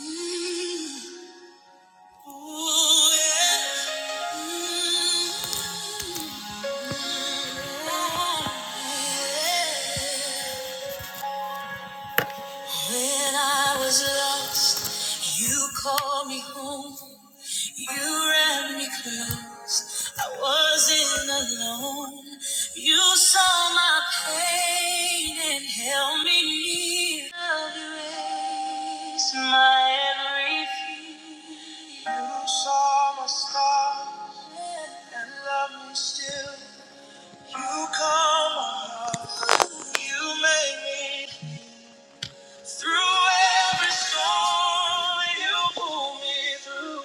yeah. When I was lost, you called me home. You ran me close. I wasn't alone. You saw my pain and held me near. Erase my every fear. You saw my scars and loved me still. You calmed my heart. You made me. Through every storm, you pull me through.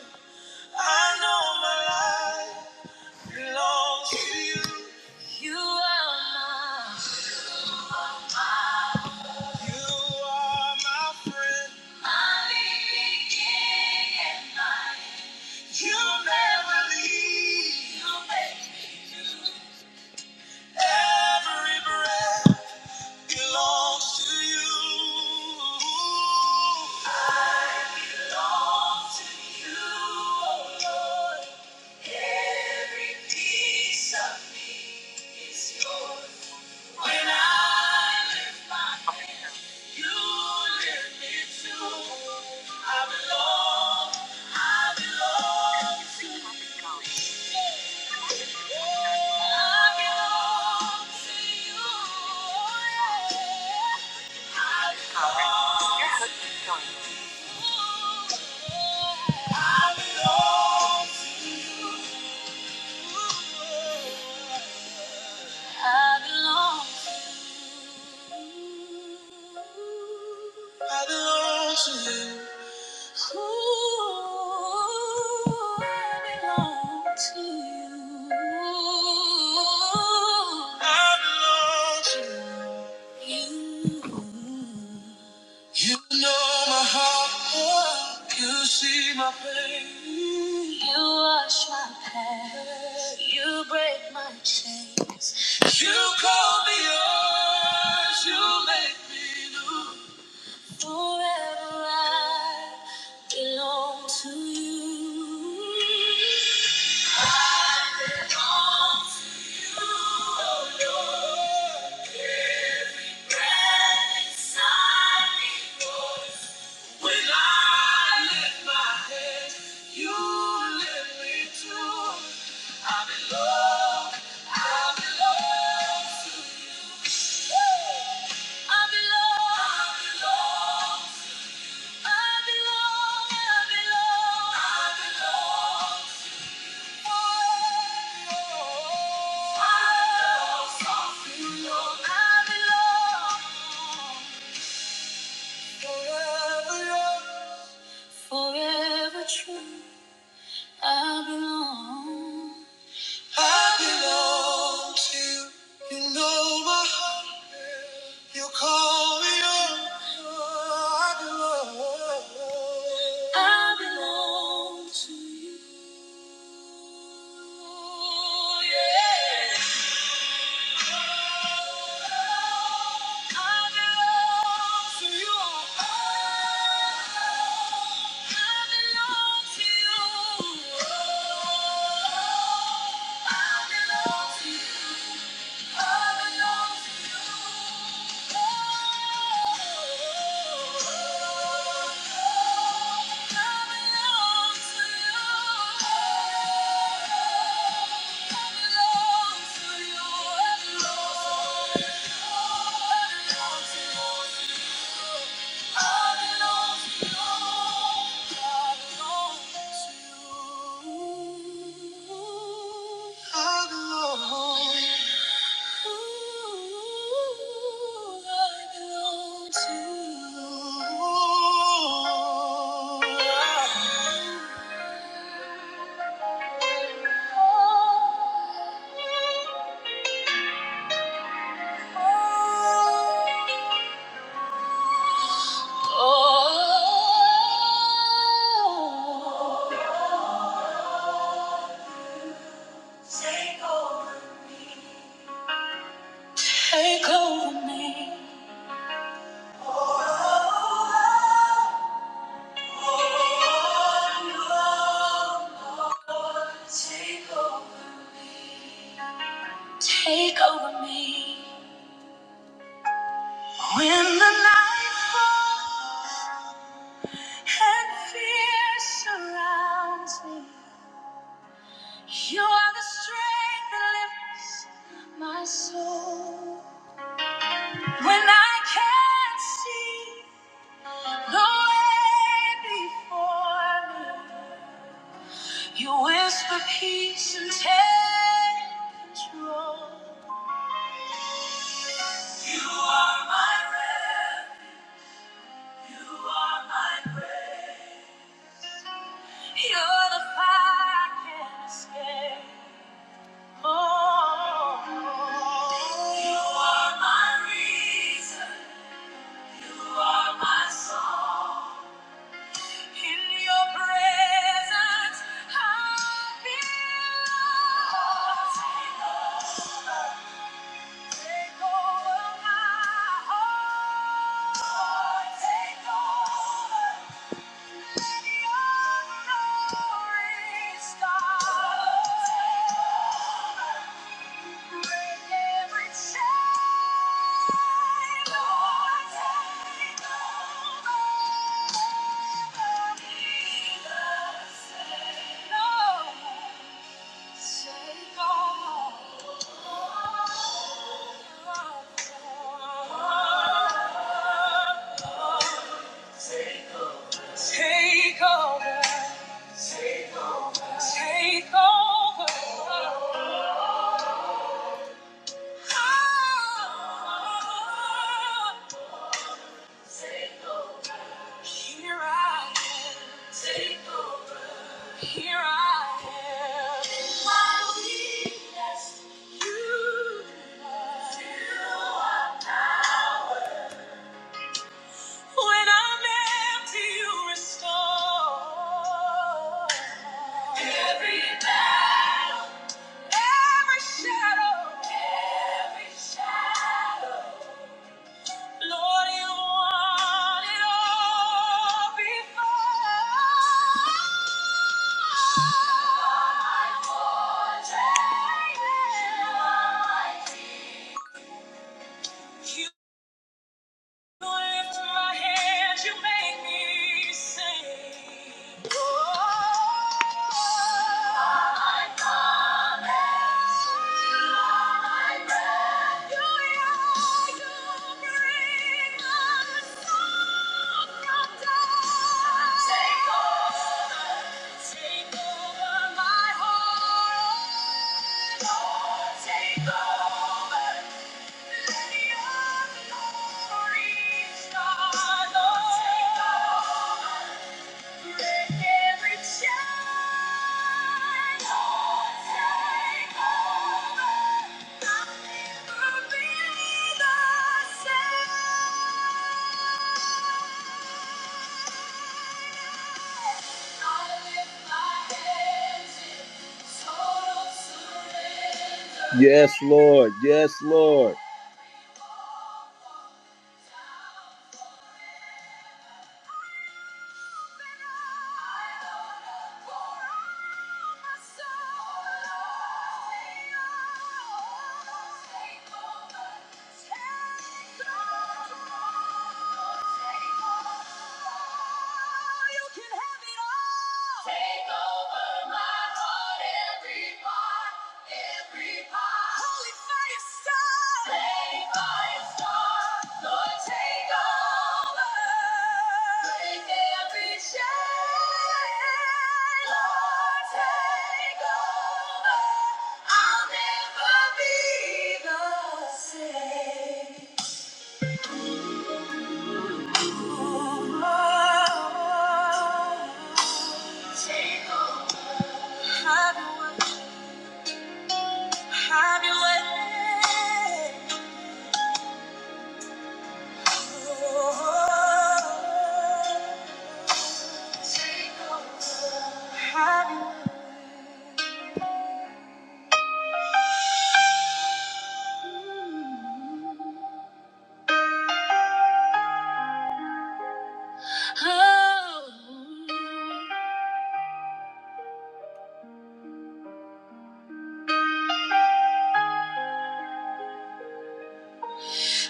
I know my life belongs to you. You are my, you are my friend. My beginning and my you never leave. You make me. every breath belongs to you. Belongs to you, oh Lord. Every piece of me is yours. When I lift my, you lift me too. I belong, I belong to you. yeah. I belong, I belong to you. I belong to you. Ooh, I belong to you. I belong to you. You know my heart. You see my pain. You wash my past. You break my chains. You call me yours. You make me new. Forever I belong to you. When I lift my head, you lift me too. I belong, I belong to you. I belong, I belong, I belong, I belong, I belong. I belong, I belong, I belong. Forever young, forever true. I belong. I belong to you. You know my heart. You call me yours. I belong. I belong to you. Oh, Yeah. I belong to you. I belong. Take over me. Take over me. When the night falls and fear surrounds me, you are the strength that lifts my soul. When I can't see the way before me, you whisper peace and take control. You are my refuge. You are my refuge. You're the fire I can't escape. Oh, you are my reason. You are my song. In your presence, I belong. Take over my heart. Take over. Let your glory start. Take over, take over. take over, Ah, take over. here I am. take over. Here I am in my weakness. You, fill up. when I'm empty, you restore. Every battle, every shadow, every shadow. Lord, you won it all before. You are my fortress. You are my You lift my hands, you make me sing. Oh, my promise, you are my breath. You are, you bring the song from dawn. Take over, take over my heart. Lord, take over. Yes, Lord. Yes, Lord. You can have it all. Take over my heart, every part, every part. Holy fire star. Holy Lord, take over. Break every chain. Lord, take over. I'll never be the same. Take over. Have your way. Oh,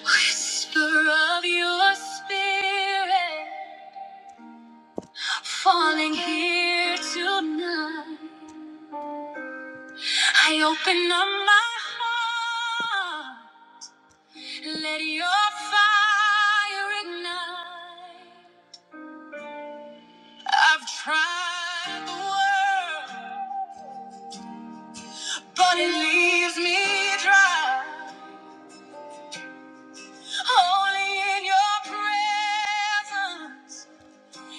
Whisper of your spirit falling here tonight. I open up my heart. Let your fire ignite. I've tried the world, but it leaves me dry. Only in your presence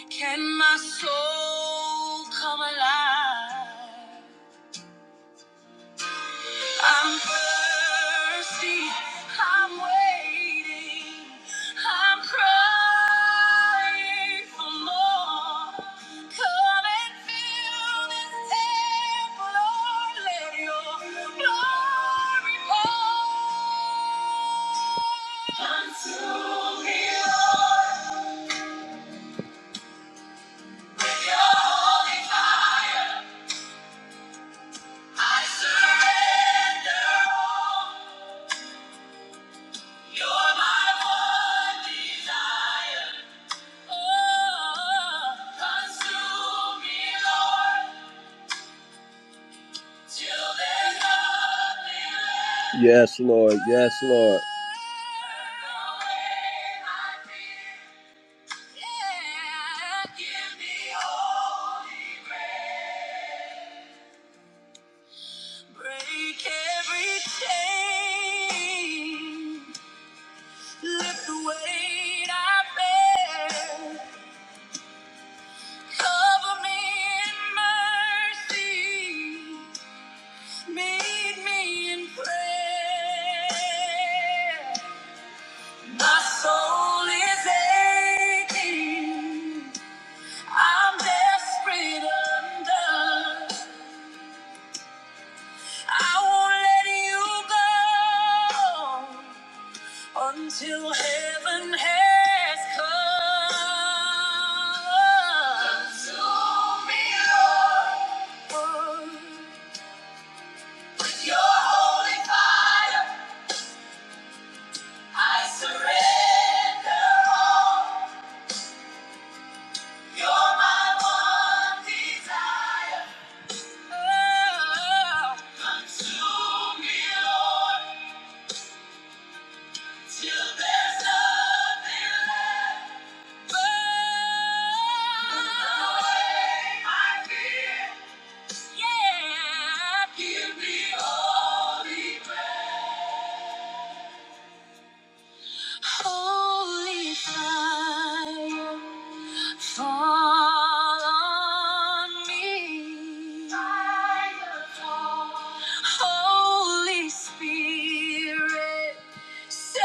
can my soul come alive. I'm thirsty. I'm waiting. I'm crying for more. Come and fill this temple, Lord. Let your glory pour. Come to me, Lord. Yes, Lord. Yes, Lord. Cover me in mercy. Meet me in prayer. My soul is aching. I'm desperate undone. I won't let you go until heaven has come. Consume me, Lord. Your holy fire. I surrender all. You're my one desire. Consume me, Lord, there's nothing left. Burn away my fear. Give me holy fire. Fall on me. Holy Spirit. Set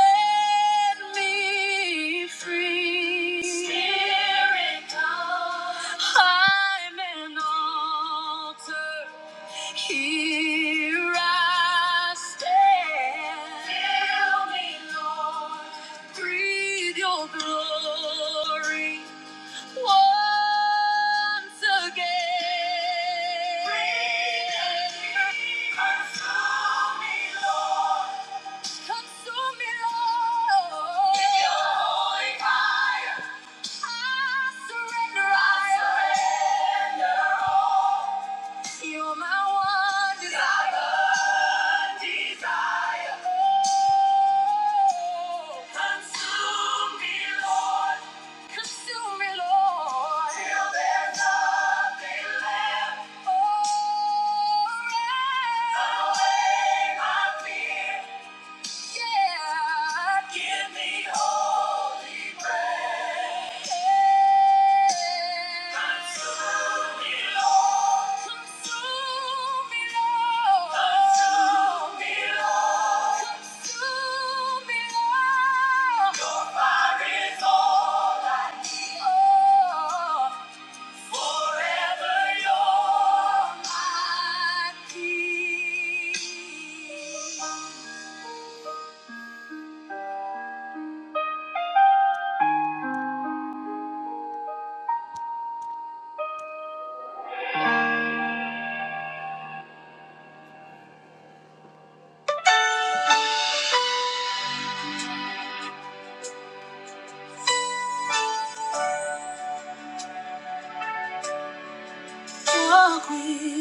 me free. Spirit, come. I'm an altar. Here I stand. Fill me, Lord. Breathe your glory once again. Breathe on me. Consume me, Lord. Consume me, Lord. With your holy fire. I surrender. I surrender all. You're my one desire. Desire. Oh, consume me, Lord. Consume me, Lord. Till there's nothing left. Oh, burn away my fear. Yeah. Give me holy breath. Consume me, Lord. Consume me, Lord. Consume me, Your fire is all I need. Oh. Forever you're my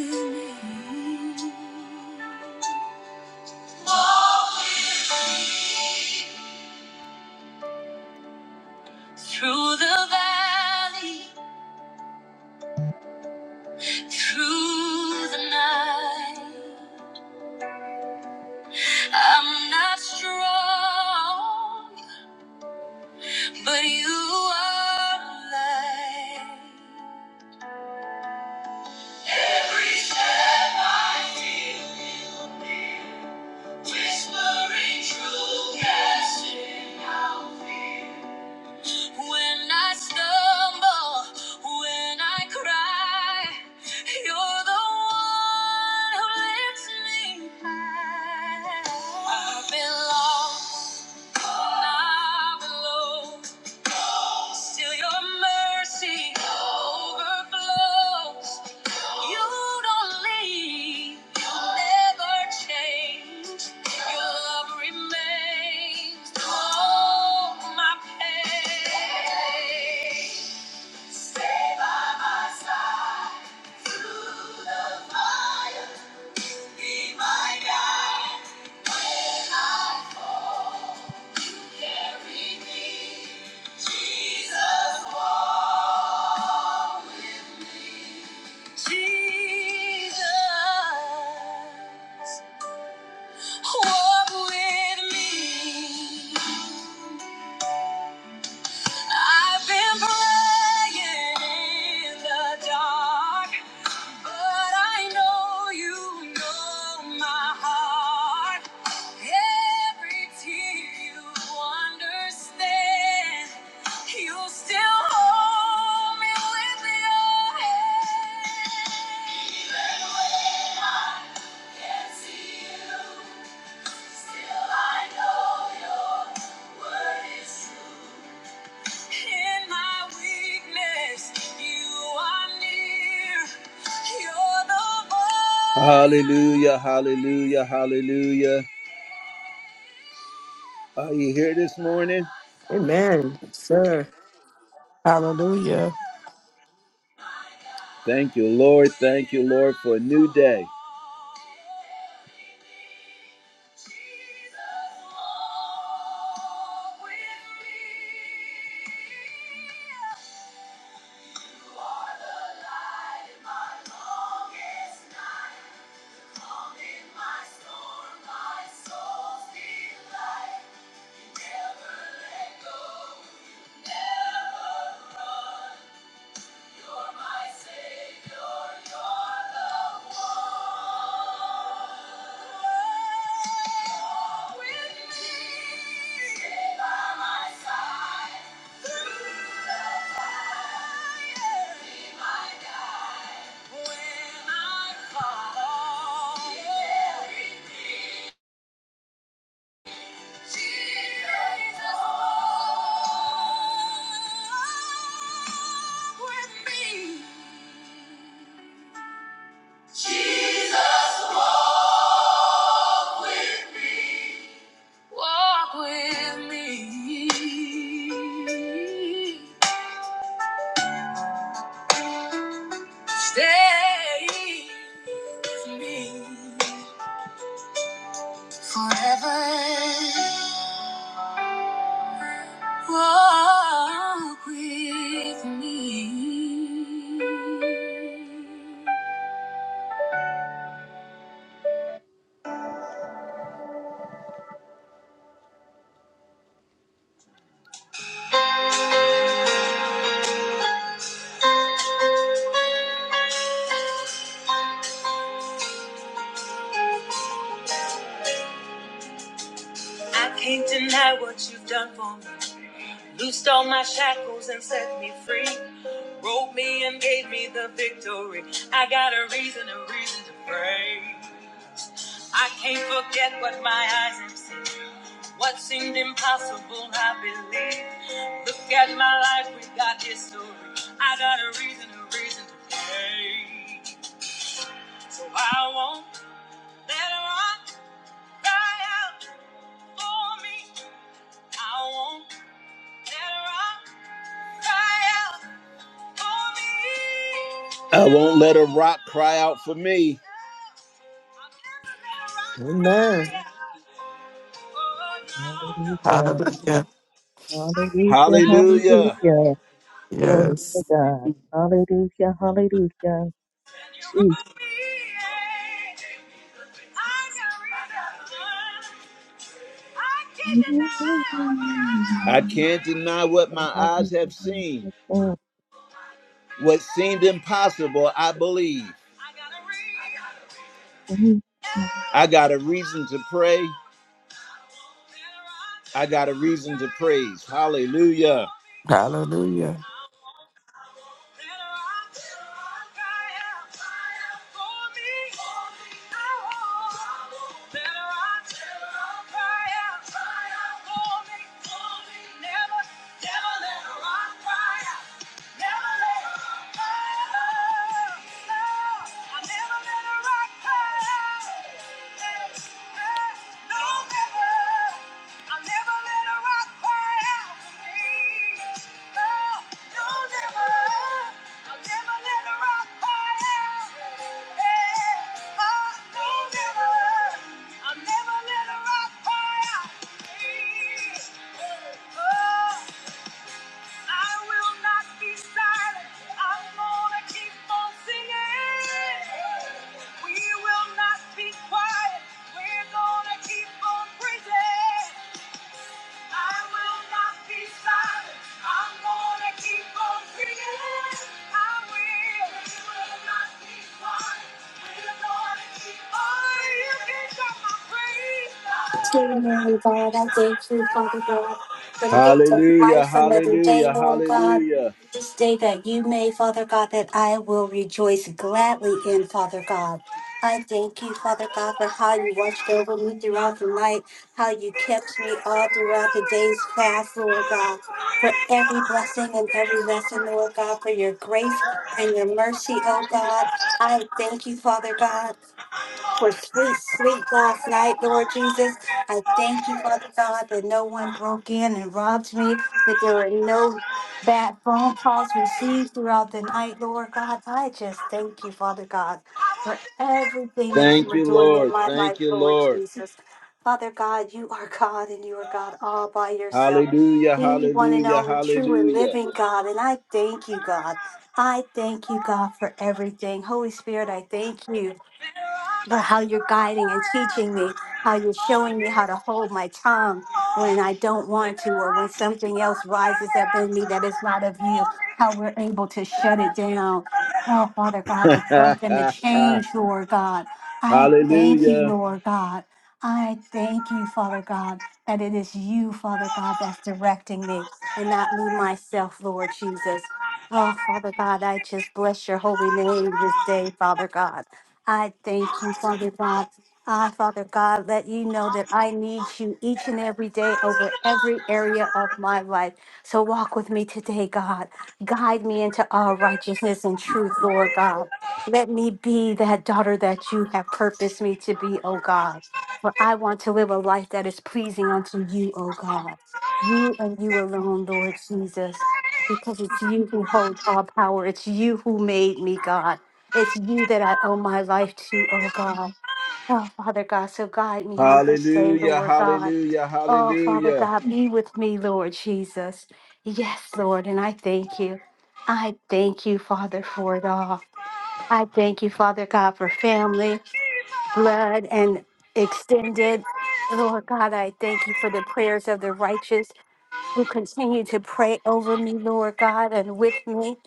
king. Through the valley, through the night, I'm not strong, but you are light. Reset my fear, whispering true casting When I stumble, when I cry, you're the one who lifts me high. I've been lost, I've been low. Still your mercy overflows. You don't leave, you never change. Your love remains through all my pain. Walk with me. I've been praying in the dark, but I know you know my heart. Every tear you understand, you still hold me with your hand. Even when I can't see you, still I know your word is true. In my weakness, you are near. You're the voice Hallelujah, hallelujah, hallelujah. Are you here this morning? Amen, sir. Hallelujah. Thank you, Lord. Thank you, Lord, for a new day. Never let go, never run. You're my savior, you're the one with me. Stay by my side through the fire. Be my guide when I fall. Jesus, walk with me. Walk with me. Stay with me forever. Walk with me. I can't deny what you've done for me. Loosed all my shackles and set me free. Wrote me and gave me the victory. I got a reason, a reason to pray. I can't forget what my eyes have seen. What seemed impossible, I believe. Look at my life, we've got history. I got a reason, a reason to play. So I won't let a rock cry out for me. I won't let a rock cry out for me. I won't let a rock cry out for me. I'll never let a rock Amen. cry out. Oh, no, no. Hallelujah, Hallelujah. I can't. hallelujah, Hallelujah. hallelujah. Glory to Yes. God. Hallelujah, hallelujah. Jesus. Lord, thank I can't deny what my eyes have seen. What seemed impossible, I believe. I got a reason to pray. I got a reason to praise. Hallelujah. Hallelujah. I'll never let a rock cry out. Please. oh, I will not be silent. I'm gonna keep on singing. We will not be quiet. We're gonna keep on praising. Amen, God. I thank you, Father God, for the gift of Hallelujah, life another day, hallelujah, Lord God. hallelujah. This day that you made, Father God, that I will rejoice gladly in, Father God. I thank you, Father God, for how you watched over me throughout the night, how you kept me all throughout the day's fast, Lord God, for every blessing and every lesson, Lord God, for your grace and your mercy, oh God. I thank you, Father God for sweet sleep last night, Lord Jesus. I thank you, Father God, that no one broke in and robbed me, that there were no bad phone calls received throughout the night, Lord God. I just thank you, Father God, for everything that you Thank were you, doing in Lord. my life, Thank you, Lord Lord. Jesus. Father God, you are God and you are God all by yourself. Hallelujah, The one and hallelujah, only true and hallelujah. living God. And I thank you, God. I thank you, God, for everything. Holy Spirit, I thank you for how you're guiding and teaching me, how you're showing me how to hold my tongue when I don't want to, or when something else rises up in me that is not of you, how we're able to shut it down. Oh, Father God, the growth and the change, Lord God. I thank you, hallelujah. Lord God. I thank you, Father God, that it is you, Father God, that's directing me and not me myself, Lord Jesus. Oh, Father God, I just bless your holy name this day, Father God. I thank you, Father God. I, Father God, let you know that I need you each and every day over every area of my life. So walk with me today, God. Guide me into all righteousness and truth, Lord God. Let me be that daughter that you have purposed me to be, oh God. For I want to live a life that is pleasing unto you, oh God. You and you alone, Lord Jesus. Because it's you who holds all power. It's you who made me, God. It's you that I owe my life to, oh God. Oh, Father God, so guide me on this day, Hallelujah, Lord God. hallelujah, Oh, Father hallelujah. God, be with me, Lord Jesus. Yes, Lord, and I thank you. I thank you, Father, for it all. I thank you, Father God, for family, blood, and extended. Lord God, I thank you for the prayers of the righteous who continue to pray over me, Lord God, and with me.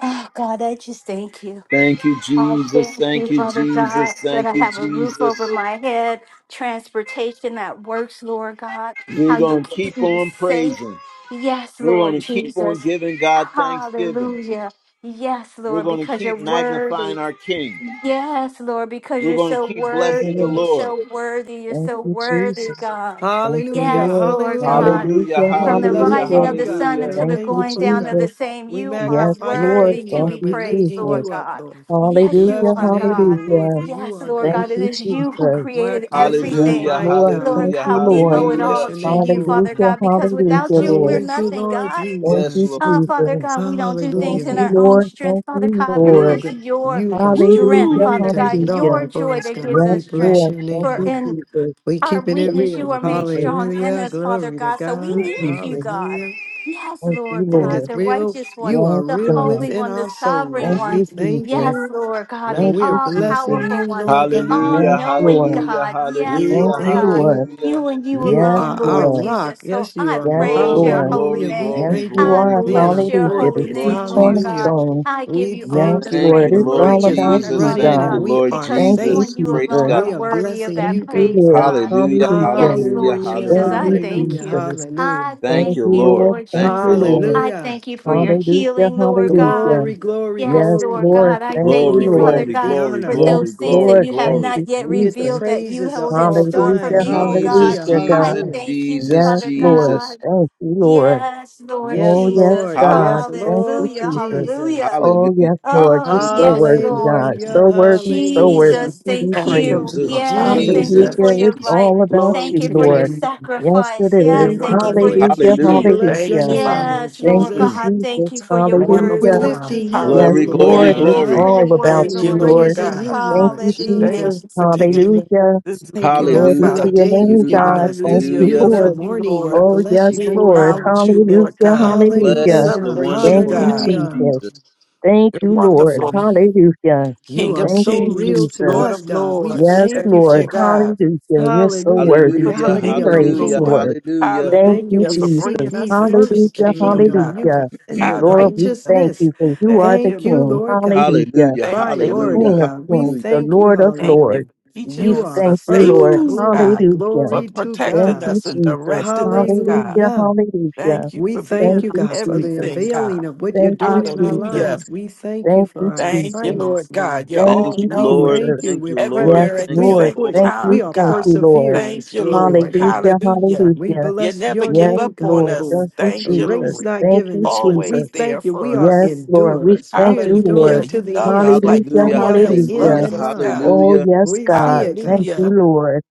Oh, God, I just thank you. Thank you, I Jesus. thank you, Thank you, Father Jesus. God, that Thank I you, have a roof Jesus. over my head, transportation that works, Lord God, We're how you going to keep keep me on safe. praising. Yes, We're Lord going to keep on Jesus. giving God thanksgiving. Hallelujah. Yes, We're Lord, going to because you're keep magnifying worthy. our King. Yes, Lord, because We're you're going to so keep blessing the worthy, you're Lord. so worthy, you're so you, worthy, Jesus. God. Thank you, Hallelujah. Yes, Lord. Lord Hallelujah. God. Hallelujah, Hallelujah, We From the hallelujah, blessing rising of you, hallelujah. the God. sun hallelujah. We're until the Thank you, thanking going for you, down of the Jesus. God. same, We you are Yes, magnify your Lord. worthy name, to Thank be Lord. you, We're praised, lifting Jesus. Lord you up, God. Lord. Yes, you Bless Hallelujah, the are, name of the God. Lord, hallelujah. for you Yes, are Lord Thank God, good, it you, is you who Jesus. created Yes, magnificent, everything. Hallelujah, mighty Lord. God. Lord Thank hallelujah, you, God, we And Lord. we owe it bless all hallelujah. your to name you, for it, Father God. Hallelujah, God, because We hallelujah, without you, we're Lord. thank you, nothing, Lord God. Thank Yes, you, Jesus. Lord. Uh, Father Jesus. God, we don't do Thank things Hallelujah. in you, our own Lord. strength, Thank Father you, God, but it You're Lord. is good. your You, God. strength, Woo. Hallelujah, you Father done God, it your all hallelujah. for joy us, that gives God. Yes, We us strength. bless Lord. your Thank For name, you, Lord. in Jesus. We our keeping it Thank weakness you, you real. are Jesus. made strong in Hallelujah. us father Glory to god so Thank we you, God. need you Jesus. god Hallelujah. yes Thank you, lord It god is Lord. the real. righteous one You are Yes, the real God. holy within one the our souls. sovereign Thank And one we you, thank Jesus. yes you. lord god the And Thank we are you, blessing Jesus. all-powerful you, one Lord the God. Yes, Hallelujah, all-knowing Lord. hallelujah, god yes We Thank hallelujah, lord you, thank god you. Lord. hallelujah. you and you You Yes, alone, are Lord our Lord. Jesus. rock. So Yes, you I are. Yes, praise Glory, your Lord. holy Hallelujah. glory, We name. Yes, glory, thank you you. I glory, are. Being bless glory. our your Hallelujah. Thank The holy you, fortress. chief Lord name, Lord Jesus. Hallelujah. God. cornerstone. I give We you all Yes, thank the you. Thank Lord. you, The praise, It's Lord all glory, and righteous. about We honor, Jesus. you, run Father in Thank you, and God, God. we Lord are because Thank you you, safe. Jesus. and you Jesus. Praise alone are We God. are worthy of blessing that Thank you, you, God. praise, Lord. God. Hallelujah, Hallelujah. Yes, hallelujah, Lord Hallelujah. Jesus, Thank I you, hallelujah. thank Hallelujah. you. Jesus. Hallelujah. I Thank Thank thank you, you, you, Lord. Lord. Lord Thank Thank you, you, Jesus. Lord. Lord. I Hallelujah. thank you for your Mm. Hallelujah. healing, Lord God. Glory, Hallelujah. glory, Yes, Yes, glory. Lord Lord. God, You I get The Thank thank you, Glory, you, glory Father Lord. glory, It's the God, glory, for honor. glory, those Yes, things glory, that Lord. you have Thank glory. you, not yet You get the Jesus. revealed that you praises are hold in all store for thine. Hallelujah. me, oh God. Jesus, Hallelujah. Hallelujah, I Jesus, God. Hallelujah. thank you, Jesus, Yes, Father Lord. Jesus. God. Thank you, Lord. Yes, Lord Yes, Oh, yes, Jesus. Lord. God. Yes, Hallelujah, Thank you, Lord Hallelujah. Jesus. Hallelujah. Jesus. Oh, hallelujah, yes, Lord. You're Oh, hallelujah. so yes, worthy, Lord. God. Hallelujah. So worthy, so worthy Hallelujah. Jesus, to be thank Thank you, praised. you. Jesus, Lord. Yes, thank Jesus, Hallelujah. you Hallelujah. for Jesus. your It's Jesus. life. all about Glory Thank you, you to for your your Lord. name. Yes, it sacrifice. is. Your Yes, Thank you. thank you for word for be your God. Hallelujah. We teaching. Hallelujah. bless your Thank you, Hallelujah. name, Father. Lord Yes, Thank Lord you, Mm. Jesus. God, thank Jesus. you for your Lamb word, of We're Hallelujah. Lord God. lifting you Jesus. up, Yes, Glory, Lord Hallelujah. glory, Lord. Thank It's you God. for glory. your all about word, Thank We're you, you, Lord Lord Lord. praising Jesus. God. you, Thank Lord you, Hallelujah. Thank Jesus. Jesus. you for taking it Hallelujah. into the Thank you, world, Glory God, for God. to the Hallelujah, your day you've name, hallelujah, given God. us. Thank This Hallelujah. you, We hallelujah. beautiful Lord. love you, morning, we Lord. Oh, bless yes, you We for it, Lord. God. acknowledge you, Hallelujah. Lord God. We Hallelujah. Bless the Hallelujah. celebrate you, Thank wonderful you, name God. of Hallelujah. Jesus. Jesus. Thank You're you, Lord. wonderful. Hallelujah. You King are of Thank so you, real kings, to Jesus. Lord us, of God. We lords. Yes, thank you Thank Lord. you, for it. God. Hallelujah. You're so Hallelujah. The for worthy the Hallelujah, to be reality of the kingdom, praised, hallelujah, Lord. kingdom. Lord. We hallelujah. Thank thank you. you, Hallelujah, We for seek Jesus. bringing ye us into the first the Hallelujah. kingdom, kingdom, Mm. God. you Hallelujah. God, and your Lord, we Hallelujah. thank righteousness. you for you are Thank the Thank you, you, King. Lord. Lord God. Hallelujah. hallelujah, Thank The you, Lord. Priority, King of hallelujah, God. We Kings, hallelujah. the thank you. Lord of Thank you Hallelujah. Lords. for teaching We You us, are for thank you, first. saving Lord. us, Woo! Uno. God, Hallelujah. for Glory to Thank protecting God. you, us and Jesus. directing us, God. Hallelujah. Hallelujah. Hallelujah. Thank you We for thank being Thank you, our you, God, for the everything, Jesus. God. unveiling of what you're Thank you, doing in our Jesus. Hallelujah. lives. We thank you Thank for you, our Thank you, Jesus. Lord assignments, God. Lord. You're Thank all Thank you, you, We Lord. thank knowing you. Jesus. Thank We're you, Lord. Yes, present. everywhere at Thank the We you, Lord. same push. Thank Lord. time, you, We are thank God. you, Lord. perseverers. Thank you, Glory Lord. to God. Hallelujah, Hallelujah. We hallelujah. You bless never your give Yes, name, up on God, Lord. us. for Thank you, a Thank you, race Jesus. Lord. not Thank given you, the swift. We Always Jesus. there thank you. for We are Yes, us. Lord. We endurers. thank We're you, Hallelujah. Lord. enduring to You the love us end. like Hallelujah, no We Hallelujah, one have the else end hallelujah. hallelujah, loves in us, mind. God. Oh, hallelujah. yes, We see God. it, God. Thank you, Hallelujah. Lord.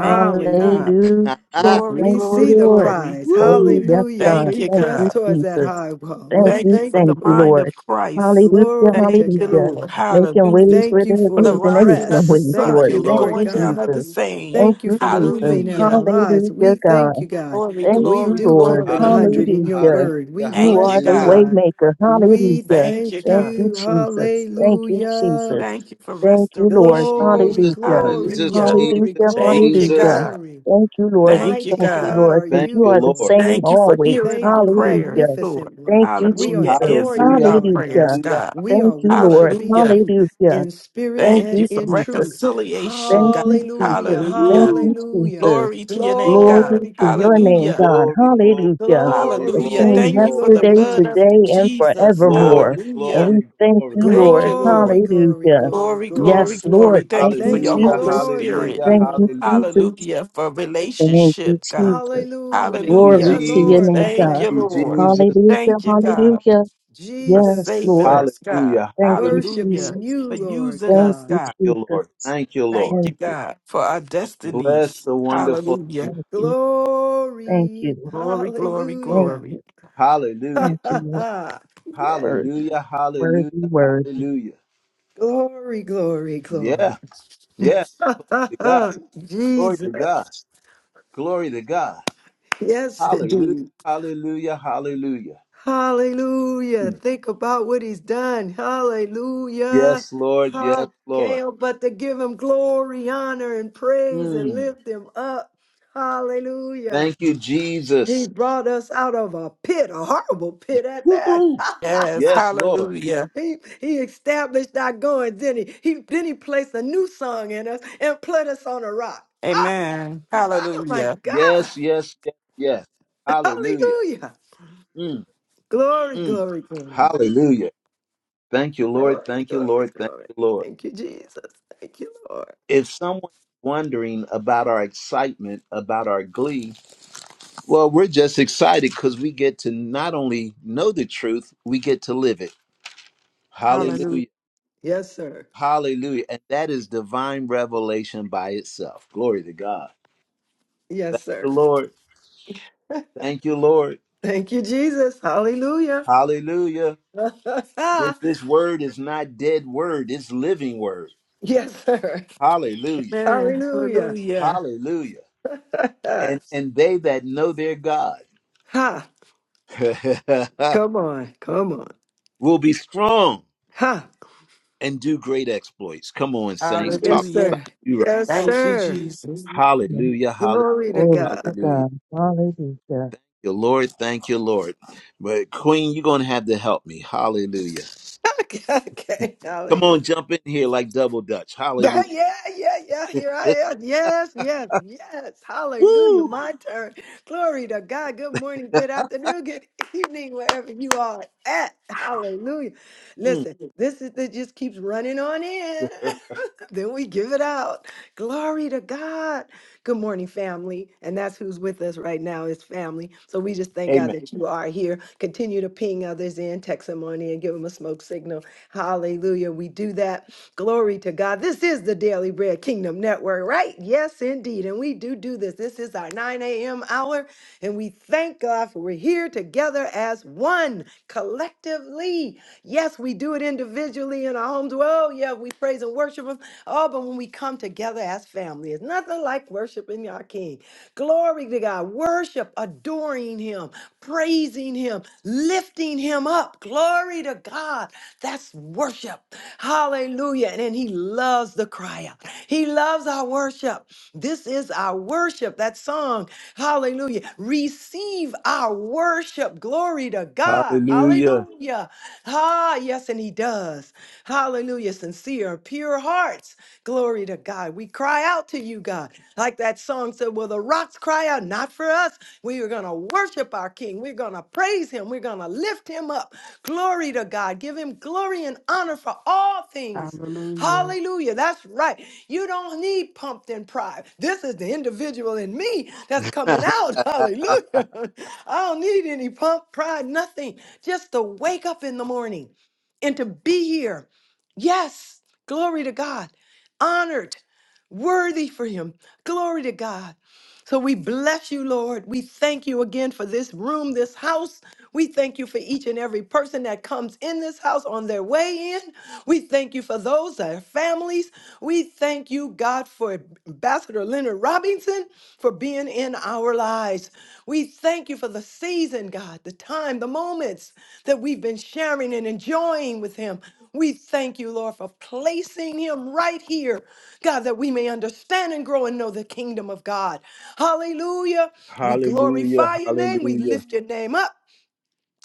Thank you, God. Ha, ha. Glory, We Thank you, see glory, the Lord. glory. prize. Oh, Woo! yes, Hallelujah. God. Thank We you, Thank press you, God. towards that Jesus. high wall. Thank We Thank you, you thank for the you thank you, for it. mind Lord. of Christ. Hallelujah, Glory to Thank you, hallelujah God. Lord. making Hallelujah. ways Thank where you there for for the the appears and there is rising no of the way, press. Thank Thank sun Lord. you, you, and the Thank Lord. Lord you, going down God. of the Jesus. same. Thank Thank you you, for Jesus. moving in our Hallelujah. lives. Hallelujah, We God. thank you, God. Glory, Thank We you, glory, do Lord. keep it glory. Hallelujah, 100 in your Hallelujah. word. We hallelujah, You Thank you, are bless the you, God. hallelujah. God. waymaker. We Hallelujah. Thank you, thank Thank God. you, you. Jesus. Thank you, Hallelujah. Jesus. Thank you for Thank you, Lord. restoration. Glory, Jesus, Hallelujah. glory, Jesus, Hallelujah. glory, Hallelujah. Jesus, Thank glory, you, Hallelujah. Jesus. God. glory. Thank you, Lord. We Thank you, Mighty thank you, God. God Lord, are because Thank you, you you, are the Lord. Lord. same Thank you for always. hearing Thank our you, prayers, Hallelujah. Lord. magnificent one. Thank you, We Hallelujah. Jesus. adore you, Answering our Hallelujah, Lord prayers, God. Hallelujah. hallelujah, God. We Thank are you, hallelujah. Lord. worshiping Hallelujah. you Hallelujah. in spirit Thank Thank and you you, for in Jesus. truth. reconciliation, Thank God. you, Hallelujah, Jesus. Thank Hallelujah. you, Woo! hallelujah. Jesus. Glory to your name, Glory God. Glory, to your glory, name, Hallelujah. glory. God. Glory, glory, Hallelujah. glory, The Glory. Hallelujah. glory, Thank same Thank you, you glory. for the Lord yesterday, blood of today, Jesus. and Jesus. forevermore. Glory, And Hallelujah. we glory, thank you, glory. Thank Lord. you, Glory, Lord. glory, Hallelujah. glory, Glory, glory, glory. Yes, glory. Lord. Thank Thank you for you, Thank your you, Hallelujah, Holy Jesus. Lord. Spirit. Thank hallelujah, you, Thank you, Lord. hallelujah. Jesus. Hallelujah. For Thank you, relationship, God. Jesus. Hallelujah. Thank you, Yeah, Glory Hallelujah. to your Jesus. Lord, we name, Thank Thank God. you, thank you, you, Lord. God. Jesus. Hallelujah. Thank you, God, Hallelujah. for Yes, saving Jesus, Lord. us, God. Hallelujah, Thank you, hallelujah. Hallelujah. worshiping Jesus. you, For Lord using Thank us, God. you, God. Thank you, Lord. Jesus. Thank you, Lord. Thank you, Thank you. God, for our Bless Porsche. destinies. the wonderful name. Hallelujah. Thank you. Thank Glory. you. Glory, glory, Thank Hallelujah. you. glory. Hallelujah. Ha Thank you, ha Lord. ha! Yes, Worthy, Hallelujah, hallelujah, worthy, worthy. hallelujah. Glory, glory, glory. Yeah, yeah, Ha ha to God. ha! Glory Jesus. to God. Glory to God. Yes, Hallelujah, indeed. hallelujah, hallelujah. Hallelujah. Mm. Think about what he's done. Hallelujah. Yes, Lord, yes, Ha- can't Lord. but to give him glory, honor, and praise and Mm. lift him up. Hallelujah. Thank you, He Jesus. brought us out of a pit, a horrible pit at Woohoo! that. Yes. Yes, Lord. Hallelujah. He, he established our going, then he, he then he placed a new song in us and put us on a rock. Ah, Amen. oh my Hallelujah. God. Yes, yes, yes, yes. Hallelujah. Hallelujah. Mm, Glory, mm. glory, glory. Hallelujah. Thank you, Lord. Glory, Thank you, glory, Lord. Thank glory. you, Lord. Thank you, Jesus. Thank you, Lord. If someone's wondering about our excitement, about our glee, Well, we're just excited because we get to not only know the truth, we get to live it. Yes, sir. Hallelujah. Hallelujah. Yes, sir. Hallelujah. And that is divine revelation by itself. Glory to God. Yes, Thank sir. you, Lord. Thank you, Lord. Thank you, Jesus. Hallelujah. Hallelujah. Th- This word is not dead word, it's living word. yes, sir. Hallelujah. Amen. Hallelujah. Hallelujah. Hallelujah. And and they that know their God ha. Come on. Come on. will be strong Ha. and do great exploits. Come on, saints. Talking Yes, Hallelujah. about sir. you Yes, Thank you, sir. Jesus. Yes. Hallelujah, hallelujah, Glory to Glory to God. hallelujah. God. Hallelujah. Your Lord, thank you, Lord. But Queen, you're gonna have to help me. Hallelujah. okay, Come hallelujah. on, jump in here like double dutch. Hallelujah. Yeah, yeah, yeah. Here I am. Yes, yes, yes. Hallelujah. Woo! My turn. Glory to God. Good morning, good afternoon, good evening, wherever you are at. Hallelujah. Mm, Listen, this is it. just keeps running on in. then we give it out. Glory to God. Good morning, family. And that's who's with us right now is family. So we just thank God amen. that you are here. Continue to ping others in, text them on in, give them a smoke signal. Hallelujah. We do that. Glory to God. This is the Daily Bread Kingdom Network, right? Yes, indeed. And we do do this. This is our 9 a.m. hour, and we thank God for we're here together as one collectively. Yes, we do it individually in our homes. Well, yeah, we praise and worship Him. Oh, but when we come together as family, it's nothing like worshiping our King. Glory to God. Worship, adoring Him, praising Him, lifting Him up. Glory to God. That's worship. Hallelujah. And then He loves the cry out. He loves our worship. This is our worship. That song. Hallelujah. Receive our worship. Glory to God. God. Hallelujah. Hallelujah. Ah, yes, and He does. Hallelujah. Sincere, pure hearts. Glory to God. We cry out to you, God. Like that song said, Will the rocks cry out? Not for us. We are going to worship our King. We're going to praise Him. We're going to lift Him up. Glory to God. Give Him glory and honor for all things. Hallelujah. Hallelujah. That's right. You don't need pumped in pride. This is the individual in me that's coming out. Hallelujah. I don't need any pump, pride, nothing. Just to wake up in the morning and to be here. Yes. Glory to God. Honored, worthy for Him. Glory to God. So we bless you, Lord. We thank you again for this room, this house. We thank you for each and every person that comes in this house on their way in. We thank you for those, their families. We thank you, God, for Ambassador Leonard Robinson for being in our lives. We thank you for the season, God, the time, the moments that we've been sharing and enjoying with him. We thank you, Lord, for placing him right here, God, that we may understand and grow and know the kingdom of God. Hallelujah. We Hallelujah. glorify your name. We Hallelujah. lift your name up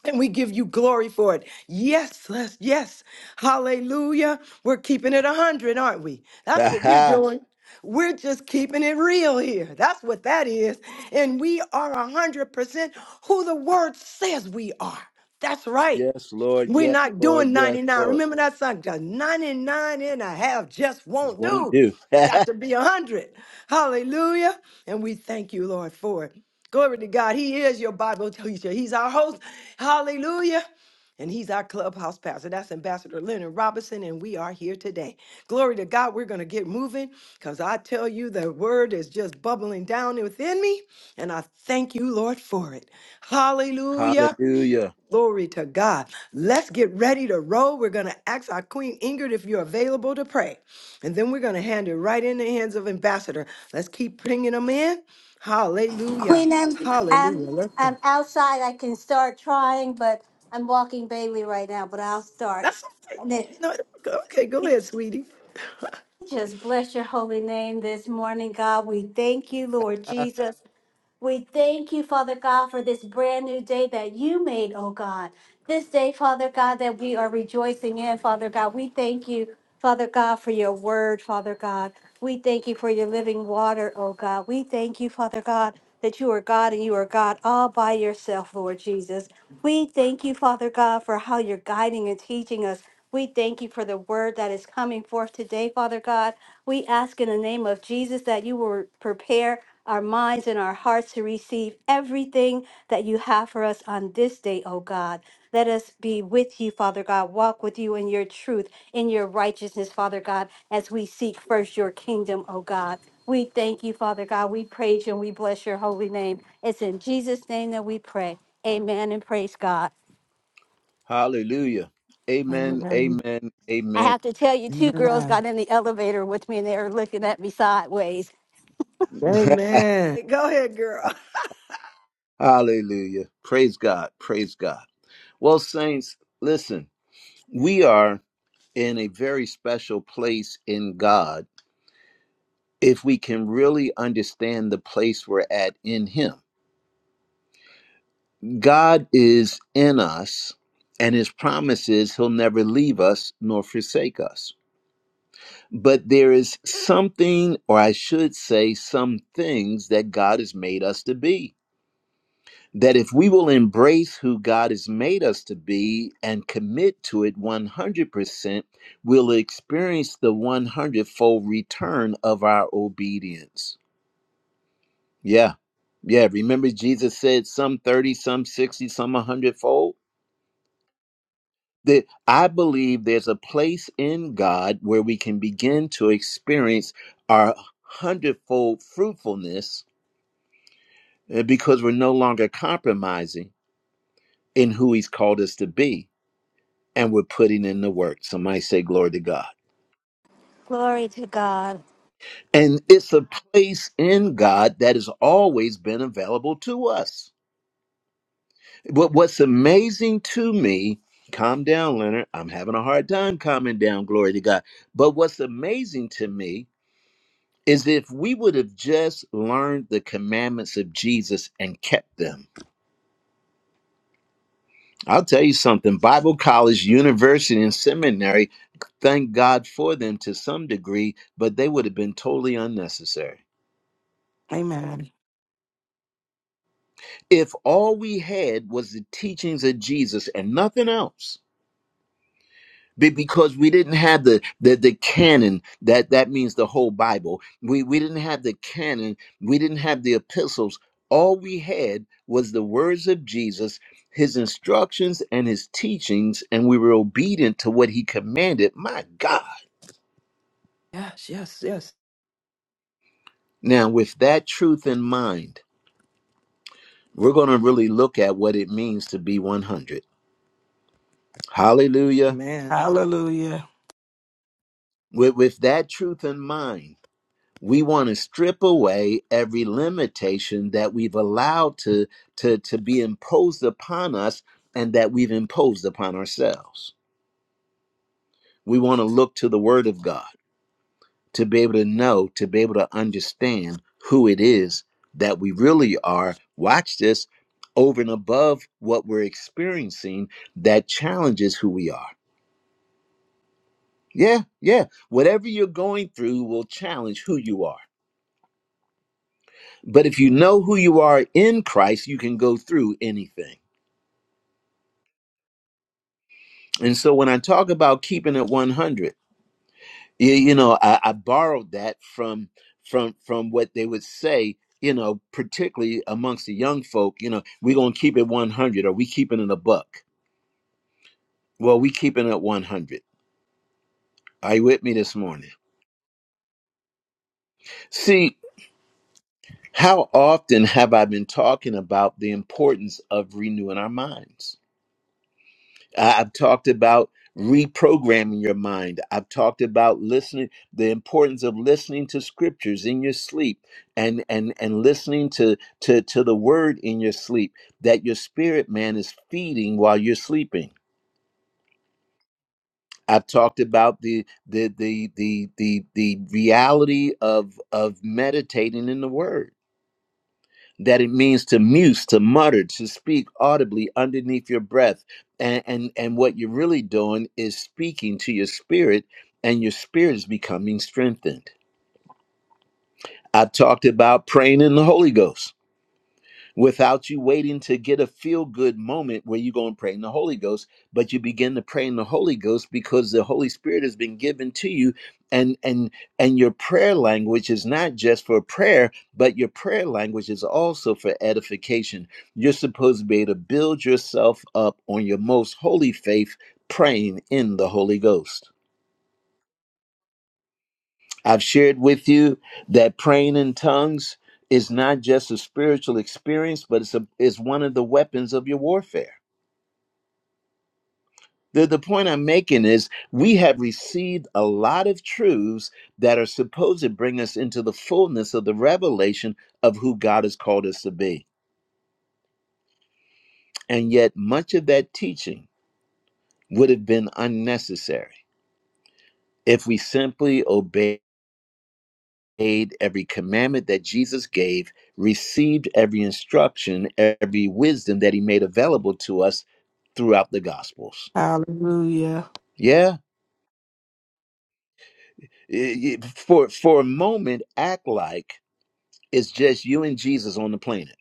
and we give you glory for it. Yes, Les, yes. Hallelujah. We're keeping it 100, aren't we? That's what we're Ha doing. We're just keeping it real here. That's what that is. And we are 100% who the word says we are. That's right. Yes, Lord. We're Yes, not Lord. doing Yes, 99. Lord. Remember that song? "Just 99 and a half just This won't won't do. do. Got to be 100. Hallelujah. And we thank you, Lord, for it. Glory to God. He is your Bible teacher. He's our host. Hallelujah. And he's our clubhouse pastor. That's Ambassador Leonard Robinson. And we are here today. Glory to God. We're going to get moving because I tell you, the word is just bubbling down within me. And I thank you, Lord, for it. Hallelujah. hallelujah. Glory to God. Let's get ready to roll. We're going to ask our Queen Ingrid if you're available to pray. And then we're going to hand it right in the hands of Ambassador. Let's keep bringing them in. Hallelujah. Queen, I'm, I'm, Hallelujah. Let's I'm go. outside. I can start trying, but I'm walking Bailey right now, but I'll start. That's okay. And it, No, okay, go we ahead, sweetie. just bless your holy name this morning, God. We thank you, Lord Jesus. We thank you, Father God, for this brand new day that you made, oh God. This day, Father God, that we are rejoicing in, Father God. We thank you, Father God, for your word, Father God. We thank you for your living water, oh God. We thank you, Father God, that you are God and you are God all by yourself, Lord Jesus. We thank you, Father God, for how you're guiding and teaching us. We thank you for the word that is coming forth today, Father God. We ask in the name of Jesus that you will prepare our minds and our hearts to receive everything that you have for us on this day, O God. Let us be with you, Father God, walk with you in your truth, in your righteousness, Father God, as we seek first your kingdom, O God. We thank you, Father God. We praise you and we bless your holy name. It's in Jesus' name that we pray. Amen and praise God. Hallelujah. Amen. Amen. Amen. I Amen. have to tell you, two girls Amen. got in the elevator with me and they were looking at me sideways. Amen. Go ahead, girl. Hallelujah. Praise God. Praise God. Well, saints, listen we are in a very special place in God if we can really understand the place we're at in Him. God is in us, and His promise is He'll never leave us nor forsake us. But there is something, or I should say, some things that God has made us to be. that if we will embrace who God has made us to be and commit to it 100%, we'll experience the 100 fold return of our obedience. Yeah, yeah. Remember, Jesus said some 30, some 60, some 100 fold? That I believe there's a place in God where we can begin to experience our hundredfold fruitfulness uh, because we're no longer compromising in who He's called us to be and we're putting in the work. Somebody say, Glory to God. Glory to God. And it's a place in God that has always been available to us. But what's amazing to me, calm down, Leonard. I'm having a hard time calming down, glory to God. But what's amazing to me is if we would have just learned the commandments of Jesus and kept them. I'll tell you something Bible college, university, and seminary, thank God for them to some degree, but they would have been totally unnecessary. Amen. if all we had was the teachings of Jesus and nothing else, be- because we didn't have the the, the canon that that means the whole Bible. We we didn't have the canon. We didn't have the epistles. All we had was the words of Jesus, his instructions and his teachings, and we were obedient to what he commanded. My God! Yes, yes, yes. Now, with that truth in mind, we're going to really look at what it means to be 100. Hallelujah! Amen. Hallelujah. With with that truth in mind we want to strip away every limitation that we've allowed to to to be imposed upon us and that we've imposed upon ourselves we want to look to the word of god to be able to know to be able to understand who it is that we really are watch this over and above what we're experiencing that challenges who we are yeah yeah whatever you're going through will challenge who you are But if you know who you are in Christ, you can go through anything. And so when I talk about keeping it 100, you, you know, I, I borrowed that from from from what they would say, you know, particularly amongst the young folk, you know, we're going to keep it 100 or we keeping it a buck. Well, we keeping it 100. Are you with me this morning? See, how often have I been talking about the importance of renewing our minds? I- I've talked about reprogramming your mind. I've talked about listening, the importance of listening to scriptures in your sleep and and and listening to to to the word in your sleep that your spirit man is feeding while you're sleeping. I've talked about the the the the the the reality of of meditating in the word. that it means to muse, to mutter, to speak audibly underneath your breath. And, and, and what you're really doing is speaking to your spirit, and your spirit is becoming strengthened. I talked about praying in the Holy Ghost without you waiting to get a feel good moment where you go and pray in the Holy Ghost, but you begin to pray in the Holy Ghost because the Holy Spirit has been given to you and and and your prayer language is not just for prayer, but your prayer language is also for edification. You're supposed to be able to build yourself up on your most holy faith praying in the Holy Ghost. I've shared with you that praying in tongues is not just a spiritual experience, but it's, a, it's one of the weapons of your warfare. The, the point I'm making is we have received a lot of truths that are supposed to bring us into the fullness of the revelation of who God has called us to be. And yet, much of that teaching would have been unnecessary if we simply obeyed. made, every commandment that Jesus gave, received every instruction, every wisdom that he made available to us throughout the Gospels. Hallelujah. Yeah. For, for a moment, act like it's just you and Jesus on the planet.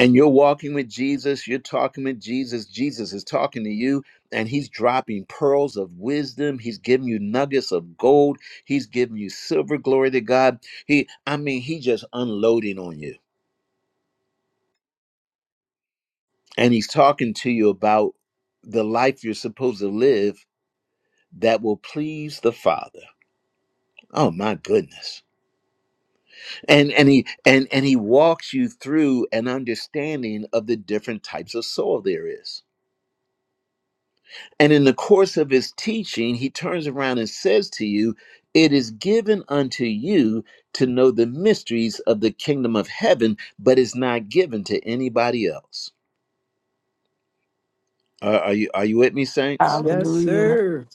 And you're walking with Jesus, you're talking with Jesus, Jesus is talking to you, and he's dropping pearls of wisdom. He's giving you nuggets of gold, he's giving you silver, glory to God. He, I mean, he just unloading on you and he's talking to you about the life you're supposed to live that will please the father oh my goodness and and he and and he walks you through an understanding of the different types of soil there is and in the course of his teaching he turns around and says to you it is given unto you to know the mysteries of the kingdom of heaven but it's not given to anybody else are, are you are you with me saints Yes, Hallelujah. sir.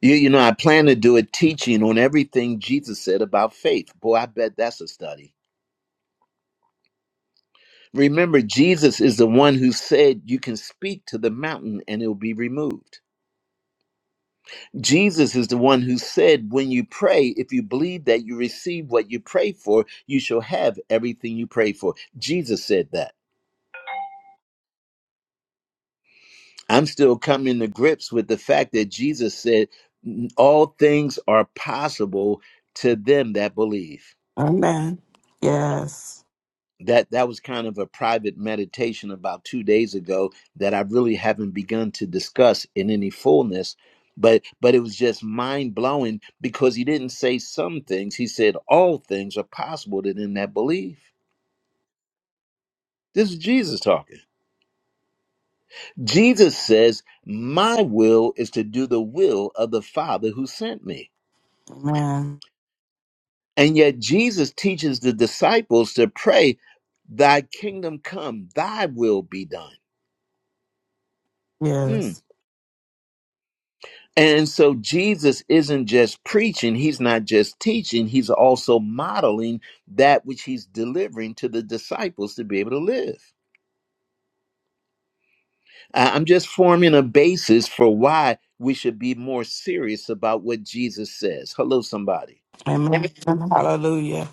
You, you know, I plan to do a teaching on everything Jesus said about faith. Boy, I bet that's a study. Remember, Jesus is the one who said you can speak to the mountain and it will be removed. Jesus is the one who said, when you pray, if you believe that you receive what you pray for, you shall have everything you pray for. Jesus said that. I'm still coming to grips with the fact that Jesus said, all things are possible to them that believe. Amen. Yes. that that was kind of a private meditation about two days ago that I really haven't begun to discuss in any fullness. But but it was just mind blowing because he didn't say some things. He said all things are possible to them that believe. This is Jesus talking. Jesus says, My will is to do the will of the Father who sent me. Amen. And yet Jesus teaches the disciples to pray, Thy kingdom come, thy will be done. Mm. Yes. And so Jesus isn't just preaching, he's not just teaching, he's also modeling that which he's delivering to the disciples to be able to live. I- I'm just forming a basis for why we should be more serious about what Jesus says. Hello, somebody. Amen. Hallelujah.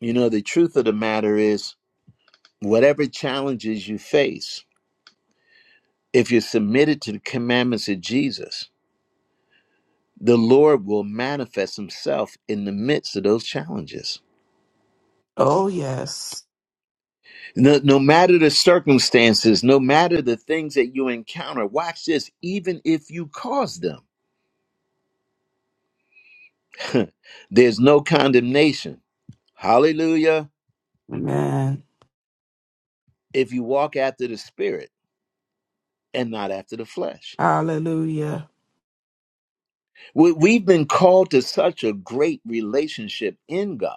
You know, the truth of the matter is, whatever challenges you face, if you're submitted to the commandments of Jesus, the Lord will manifest himself in the midst of those challenges. Oh, yes. No, no matter the circumstances, no matter the things that you encounter, watch this, even if you cause them, there's no condemnation. Hallelujah. Amen. If you walk after the Spirit and not after the flesh, Hallelujah. we, we've been called to such a great relationship in God.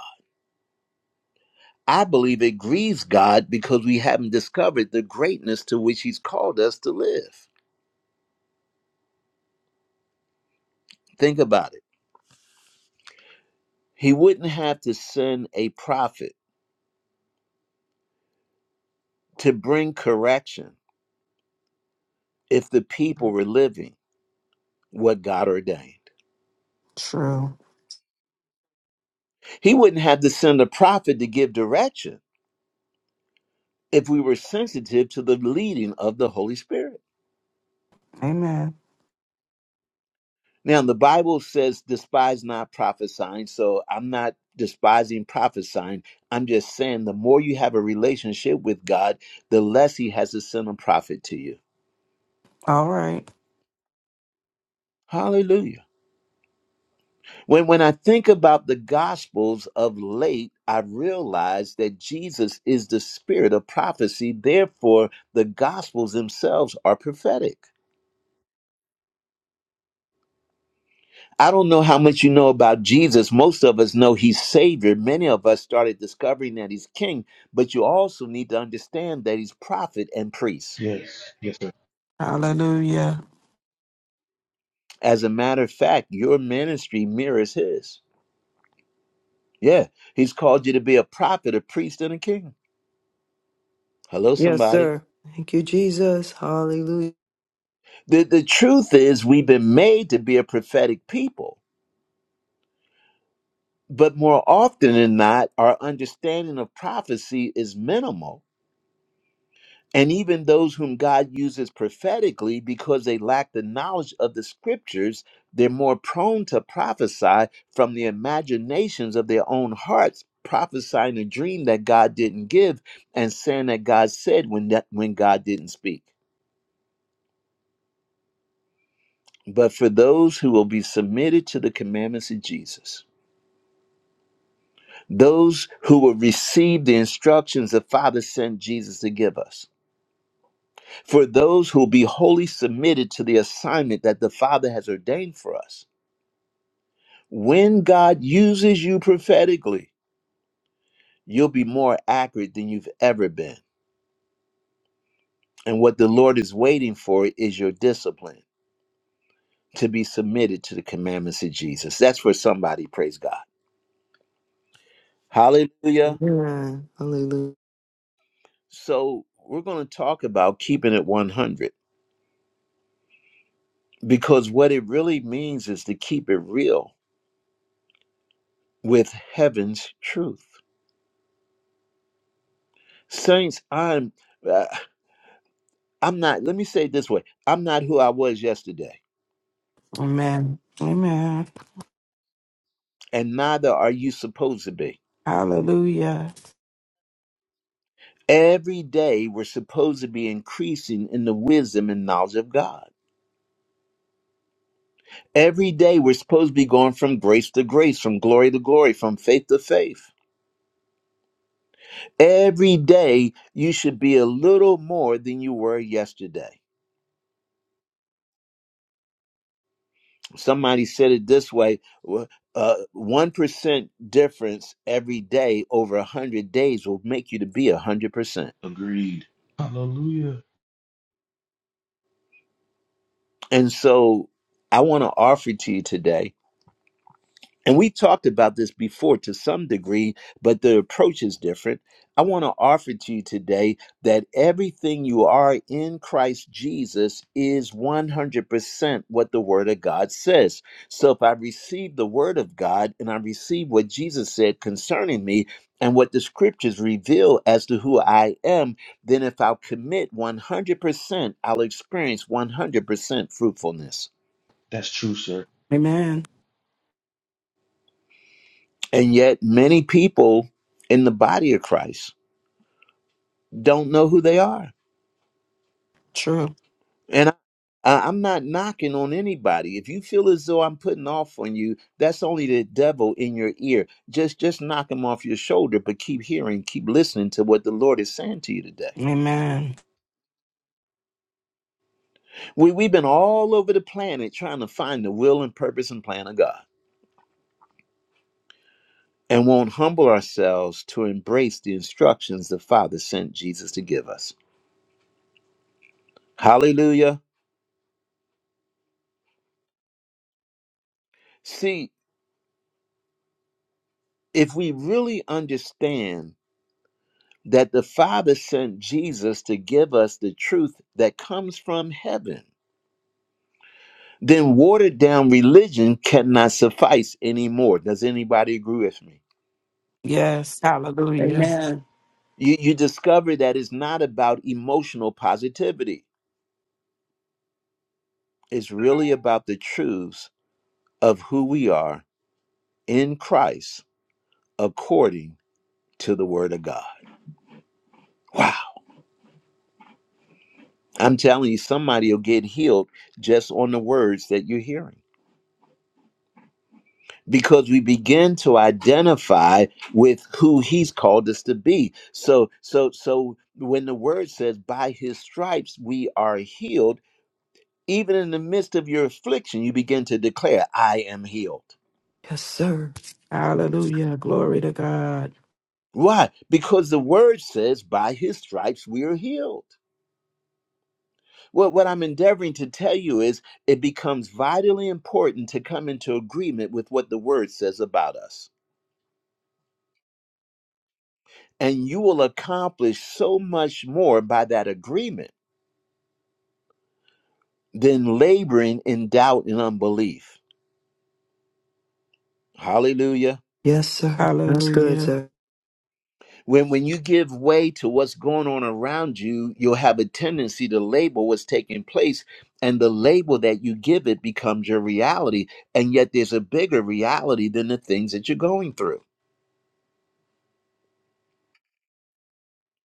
I believe it grieves God because we haven't discovered the greatness to which He's called us to live. Think about it. He wouldn't have to send a prophet to bring correction if the people were living what God ordained. True. He wouldn't have to send a prophet to give direction if we were sensitive to the leading of the Holy Spirit. Amen. Now, the Bible says, despise not prophesying. So I'm not despising prophesying. I'm just saying the more you have a relationship with God, the less He has to send a prophet to you. All right. Hallelujah. When, when I think about the Gospels of late, I realize that Jesus is the spirit of prophecy. Therefore, the Gospels themselves are prophetic. I don't know how much you know about Jesus. Most of us know he's Savior. Many of us started discovering that he's King, but you also need to understand that he's prophet and priest. Yes, yes, sir. Hallelujah. As a matter of fact, your ministry mirrors his. Yeah, he's called you to be a prophet, a priest, and a king. Hello, Yes, somebody. sir. Thank you, Jesus. Hallelujah. The, the truth is, we've been made to be a prophetic people, but more often than not, our understanding of prophecy is minimal. And even those whom God uses prophetically, because they lack the knowledge of the scriptures, they're more prone to prophesy from the imaginations of their own hearts, prophesying a dream that God didn't give and saying that God said when, that, when God didn't speak. But for those who will be submitted to the commandments of Jesus, those who will receive the instructions the Father sent Jesus to give us, for those who will be wholly submitted to the assignment that the Father has ordained for us. When God uses you prophetically, you'll be more accurate than you've ever been. And what the Lord is waiting for is your discipline to be submitted to the commandments of Jesus. That's for somebody, praise God. Hallelujah. Amen. Hallelujah. So, we're going to talk about keeping it 100 because what it really means is to keep it real with heaven's truth. Saints, I'm uh, I'm not let me say it this way. I'm not who I was yesterday, Amen. Amen. and neither are you supposed to be. Hallelujah. Every day we're supposed to be increasing in the wisdom and knowledge of God. Every day we're supposed to be going from grace to grace, from glory to glory, from faith to faith. Every day you should be a little more than you were yesterday. somebody said it this way uh, 1% difference every day over 100 days will make you to be 100% Agreed. Hallelujah. and so i want to offer to you today And we talked about this before to some degree, but the approach is different. I want to offer to you today that everything you are in Christ Jesus is 100% what the Word of God says. So if I receive the Word of God and I receive what Jesus said concerning me and what the Scriptures reveal as to who I am, then if I'll commit 100%, I'll experience 100% fruitfulness. That's true, sir. Amen. And yet, many people in the body of Christ, don't know who they are. True. And I, I- I'm not knocking on anybody. If you feel as though I'm putting off on you, that's only the devil in your ear. Just just knock him off your shoulder, but keep hearing, keep listening to what the Lord is saying to you today. Amen. We we've been all over the planet trying to find the will and purpose and plan of God. And won't humble ourselves to embrace the instructions the Father sent Jesus to give us. Hallelujah. See, if we really understand that the Father sent Jesus to give us the truth that comes from heaven, then watered down religion cannot suffice anymore. Does anybody agree with me? Yes. Hallelujah. Amen. You, you discover that it's not about emotional positivity, it's really about the truths of who we are in Christ according to the Word of God. Wow. I'm telling you, somebody will get healed just on the words that you're hearing. because we begin to identify with who he's called us to be so so so when the word says by his stripes we are healed even in the midst of your affliction you begin to declare i am healed Yes, sir. Hallelujah. Glory to God. why because the word says by his stripes we are healed well what i'm endeavoring to tell you is it becomes vitally important to come into agreement with what the word says about us and you will accomplish so much more by that agreement than laboring in doubt and unbelief. Hallelujah. Yes, sir. That's good, Hallelujah. sir. When when you give way to what's going on around you, you'll have a tendency to label what's taking place and the label that you give it becomes your reality and yet there's a bigger reality than the things that you're going through.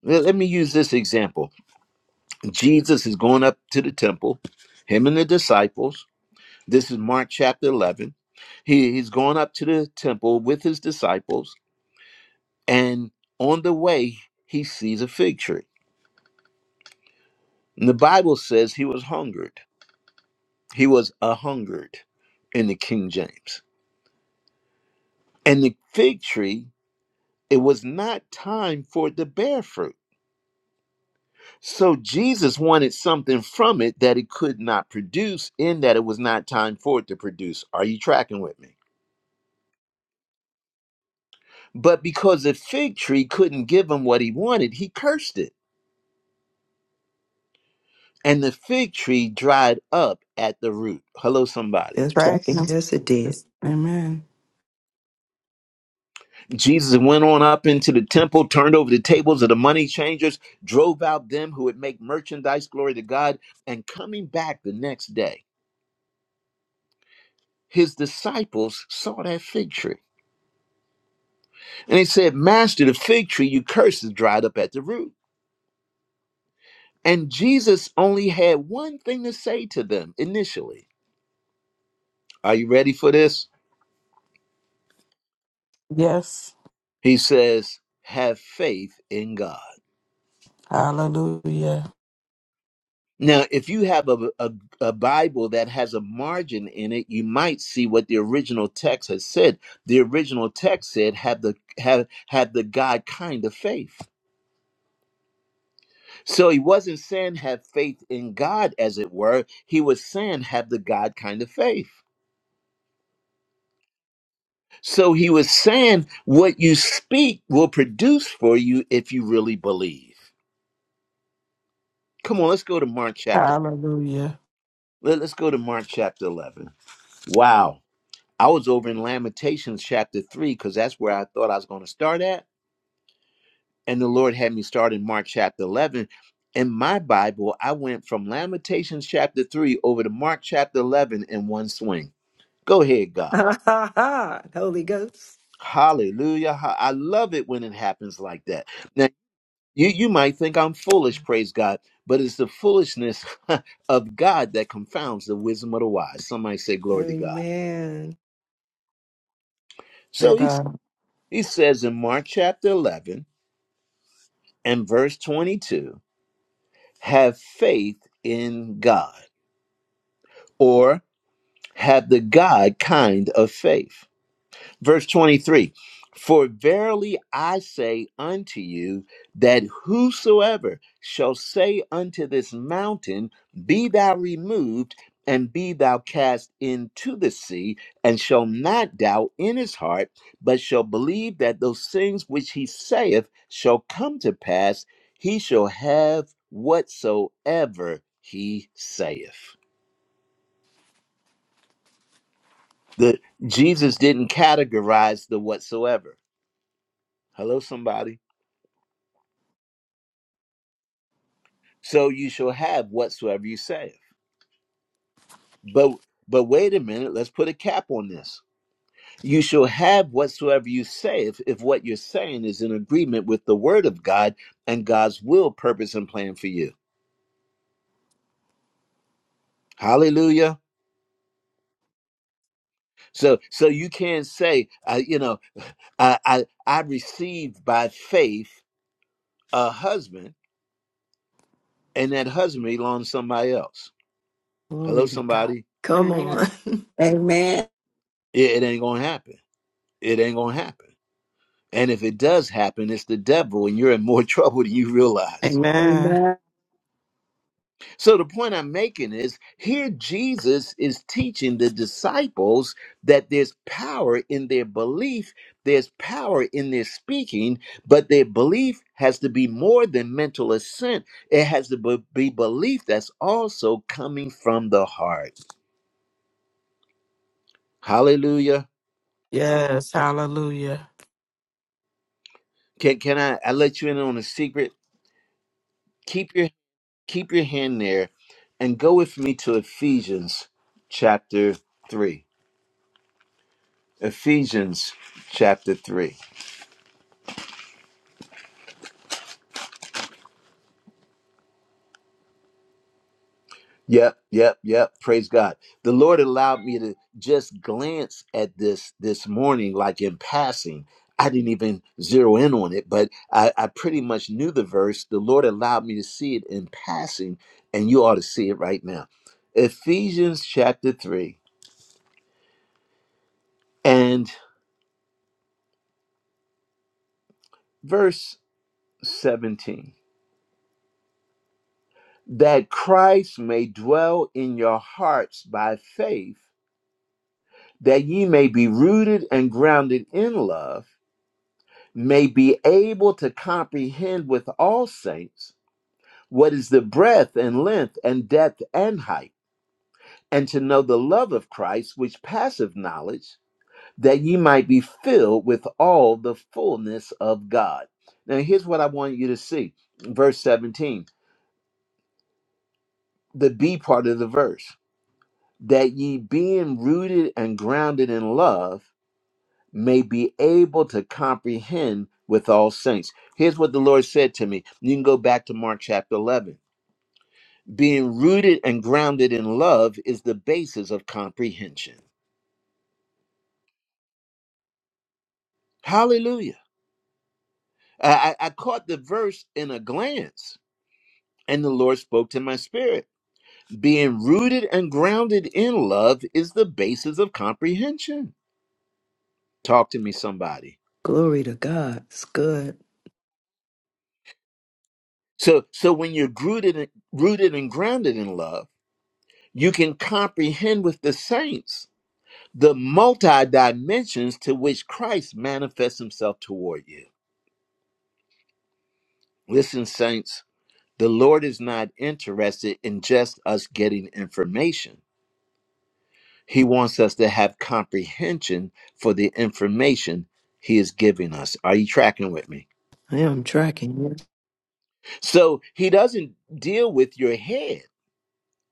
Let let me use this example. Jesus is going up to the temple, him and the disciples. This is Mark chapter 11. He, he's going up to the temple with his disciples And on the way, he sees a fig tree. And the Bible says he was hungered. He was a hungered in the King James. And the fig tree, it was not time for it to bear fruit. So Jesus wanted something from it that it could not produce, in that it was not time for it to produce. Are you tracking with me? But because the fig tree couldn't give him what he wanted, he cursed it. And the fig tree dried up at the root. Hello, somebody. Yes, Jackie. Practice. Yes, it did. Amen. Jesus went on up into the temple, turned over the tables of the money changers, drove out them who would make merchandise, glory to God. And coming back the next day, his disciples saw that fig tree. And they said, Master, the fig tree you cursed is dried up at the root. And Jesus only had one thing to say to them initially. Are you ready for this? Yes. He says, Have faith in God. Hallelujah. Now, if you have a, a, a Bible that has a margin in it, you might see what the original text has said. The original text said, have the, have, have the God kind of faith. So he wasn't saying have faith in God, as it were. He was saying have the God kind of faith. So he was saying what you speak will produce for you if you really believe. Come on, let's go to Mark chapter. Hallelujah. let- Let's go to Mark chapter 11. Wow. I was over in Lamentations chapter 3 because that's where I thought I was going to start at. And the Lord had me start in Mark chapter 11. In my Bible, I went from Lamentations chapter 3 over to Mark chapter 11 in one swing. Go ahead, God. Ha ha ha. Holy Ghost. Hallelujah. Ha- I love it when it happens like that. Now, you, you might think I'm foolish, praise God, but it's the foolishness of God that confounds the wisdom of the wise. Somebody say, Glory to God. Amen. To So he, God. he says in Mark chapter 11 and verse 22 have faith in God or have the God kind of faith. Verse 23 For verily I say unto you, that whosoever shall say unto this mountain, Be thou removed, and be thou cast into the sea, and shall not doubt in his heart, but shall believe that those things which he saith shall come to pass, he shall have whatsoever he saith. The Jesus didn't categorize the whatsoever. Hello, somebody. so you shall have whatsoever you say. But but wait a minute, let's put a cap on this. You shall have whatsoever you say if, if what you're saying is in agreement with the word of God and God's will, purpose, and plan for you. Hallelujah. So so you can't say, I, you know, I, I I received by faith a husband, and that husband belongs to somebody else. Hello, Glory to God. somebody. Come on. Amen. Amen. It, it ain't gonna happen. It ain't gonna happen. And if it does happen, it's the devil, and you're in more trouble than you realize. Amen. Amen. So, the point I'm making is here Jesus is teaching the disciples that there's power in their belief, there's power in their speaking, but their belief has to be more than mental assent. It has to be be belief that's also coming from the heart. Hallelujah. Yes. Hallelujah. Can, can I, I let you in on a secret? Keep your Keep your hand there and go with me to Ephesians chapter 3. Ephesians chapter 3. Yep, yep, yep. Praise God. The Lord allowed me to just glance at this this morning, like in passing. I didn't even zero in on it, but I, I pretty much knew the verse. The Lord allowed me to see it in passing, and you ought to see it right now. Ephesians chapter 3 and verse 17. that Christ may dwell in your hearts by faith, that ye may be rooted and grounded in love, may be able to comprehend with all saints what is the breadth and length and depth and height, and to know the love of Christ, which passeth knowledge, that ye might be filled with all the fullness of God. Now, here's what I want you to see verse 17, the B part of the verse. that ye being rooted and grounded in love may be able to comprehend with all saints. Here's what the Lord said to me. You can go back to Mark chapter 11. Being rooted and grounded in love is the basis of comprehension. Hallelujah. I, I I caught the verse in a glance, and the Lord spoke to my spirit. Being rooted and grounded in love is the basis of comprehension. Talk to me, somebody. Glory to God. It's good. So so when you're rooted and, rooted and grounded in love, you can comprehend with the saints the multi dimensions to which Christ manifests himself toward you. Listen, saints, the Lord is not interested in just us getting information. He wants us to have comprehension for the information he is giving us. Are you tracking with me? I am tracking. Yes, So he doesn't deal with your head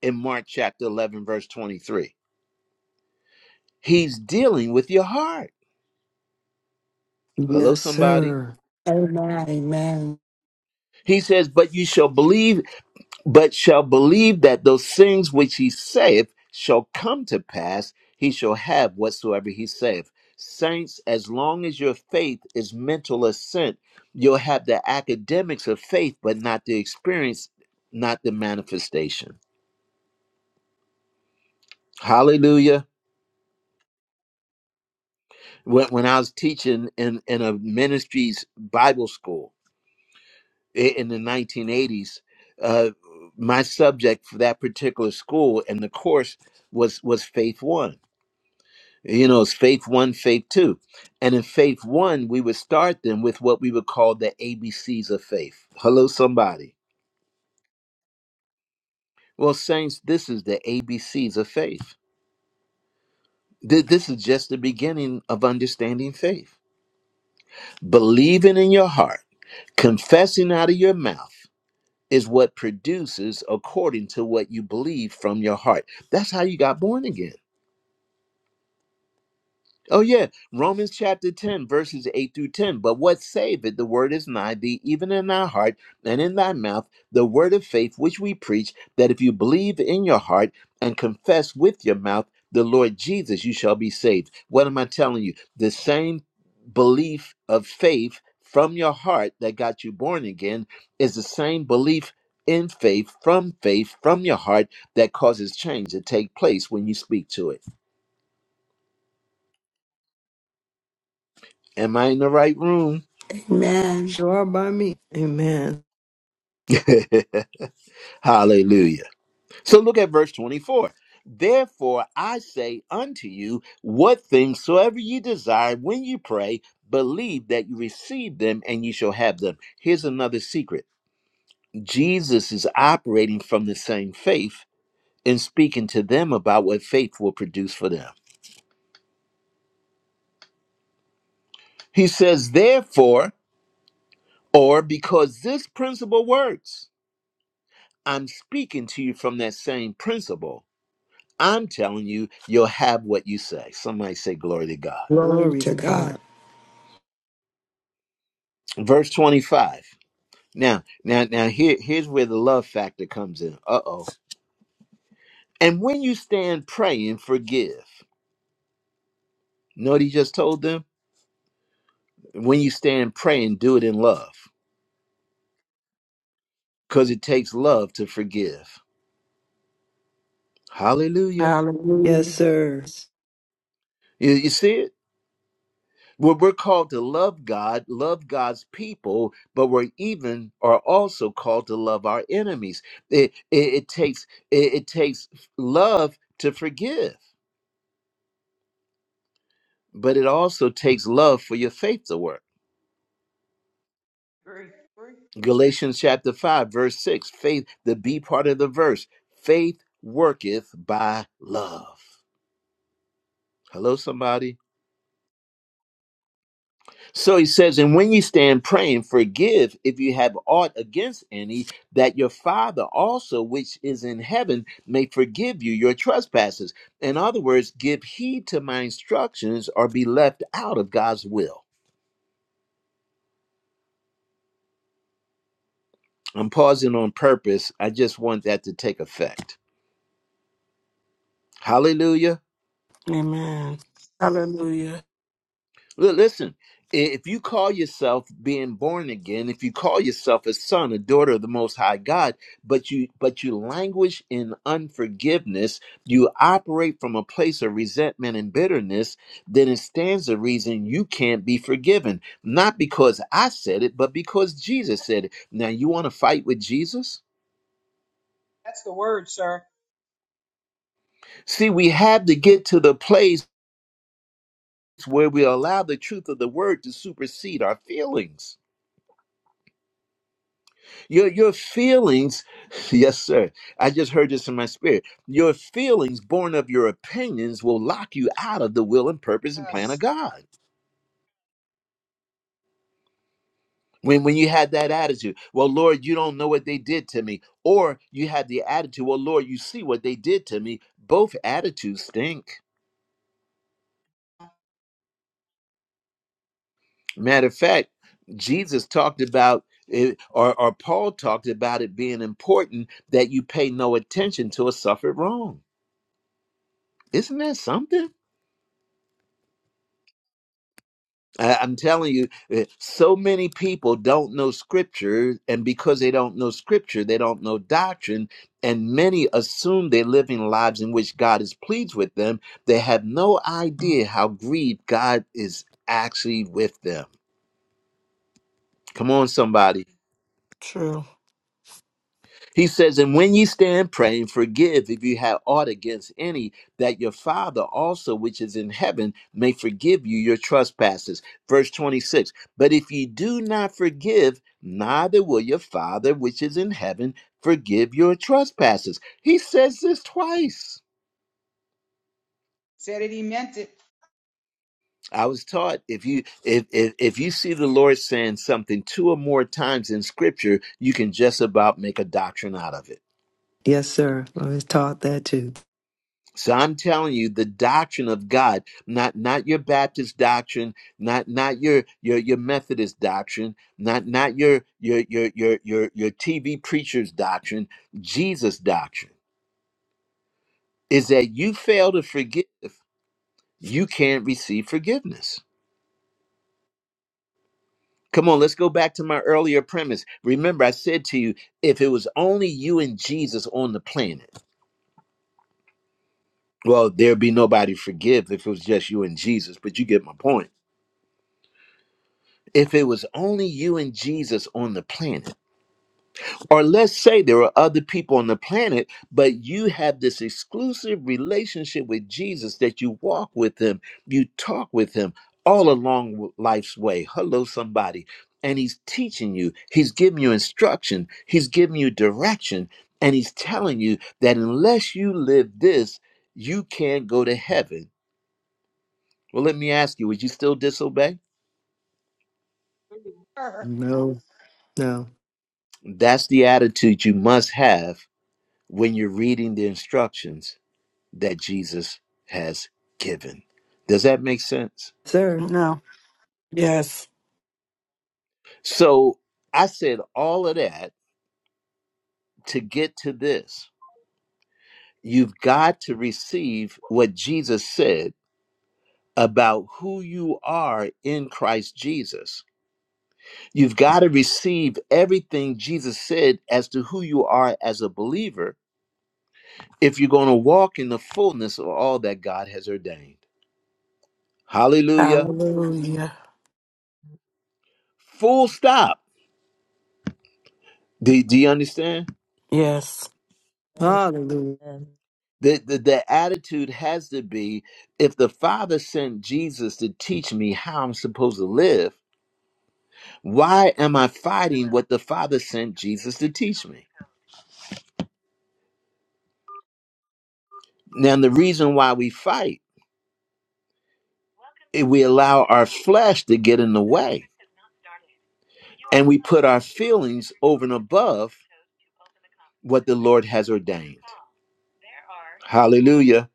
in Mark chapter 11, verse 23 He's dealing with your heart. Hello, Yes, somebody. sir. Amen. Amen. He says, But you shall believe, but shall believe that those things which he saith shall come to pass. He shall have whatsoever he saith. Saints, as long as your faith is mental assent, you'll have the academics of faith, but not the experience, not the manifestation. Hallelujah. When, when I was teaching in, in a ministry's Bible school, i- in the 1980s uh, my subject for that particular school and the course was was faith one you know it's faith one faith two and in faith one we would start them with what we would call the abcs of faith hello somebody well saints this is the abcs of faith Th- this is just the beginning of understanding faith believing in your heart confessing out of your mouth is what produces according to what you believe from your heart. That's how you got born again. Oh, yeah. Romans chapter 10, verses 8 through 10. But what saved it? The word is nigh thee, even in thy heart and in thy mouth, the word of faith which we preach, that if you believe in your heart and confess with your mouth the Lord Jesus, you shall be saved. What am I telling you? The same belief of faith from your heart that got you born again is the same belief in faith from faith from your heart that causes change to take place when you speak to it. Am I in the right room? Amen. You are by me. Amen. Hallelujah. So look at verse 24. Therefore I say unto you, what things soever ye desire when you pray, believe that you receive them and ye shall have them. Here's another secret Jesus is operating from the same faith and speaking to them about what faith will produce for them. He says, therefore, or because this principle works, I'm speaking to you from that same principle I'm telling you, you'll have what you say. Somebody say glory to God. Glory Glory to to God. God. Verse 25. Now, now, now here, here's where the love factor comes in. Uh-oh. And when you stand praying, forgive. Know what he just told them? When you stand praying, do it in love. Because it takes love to forgive. Hallelujah. Yes, Hallelujah. sir. You, you see it? Well, we're called to love God, love God's people, but we're even are also called to love our enemies. It it, it takes it, it takes love to forgive, but it also takes love for your faith to work. Very free. Galatians chapter five, verse six. Faith, the B part of the verse. Faith worketh by love. Hello, somebody. So he says, and when you stand praying, forgive if you have aught against any, that your Father also, which is in heaven, may forgive you your trespasses. In other words, give heed to my instructions or be left out of God's will. I'm pausing on purpose. I just want that to take effect. Hallelujah. Amen. Hallelujah. Li- Listen, i- if you call yourself being born again, if you call yourself a son, a daughter of the Most High God, but you but you languish in unforgiveness, you operate from a place of resentment and bitterness, then it stands to reason you can't be forgiven. Not because I said it, but because Jesus said it. Now you want to fight with Jesus? That's the word, sir. See, we have to get to the place where we allow the truth of the word to supersede our feelings. Your your feelings, yes, sir. I just heard this in my spirit. Your feelings, born of your opinions, will lock you out of the will and purpose and plan of Yes. God. When when you had that attitude, well, Lord, you don't know what they did to me, or you had the attitude, well, Lord, you see what they did to me. Both attitudes stink. Matter of fact, Jesus talked about it, or or Paul talked about it being important that you pay no attention to a suffered wrong. Isn't that something? I- I'm telling you, uh, so many people don't know scripture, and because they don't know scripture, they don't know doctrine, and many assume they're living lives in which God is pleased with them. They have no idea how grieved God is actually with them. Come on, somebody. True. He says, And when ye stand praying, forgive if you have aught against any, that your Father also, which is in heaven, may forgive you your trespasses. Verse 26 But if ye do not forgive, neither will your Father, which is in heaven, forgive your trespasses. He says this twice. Said it, he meant it. I was taught if you if, if if you see the Lord saying something two or more times in scripture, you can just about make a doctrine out of it. Yes, sir. I was taught that too. So I'm telling you, the doctrine of God, not not your Baptist doctrine, not not your your your Methodist doctrine, not not your your your your your your TV preacher's doctrine, Jesus doctrine is that you fail to forgive, you can't receive forgiveness. Come on, let's go back to my earlier premise. Remember, I said to you, if it was only you and Jesus on the planet, well, there'd be nobody to forgive if it was just you and Jesus. But you get my point if it was only you and Jesus on the planet, or let's say there are other people on the planet, but you have this exclusive relationship with Jesus that you walk with him, you talk with him all along life's way. Hello, somebody. And he's teaching you, he's giving you instruction, he's giving you direction, and he's telling you that unless you live this, you can't go to heaven. Well, let me ask you, would you still disobey? No, no. That's the attitude you must have when you're reading the instructions that Jesus has given. Does that make sense? Sir. No. Yes. So I said all of that to get to this. You've got to receive what Jesus said about who you are in Christ Jesus. You've got to receive everything Jesus said as to who you are as a believer if you're going to walk in the fullness of all that God has ordained. Hallelujah. Hallelujah. Full stop. Do, do you understand? Yes. Amen. Hallelujah. The, the, the attitude has to be if the Father sent Jesus to teach me how I'm supposed to live, why am I fighting what the Father sent Jesus to teach me? Now, the reason why we fight is we allow our flesh to get in the way and we put our feelings over and above what the Lord has ordained. Hallelujah.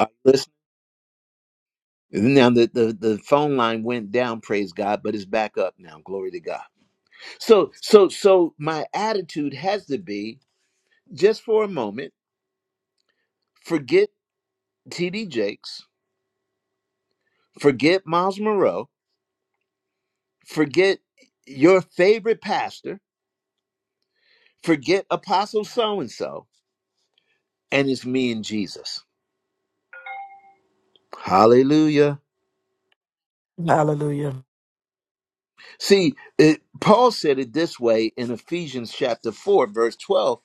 Are you listening? Now the, the, the phone line went down, praise God, but it's back up now. Glory to God. So so so my attitude has to be just for a moment, forget TD Jakes, forget Miles Moreau, forget your favorite pastor, forget Apostle so and so, and it's me and Jesus. Hallelujah. Hallelujah. See, it, Paul said it this way in Ephesians chapter 4, verse 12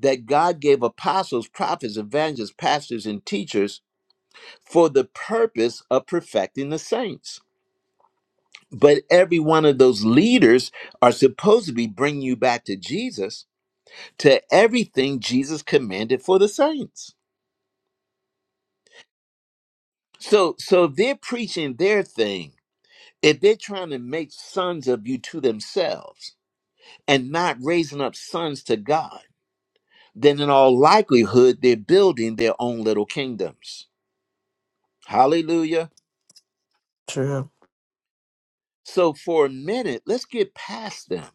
that God gave apostles, prophets, evangelists, pastors, and teachers for the purpose of perfecting the saints. But every one of those leaders are supposed to be bringing you back to Jesus to everything Jesus commanded for the saints. So so if they're preaching their thing, if they're trying to make sons of you to themselves and not raising up sons to God, then in all likelihood they're building their own little kingdoms. Hallelujah. True. So for a minute, let's get past them.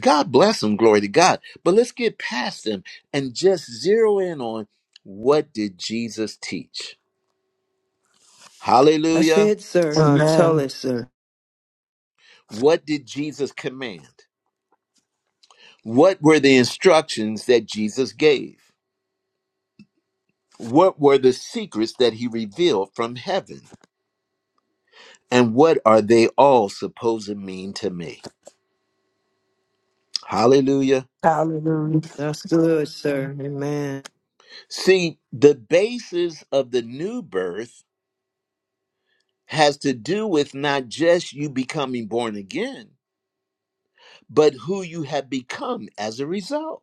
God bless them, glory to God. But let's get past them and just zero in on what did Jesus teach? That's Hallelujah. it, sir. Uh, tell Amen. it, sir. What did Jesus command? What were the instructions that Jesus gave? What were the secrets that he revealed from heaven? And what are they all supposed to mean to me? Hallelujah. Hallelujah. That's good, sir. Amen. See, the basis of the new birth has to do with not just you becoming born again, but who you have become as a result.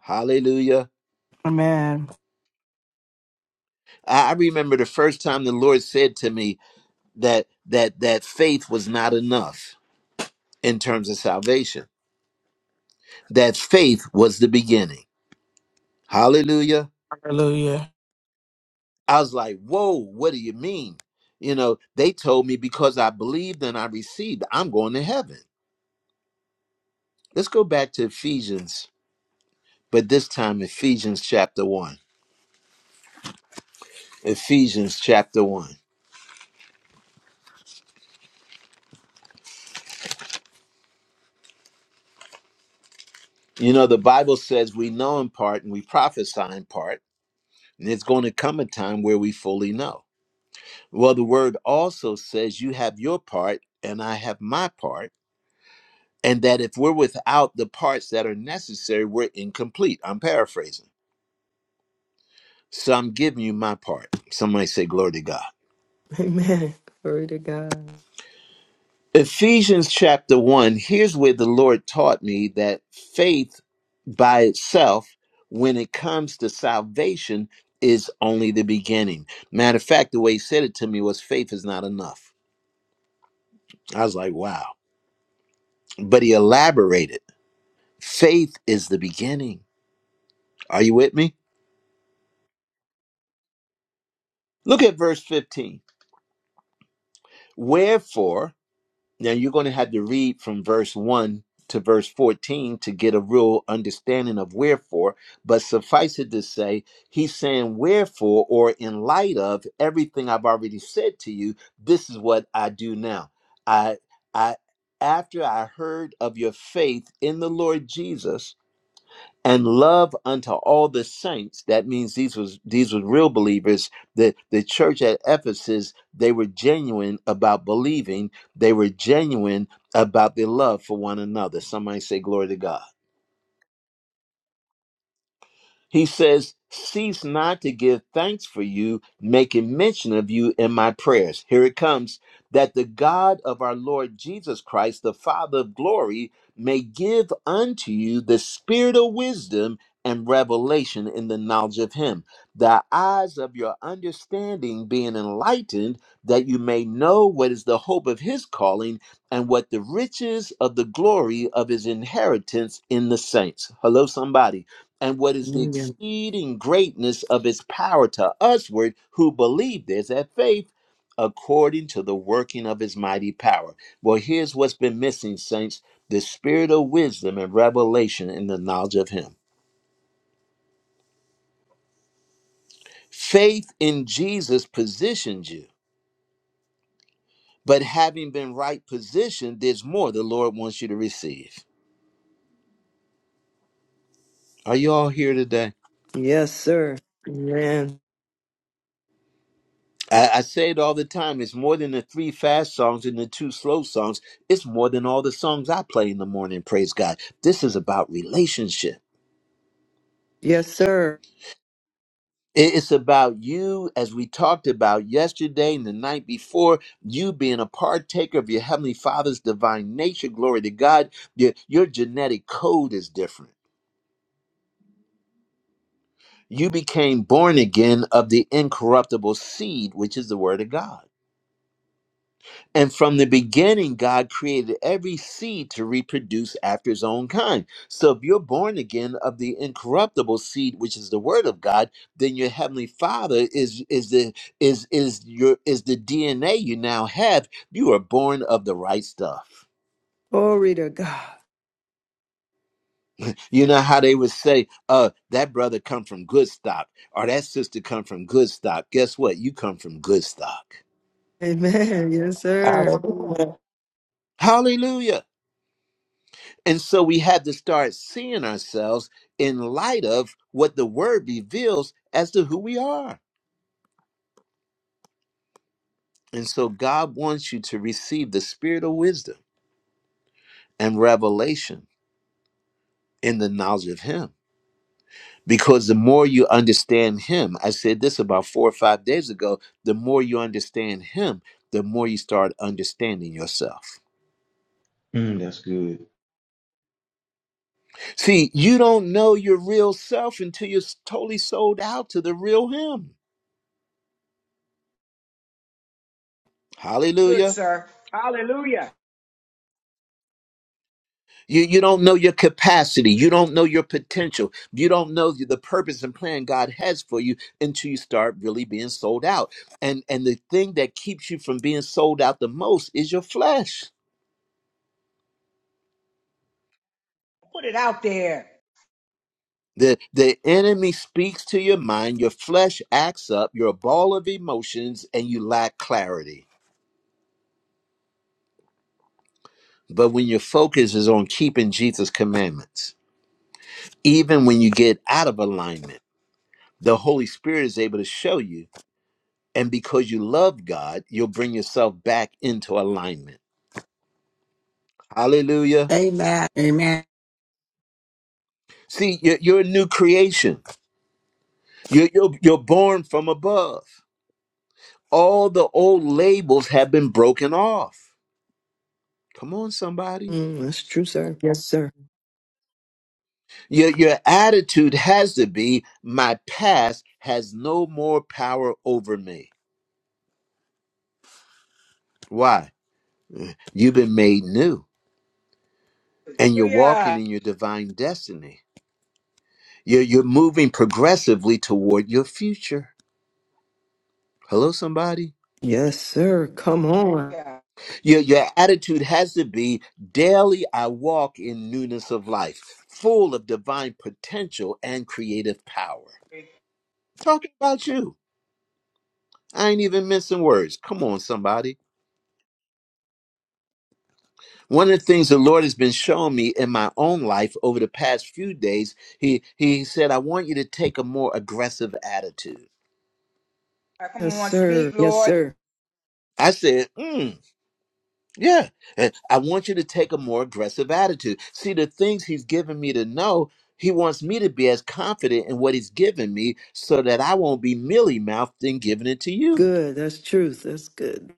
Hallelujah. Amen. I I remember the first time the Lord said to me that that that faith was not enough in terms of salvation. that faith was the beginning. Hallelujah. Hallelujah. I was like, whoa, what do you mean? You know, they told me because I believed and I received, I'm going to heaven. Let's go back to Ephesians, but this time Ephesians chapter 1. Ephesians chapter 1. You know, the Bible says we know in part and we prophesy in part, and it's going to come a time where we fully know. Well, the word also says you have your part and I have my part and that if we're without the parts that are necessary, we're incomplete. I'm paraphrasing. So I'm giving you my part. Somebody say, Glory to God. Amen. Glory to Ephesians chapter 1, here's where the Lord taught me that faith by itself, when it comes to salvation, is only the beginning. Matter of fact, the way he said it to me was, faith is not enough. I was like, wow. But he elaborated faith is the beginning. Are you with me? Look at verse 15. Wherefore, Now you're going to have to read from verse 1 to verse 14 to get a real understanding of wherefore, but suffice it to say, he's saying, Wherefore, or in light of everything I've already said to you, this is what I do now. I, I, after I heard of your faith in the Lord Jesus and love unto all the saints that means these was these were real believers the the church at ephesus they were genuine about believing they were genuine about their love for one another somebody say glory to god he says, Cease not to give thanks for you, making mention of you in my prayers. Here it comes that the God of our Lord Jesus Christ, the Father of glory, may give unto you the spirit of wisdom and revelation in the knowledge of Him, the eyes of your understanding being enlightened, that you may know what is the hope of His calling and what the riches of the glory of His inheritance in the saints. Hello, somebody and what is the God. exceeding greatness of his power to usward who believe there's that faith according to the working of his mighty power well here's what's been missing saints the spirit of wisdom and revelation in the knowledge of him faith in jesus positions you but having been right positioned there's more the lord wants you to receive are you all here today Yes, sir. Amen. I, I say it all the time. It's more than the three fast songs and the two slow songs. It's more than all the songs I play in the morning. Praise God. This is about relationship. Yes, sir. It- It's about you, as we talked about yesterday and the night before, you being a partaker of your Heavenly Father's divine nature. Glory to God. Your, your genetic code is different. You became born again of the incorruptible seed, which is the Word of God. And from the beginning, God created every seed to reproduce after his own kind. So if you're born again of the incorruptible seed, which is the word of God, then your heavenly father is is the is is your is the DNA you now have. You are born of the right stuff. Glory to God. You know how they would say, uh, that brother come from good stock, or that sister come from good stock. Guess what? You come from good stock. Amen. Yes, sir. Hallelujah. Hallelujah. And so we have to start seeing ourselves in light of what the word reveals as to who we are. And so God wants you to receive the spirit of wisdom and revelation in the knowledge of Him. Because the more you understand Him, I said this about four or five days ago, the more you understand Him, the more you start understanding yourself. Mm, that's good. See, you don't know your real self until you're totally sold out to the real Him. Good, Hallelujah. sir. Hallelujah. You, you don't know your capacity. You don't know your potential. You don't know the the purpose and plan God has for you until you start really being sold out. And and the thing that keeps you from being sold out the most is your flesh. Put it out there. The the enemy speaks to your mind, your flesh acts up, you're a ball of emotions, and you lack clarity. But when your focus is on keeping Jesus' commandments, even when you get out of alignment, the Holy Spirit is able to show you And because you love God, you'll bring yourself back into alignment. Hallelujah. Amen. Amen. See, you're, you're a new creation. You're, you're, you're born from above. All the old labels have been broken off. Come on, somebody. Mm, that's true, That's sir. Yes, sir. Your, your attitude has to be my past has no more power over me. Why? You've been made new and you're walking Hallelujah. in your divine destiny. You're, you're moving progressively toward your future. Hello, somebody. Yes, sir. Come on. Yeah. Your, your attitude has to be daily I walk in newness of life, full of divine potential and creative power. Talking about you. I ain't even missing words. Come on, somebody. One of the things the Lord has been showing me in my own life over the past few days, He He said, I want you to take a more aggressive attitude. Come Yes, on, sir. speak, Yes, Lord. sir. I said, "Hmm, Yeah. And I want you to take a more aggressive attitude. See, the things he's given me to know, he wants me to be as confident in what he's given me so that I won't be mealy mouthed in giving it to you. Good. That's truth. That's good.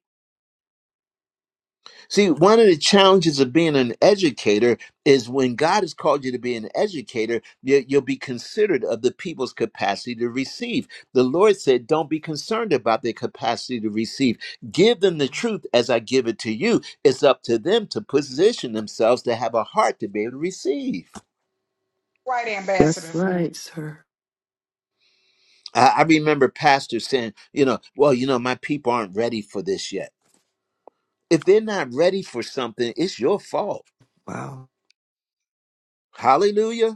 See, one of the challenges of being an educator is when God has called you to be an educator, you, you'll be considered of the people's capacity to receive. The Lord said, Don't be concerned about their capacity to receive. Give them the truth as I give it to you. It's up to them to position themselves to have a heart to be able to receive. Right, ambassador. That's right, sir. I, I remember pastors saying, You know, well, you know, my people aren't ready for this yet. If they're not ready for something, it's your fault. Wow. Hallelujah.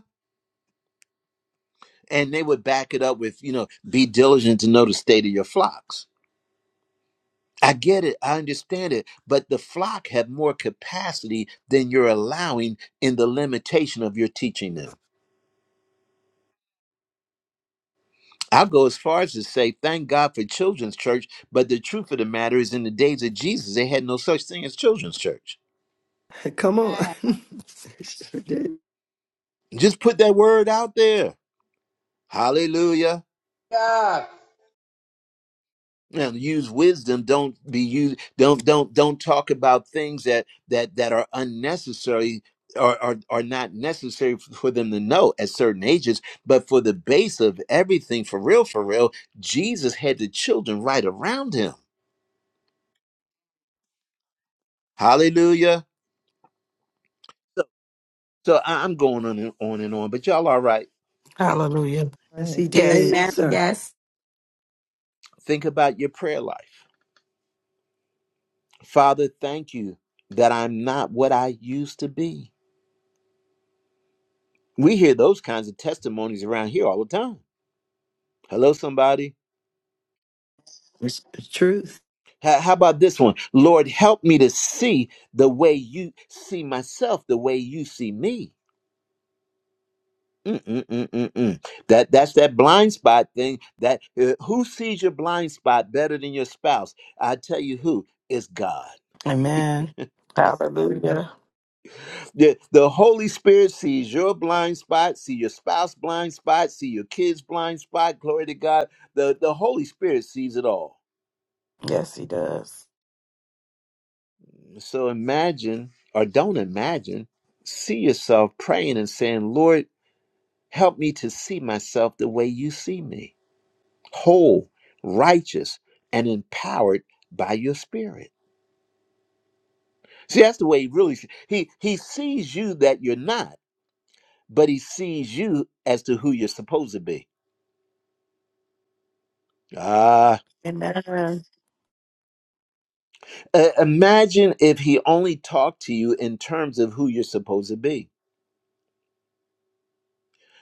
And they would back it up with, you know, be diligent to know the state of your flocks. I get it. I understand it. But the flock have more capacity than you're allowing in the limitation of your teaching them. I'll go as far as to say, thank God for children's church. But the truth of the matter is, in the days of Jesus, they had no such thing as children's church. Come on. Ah, sure did. Just put that word out there. Hallelujah. God. Now, use wisdom. Don't be used. Don't don't don't talk about things that that that are unnecessary or are, are not necessary f- for them to know at certain ages. But for the base of everything, for real, for real, Jesus had the children right around him. Hallelujah. So, so I- I'm going on and on and on. But y'all, all right. Hallelujah. Yes, right. he Mm, Yes. did, Amen. sir. Yes. Think about your prayer life. Father, thank you that I'm not what I used to be. We hear those kinds of testimonies around here all the time. Hello, somebody. It's the truth. How, how about this one? Lord, help me to see the way you see myself, the way you see me. Mm-mm-mm-mm-mm. That that's that blind spot thing. That uh, who sees your blind spot better than your spouse? I tell you who is God. Amen. Hallelujah. The, the Holy Spirit sees your blind spot, see your spouse blind spot, see your kids blind spot. Glory to God. The the Holy Spirit sees it all. Yes, he does. So imagine or don't imagine. See yourself praying and saying, Lord. Help me to see myself the way you see me, whole, righteous, and empowered by your spirit. See, that's the way he really he he sees you that you're not, but he sees you as to who you're supposed to be. Ah, Amen. uh, imagine if he only talked to you in terms of who you're supposed to be.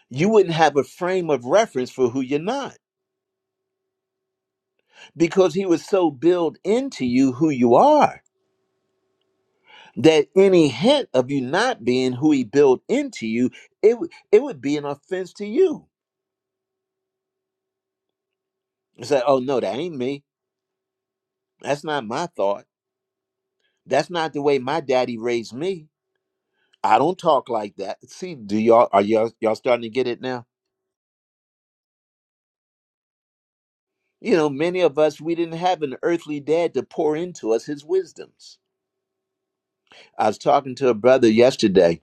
You wouldn't have a frame of reference for who you're not because he was so built into you who you are that any hint of you not being who he built into you, it would it would be an offense to you. It's like, oh no, that ain't me. That's not my thought. That's not the way my daddy raised me. I don't talk like that. See, do y'all are y'all y'all starting to get it now? You know, many of us we didn't have an earthly dad to pour into us his wisdoms. I was talking to a brother yesterday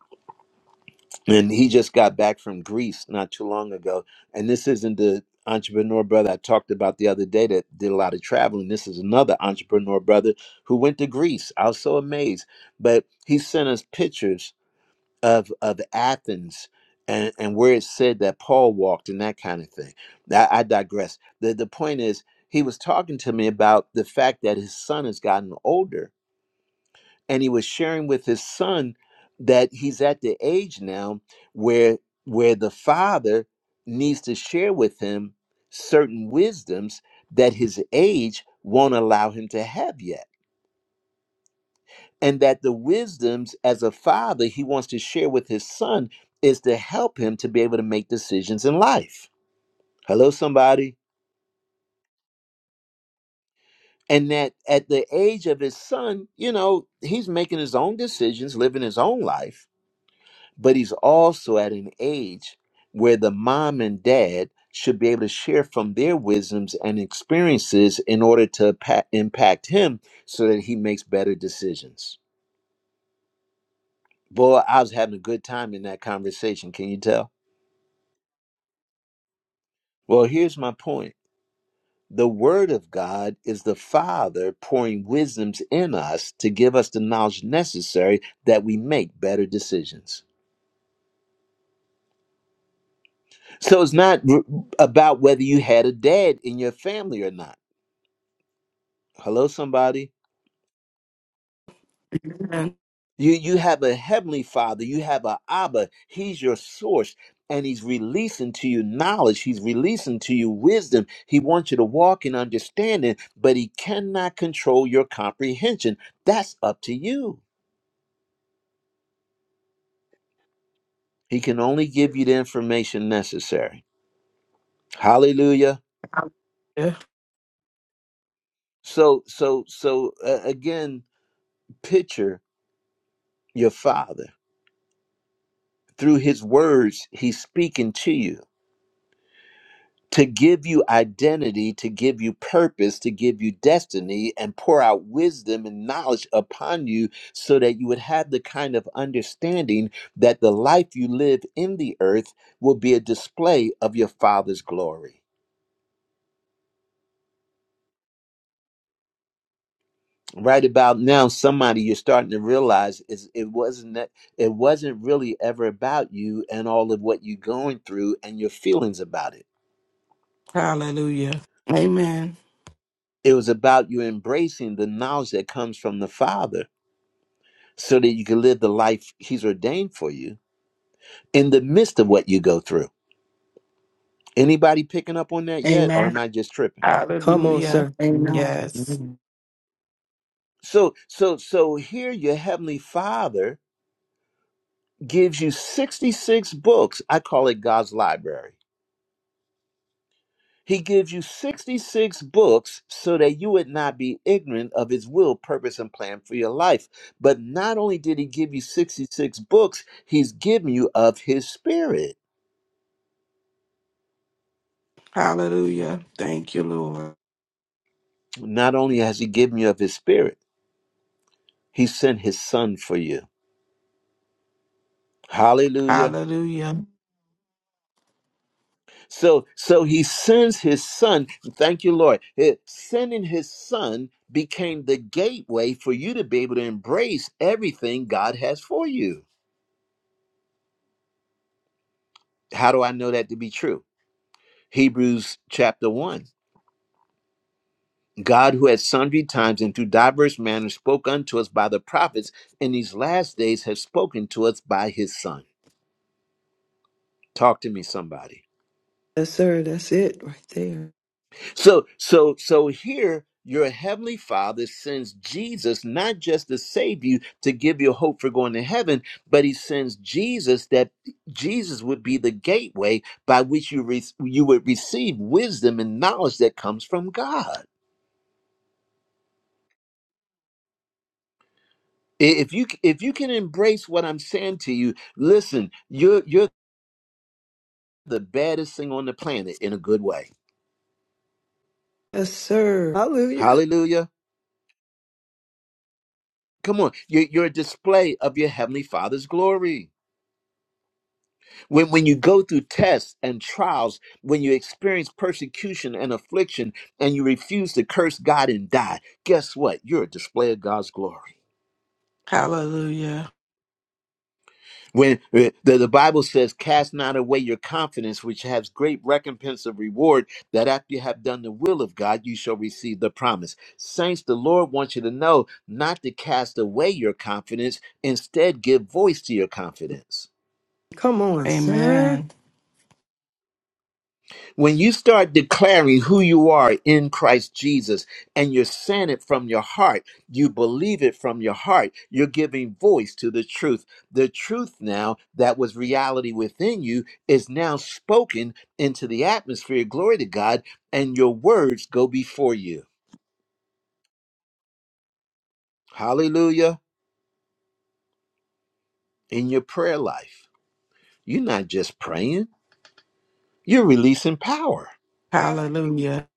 and he just got back from Greece not too long ago. And this isn't the entrepreneur brother I talked about the other day that did a lot of traveling. This is another entrepreneur brother who went to Greece. I was so amazed. But he sent us pictures of of Athens and, and where it said that Paul walked and that kind of thing. I, I digress. The the point is he was talking to me about the fact that his son has gotten older and he was sharing with his son that he's at the age now where where the father needs to share with him certain wisdoms that his age won't allow him to have yet and that the wisdoms as a father he wants to share with his son is to help him to be able to make decisions in life hello somebody and that at the age of his son you know he's making his own decisions living his own life but he's also at an age where the mom and dad should be able to share from their wisdoms and experiences in order to pa- impact him so that he makes better decisions. Boy, I was having a good time in that conversation. Can you tell? Well, here's my point. The Word of God is the Father pouring wisdoms in us to give us the knowledge necessary that we make better decisions. So it's not r- about whether you had a dad in your family or not Hello, somebody. Amen. You you have a heavenly father, you have a Abba, he's your source, and he's releasing to you knowledge, he's releasing to you wisdom. He wants you to walk in understanding, but he cannot control your comprehension. That's up to you. He can only give you the information necessary. Hallelujah. Hallelujah. So so so uh, again, picture your father. Through his words, he's speaking to you to give you identity, to give you purpose, to give you destiny, and pour out wisdom and knowledge upon you so that you would have the kind of understanding that the life you live in the earth will be a display of your Father's glory. Right about now, somebody you're starting to realize is it wasn't that it wasn't really ever about you and all of what you're going through and your feelings about it. Hallelujah. Amen. It was about you embracing the knowledge that comes from the Father so that you can live the life he's ordained for you in the midst of what you go through. Anybody picking up on that yet or Amen. am I just tripping? Come on, Hallelujah. sir. Yes, Amen. Yes. So so so here your heavenly father gives you 66 books. I call it God's library. He gives you 66 books so that you would not be ignorant of his will, purpose and plan for your life. But not only did he give you 66 books, he's given you of his spirit. Hallelujah. Thank you, Lord. Not only has he given you of his spirit, He sent his son for you. Hallelujah. Hallelujah. So so he sends his son. Thank you, Lord. Eh, Sending his son became the gateway for you to be able to embrace everything God has for you. How do I know that to be true? Hebrews chapter 1. God, who at sundry times and through diverse manners spoke unto us by the prophets, in these last days has spoken to us by his Son. Talk to me, somebody. sir. That's it right there. So so so here your heavenly father sends Jesus not just to save you to give you hope for going to heaven, but he sends Jesus that Jesus would be the gateway by which you re- you would receive wisdom and knowledge that comes from God. I- If you c- if you can embrace what I'm saying to you, listen, you're you're the baddest thing on the planet in a good way. Yes, sir. Hallelujah. Hallelujah. Come on. You're, you're a display of your heavenly father's glory. When, when you go through tests and trials, when you experience persecution and affliction, and you refuse to curse God and die, guess what? You're a display of God's glory. Hallelujah. When uh, the, the Bible says, Cast not away your confidence, which has great recompense of reward, that after you have done the will of God, you shall receive the promise. Saints, the Lord wants you to know not to cast away your confidence, instead, give voice to your confidence. Come on, sir. Amen. When you start declaring who you are in Christ Jesus and you're saying it from your heart, you believe it from your heart, you're giving voice to the truth. The truth now that was reality within you is now spoken into the atmosphere. Glory to God. And your words go before you. Hallelujah. In your prayer life, you're not just praying, you're releasing power. Yeah. Hallelujah.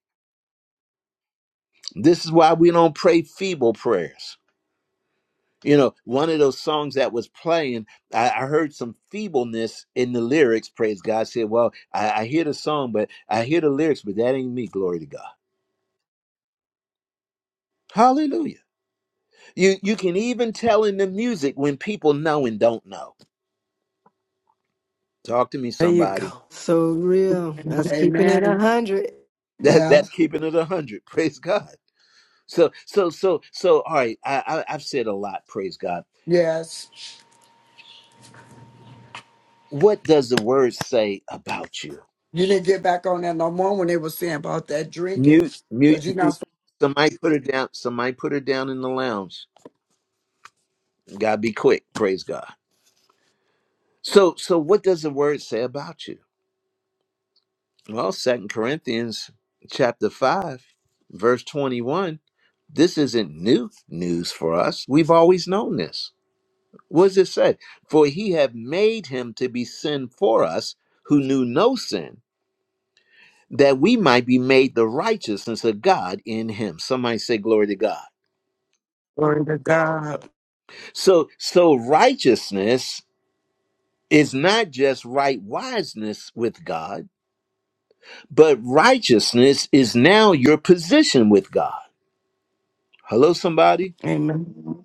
This is why we don't pray feeble prayers. You know, one of those songs that was playing, I, I heard some feebleness in the lyrics. Praise God. I said, Well, I, I hear the song, but I hear the lyrics, but that ain't me. Glory to God. Hallelujah. You you can even tell in the music when people know and don't know. Talk to me, There you somebody. go. So real. Amen. That's keeping it a Amen. hundred. That Yeah. that's keeping it a hundred. Praise God. So so so so all right, I, I I've said a lot, praise God. Yes. What does the word say about you? You didn't get back on that no more when they were saying about that drinking. Mute, mute, Because you're mute. not Somebody put her down. Somebody put her down in the lounge. Gotta be quick. Praise God. So, so what does the word say about you? Well, Second Corinthians chapter five, verse twenty-one. This isn't new news for us. We've always known this. What does it say? For he have made him to be sin for us who knew no sin, that we might be made the righteousness of God in him. Somebody say glory to God. Glory to God. So so righteousness is not just right wiseness with God but righteousness is now your position with God. Hello, somebody. Amen.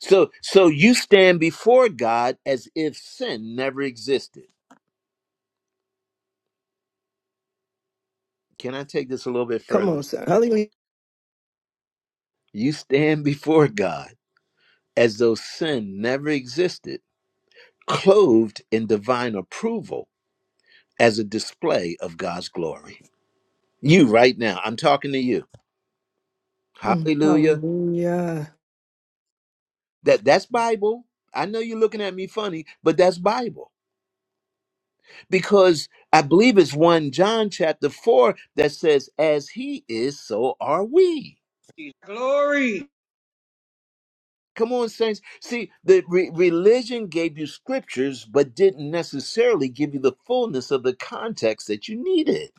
So, so you stand before God as if sin never existed. Can I take this a little bit Come further? on, sir. Hallelujah. You stand before God as though sin never existed, clothed in divine approval as a display of God's glory. You right now, I'm talking to you. Mm, Hallelujah. Hallelujah. That that's Bible. I know you're looking at me funny, but that's Bible. because I believe it's 1 John chapter 4 that says, As he is, so are we. Glory. Come on, saints. See, the re- religion gave you scriptures, but didn't necessarily give you the fullness of the context that you needed.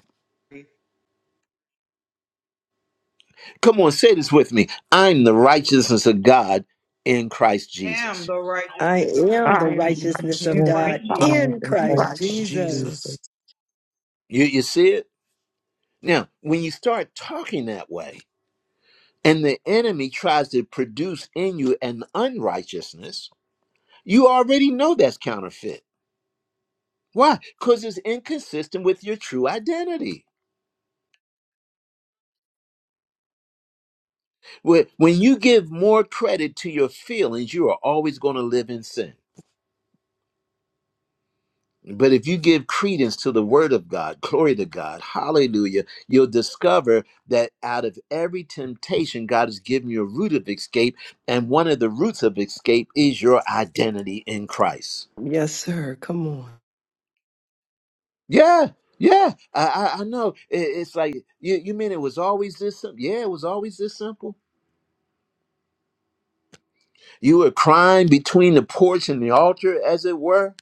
Come on, say this with me I'm the righteousness of God in Christ Am Jesus. the I righteousness of am the I God. am righteousness Dear of righteousness Yes, of Christ God Jesus. God God, in in in Christ Christ Christ Jesus. Jesus. Jesus. Yes, You, you see it? Now, when you start talking that way, and the enemy tries to produce in you an unrighteousness, you already know that's counterfeit Why? Because it's inconsistent with your true identity. Wh- When you give more credit to your feelings, you are always going to live in sin. But if you give credence to the word of God, glory to God, hallelujah, you'll discover that out of every temptation, God has given you a root of escape. And one of the roots of escape is your identity in Christ. Yes, sir. Come on. Yeah, yeah, I, I, I know. It- It's like, you, you mean it was always this simple? Yeah, it was always this simple. You were crying between the porch and the altar, as it were.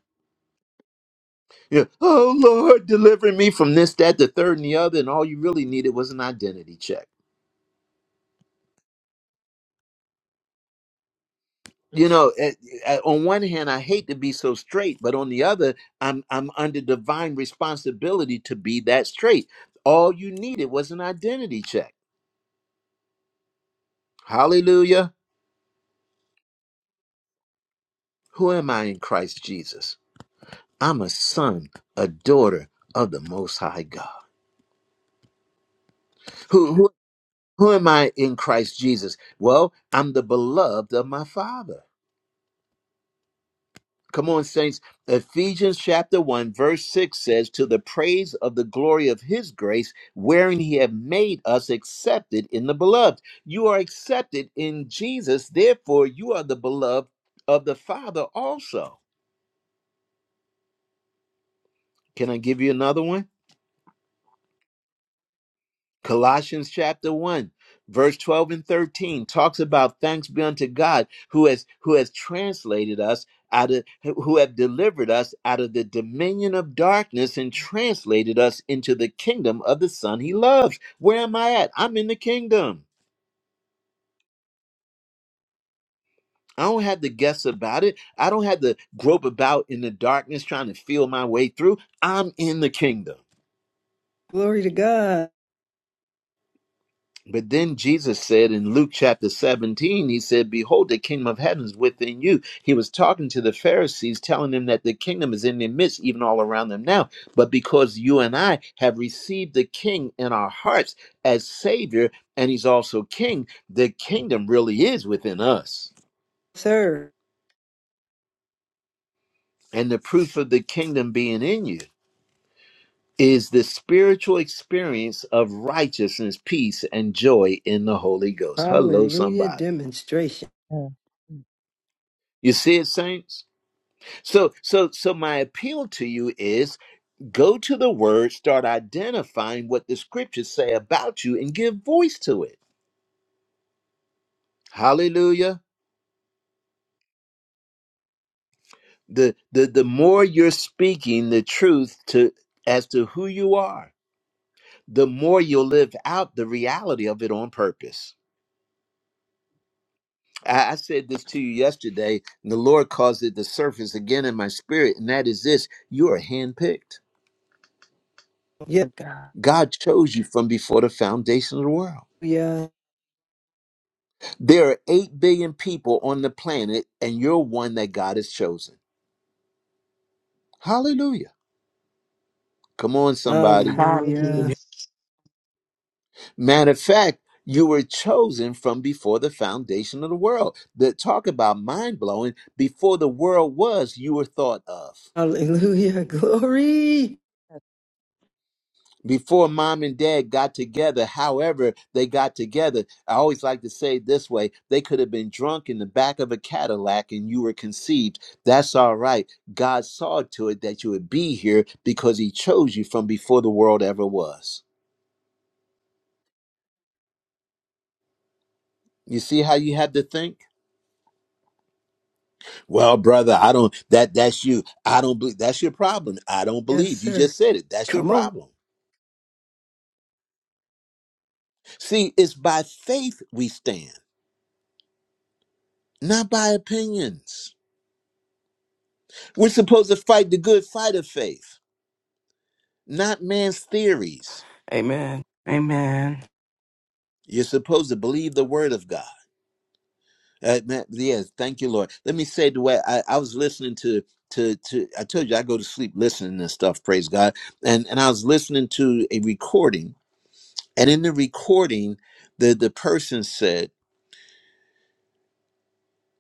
Yeah. Oh Lord, deliver me from this, that, the third, and the other. And all you really needed was an identity check. You know, it- it- on one hand, I hate to be so straight, but on the other, I'm I'm under divine responsibility to be that straight. All you needed was an identity check. Hallelujah. Who am I in Christ Jesus? I'm a son, a daughter of the Most High God. Who am I in Christ Jesus? Well, I'm the beloved of my Father. Come on, saints. Ephesians chapter 1, verse 6 says, To the praise of the glory of his grace, wherein he hath made us accepted in the beloved. You are accepted in Jesus, therefore, you are the beloved of the Father also. Can I give you another one? Colossians chapter 1 verse 12 and 13 talks about thanks be unto God who has who has translated us out of who have delivered us out of the dominion of darkness and translated us into the kingdom of the son he loves. Where am I at? I'm in the kingdom. I don't have to guess about it. I don't have to grope about in the darkness trying to feel my way through. I'm in the kingdom. Glory to God, But then Jesus said in Luke chapter 17, he said, Behold, the kingdom of heaven is within you. He was talking to the Pharisees, telling them that the kingdom is in their midst, even all around them now. But because you and I have received the king in our hearts as Savior, and he's also king, the kingdom really is within us. sir. And the proof of the kingdom being in you is the spiritual experience of righteousness, peace, and joy in the Holy Ghost. Hello, Hallelujah. somebody. Demonstration. mm, You see it, saints? So so so my appeal to you is go to the word, start identifying what the scriptures say about you and give voice to it. Hallelujah. The the the more you're speaking the truth to as to who you are, the more you'll live out the reality of it on purpose. I, I said this to you yesterday, and the Lord caused it to surface again in my spirit, and that is this you are handpicked. Yeah, God. God chose you from before the foundation of the world. Yeah. There are 8 billion people on the planet, and you're one that God has chosen. Hallelujah. Come on, somebody. Hallelujah. Hallelujah. Matter of fact, you were chosen from before the foundation of the world. That talk about mind blowing. Before the world was, you were thought of. Hallelujah. Glory. That's before mom and dad got together, however they got together. I always like to say it this way they could have been drunk in the back of a Cadillac and you were conceived. That's all right. God saw to it that you would be here because He chose you from before the world ever was. You see how you had to think? Well, brother, I don't that that's you. I don't believe that's your problem. I don't Yes, believe. You sir. just said it. That's your Come on. problem. See, it's by faith we stand, not by opinions. We're supposed to fight the good fight of faith, not man's theories. Amen. Amen. You're supposed to believe the word of God. Uh, man, yes, thank you, Lord. Let me say the way I, I was listening to to to. I told you I go to sleep listening to stuff. Praise God. And and I was listening to a recording, and in the recording, the the person said,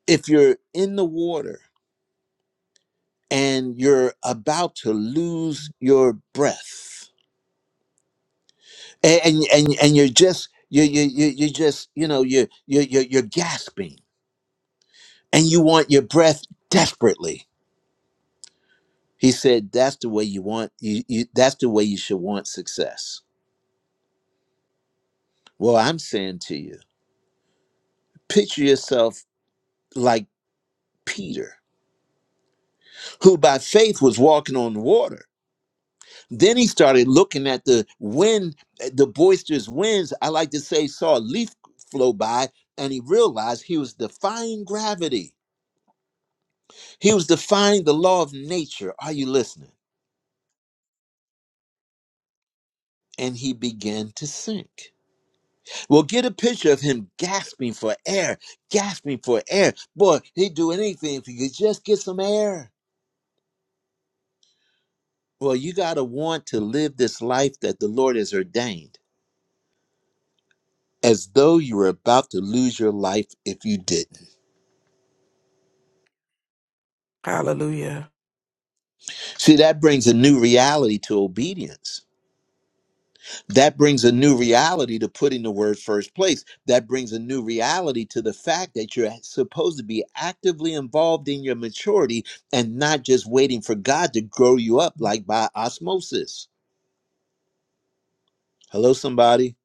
"If you're in the water and you're about to lose your breath." and and and, and you're just you you you you just you know you you you you're gasping and you want your breath desperately. He said that's the way you want you, you that's the way you should want success. Well, I'm saying to you, picture yourself like Peter, who by faith was walking on water. Then he started looking at the wind, uh, the boisterous winds. I like to say, saw a leaf flow by, and he realized he was defying gravity. He was defying the law of nature. Are you listening? And he began to sink. Well, get a picture of him gasping for air, gasping for air. Boy, he'd do anything if he could just get some air. Well, you got to want to live this life that the Lord has ordained as though you were about to lose your life if you didn't. Hallelujah. See, that brings a new reality to obedience that brings a new reality to putting the word first place. That brings a new reality to the fact that you're supposed to be actively involved in your maturity and not just waiting for God to grow you up like by osmosis. Hello, somebody.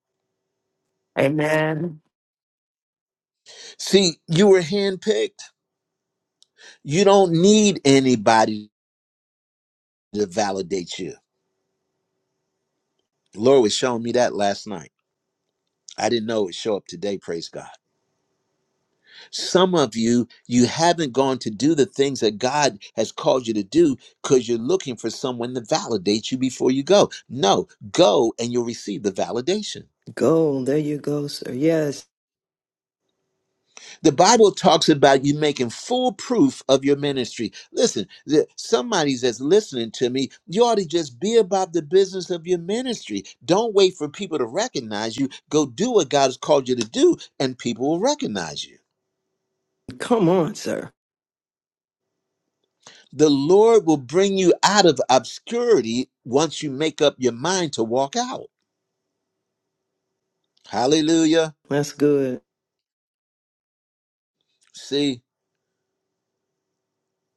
Amen. See, you were handpicked. You don't need anybody to validate you. The Lord was showing me that last night. I didn't know it would show up today, praise God. Some of you, you haven't gone to do the things that God has called you to do because you're looking for someone to validate you before you go. No, go and you'll receive the validation. Go. There you go, sir. Yes. The Bible talks about you making full proof of your ministry. Listen, the- somebody that's listening to me, you ought to just be about the business of your ministry. Don't wait for people to recognize you. Go do what God has called you to do, and people will recognize you. Come on, sir. The Lord will bring you out of obscurity once you make up your mind to walk out. Hallelujah. That's good. See,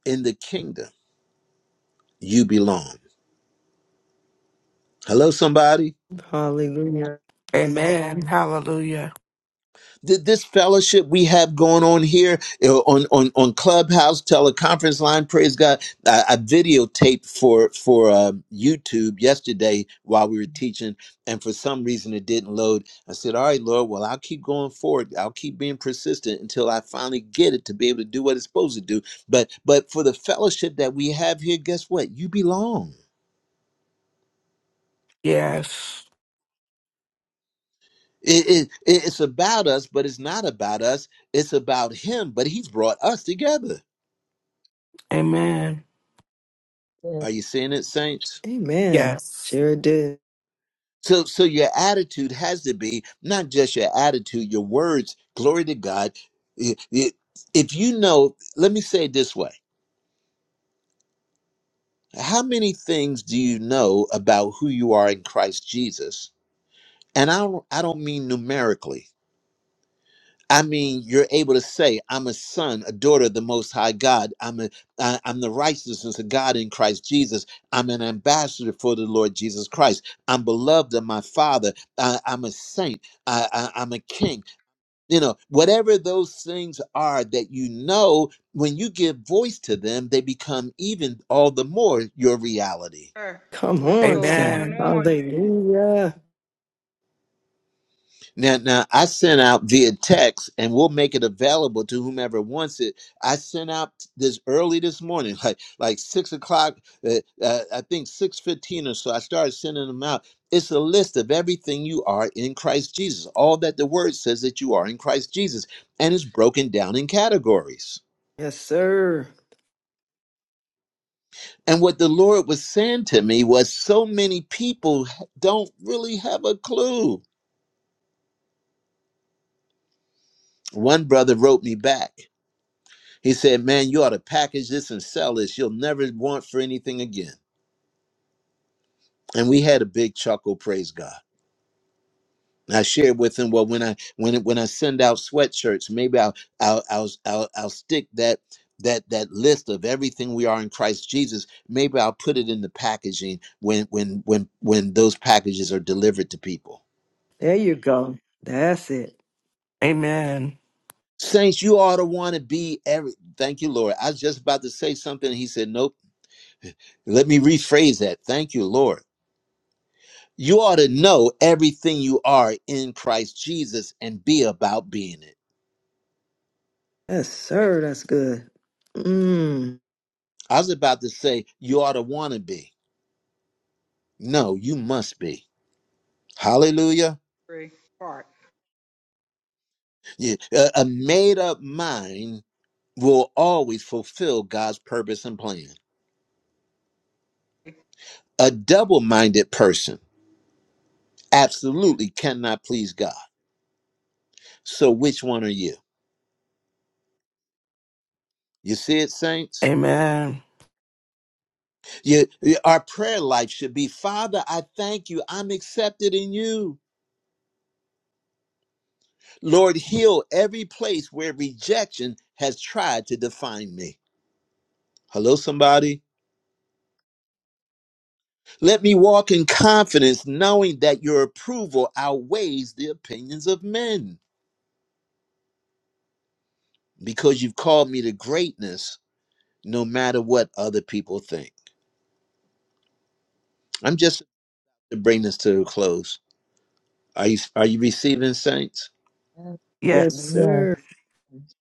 in the kingdom, you belong. Hello, somebody. Hallelujah. Amen. Hallelujah. Th- this fellowship we have going on here you know, on on on Clubhouse teleconference line. Praise God! I, I videotaped for for uh, YouTube yesterday while we were teaching, and for some reason it didn't load. I said, "All right, Lord, well I'll keep going forward. I'll keep being persistent until I finally get it to be able to do what it's supposed to do." But but for the fellowship that we have here, guess what? You belong. Yes. It, it, it's about us, but it's not about us. It's about Him, but He's brought us together. Amen. it. Are you seeing it, saints? Amen. Yes. Sure did. So, so your attitude has to be not just your attitude, your words. Glory to God. I- i- If you know, let me say it this way: How many things do you know about who you are in Christ Jesus? And I don't, I don't mean numerically. I mean, you're able to say, "I'm a son, a daughter of the Most High God. I'm a, I, I'm the righteousness of God in Christ Jesus. I'm an ambassador for the Lord Jesus Christ. I'm beloved of my Father. I, I'm a saint. I, I, I'm a king. You know, whatever those things are that you know, when you give voice to them, they become even all the more your reality. Sir, The Come list on, goes on sir. and Amen. on. Hallelujah. Now, now I sent out via text, and we'll make it available to whomever wants it. I sent out this early this morning, like like six o'clock. Uh, uh, I think six fifteen or so. I started sending them out. It's a list of everything you are in Christ Jesus, all that the Word says that you are in Christ Jesus, and it's broken down in categories. Yes, sir. And what the Lord was saying to me was, so many people don't really have a clue. One brother wrote me back He said, Man, you ought to package this and sell this. You'll never want for anything again. And we had a big chuckle, praise God. And I shared with him, well, when I when when I send out sweatshirts, maybe I'll I'll I'll I'll, I'll stick that that that list of everything we are in Christ Jesus. Maybe I'll put it in the packaging when when when when those packages are delivered to people. There you go. That's it. Amen. Saints, you ought to want to be every. Thank you, Lord. I was just about to say something. He said, Nope. Let me rephrase that. Thank you, Lord You ought to know everything you are in Christ Jesus and be about being it. Yes, sir. That's good. Mm. I was about to say, you ought to want to be. No, you must be. Hallelujah. Free part. Yeah, A a made up mind will always fulfill God's purpose and plan. A double minded person absolutely cannot please God. So, which one are you? You see it, saints? Amen. You, you- our prayer life should be Father, I thank you. I'm accepted in you. Lord, heal every place where rejection has tried to define me. Hello, somebody. Let me walk in confidence, knowing that your approval outweighs the opinions of men, because you've called me to greatness no matter what other people think. I'm just to bring this to a close. Are you are you receiving saints? That's Yes, Yes. yes. sir. praise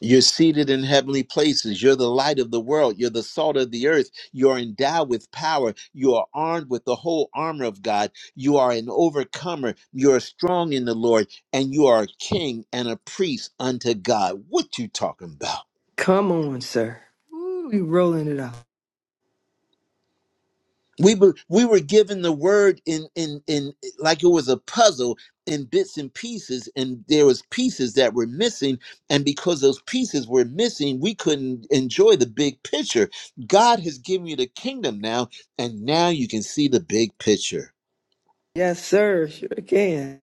You're seated in heavenly places. You're the light of the world. You're the salt of the earth. You're endowed with power. You are armed with the whole armor of God. You are an overcomer. You're strong in the Lord, and you are a king and a priest unto God. What you talking about? Come on, sir. Ooh, you rolling it out. we were we were given the word in in in like it was a puzzle in bits and pieces and there was pieces that were missing and because those pieces were missing we couldn't enjoy the big picture god has given you the kingdom now and now you can see the big picture Yes, sir. Sure can.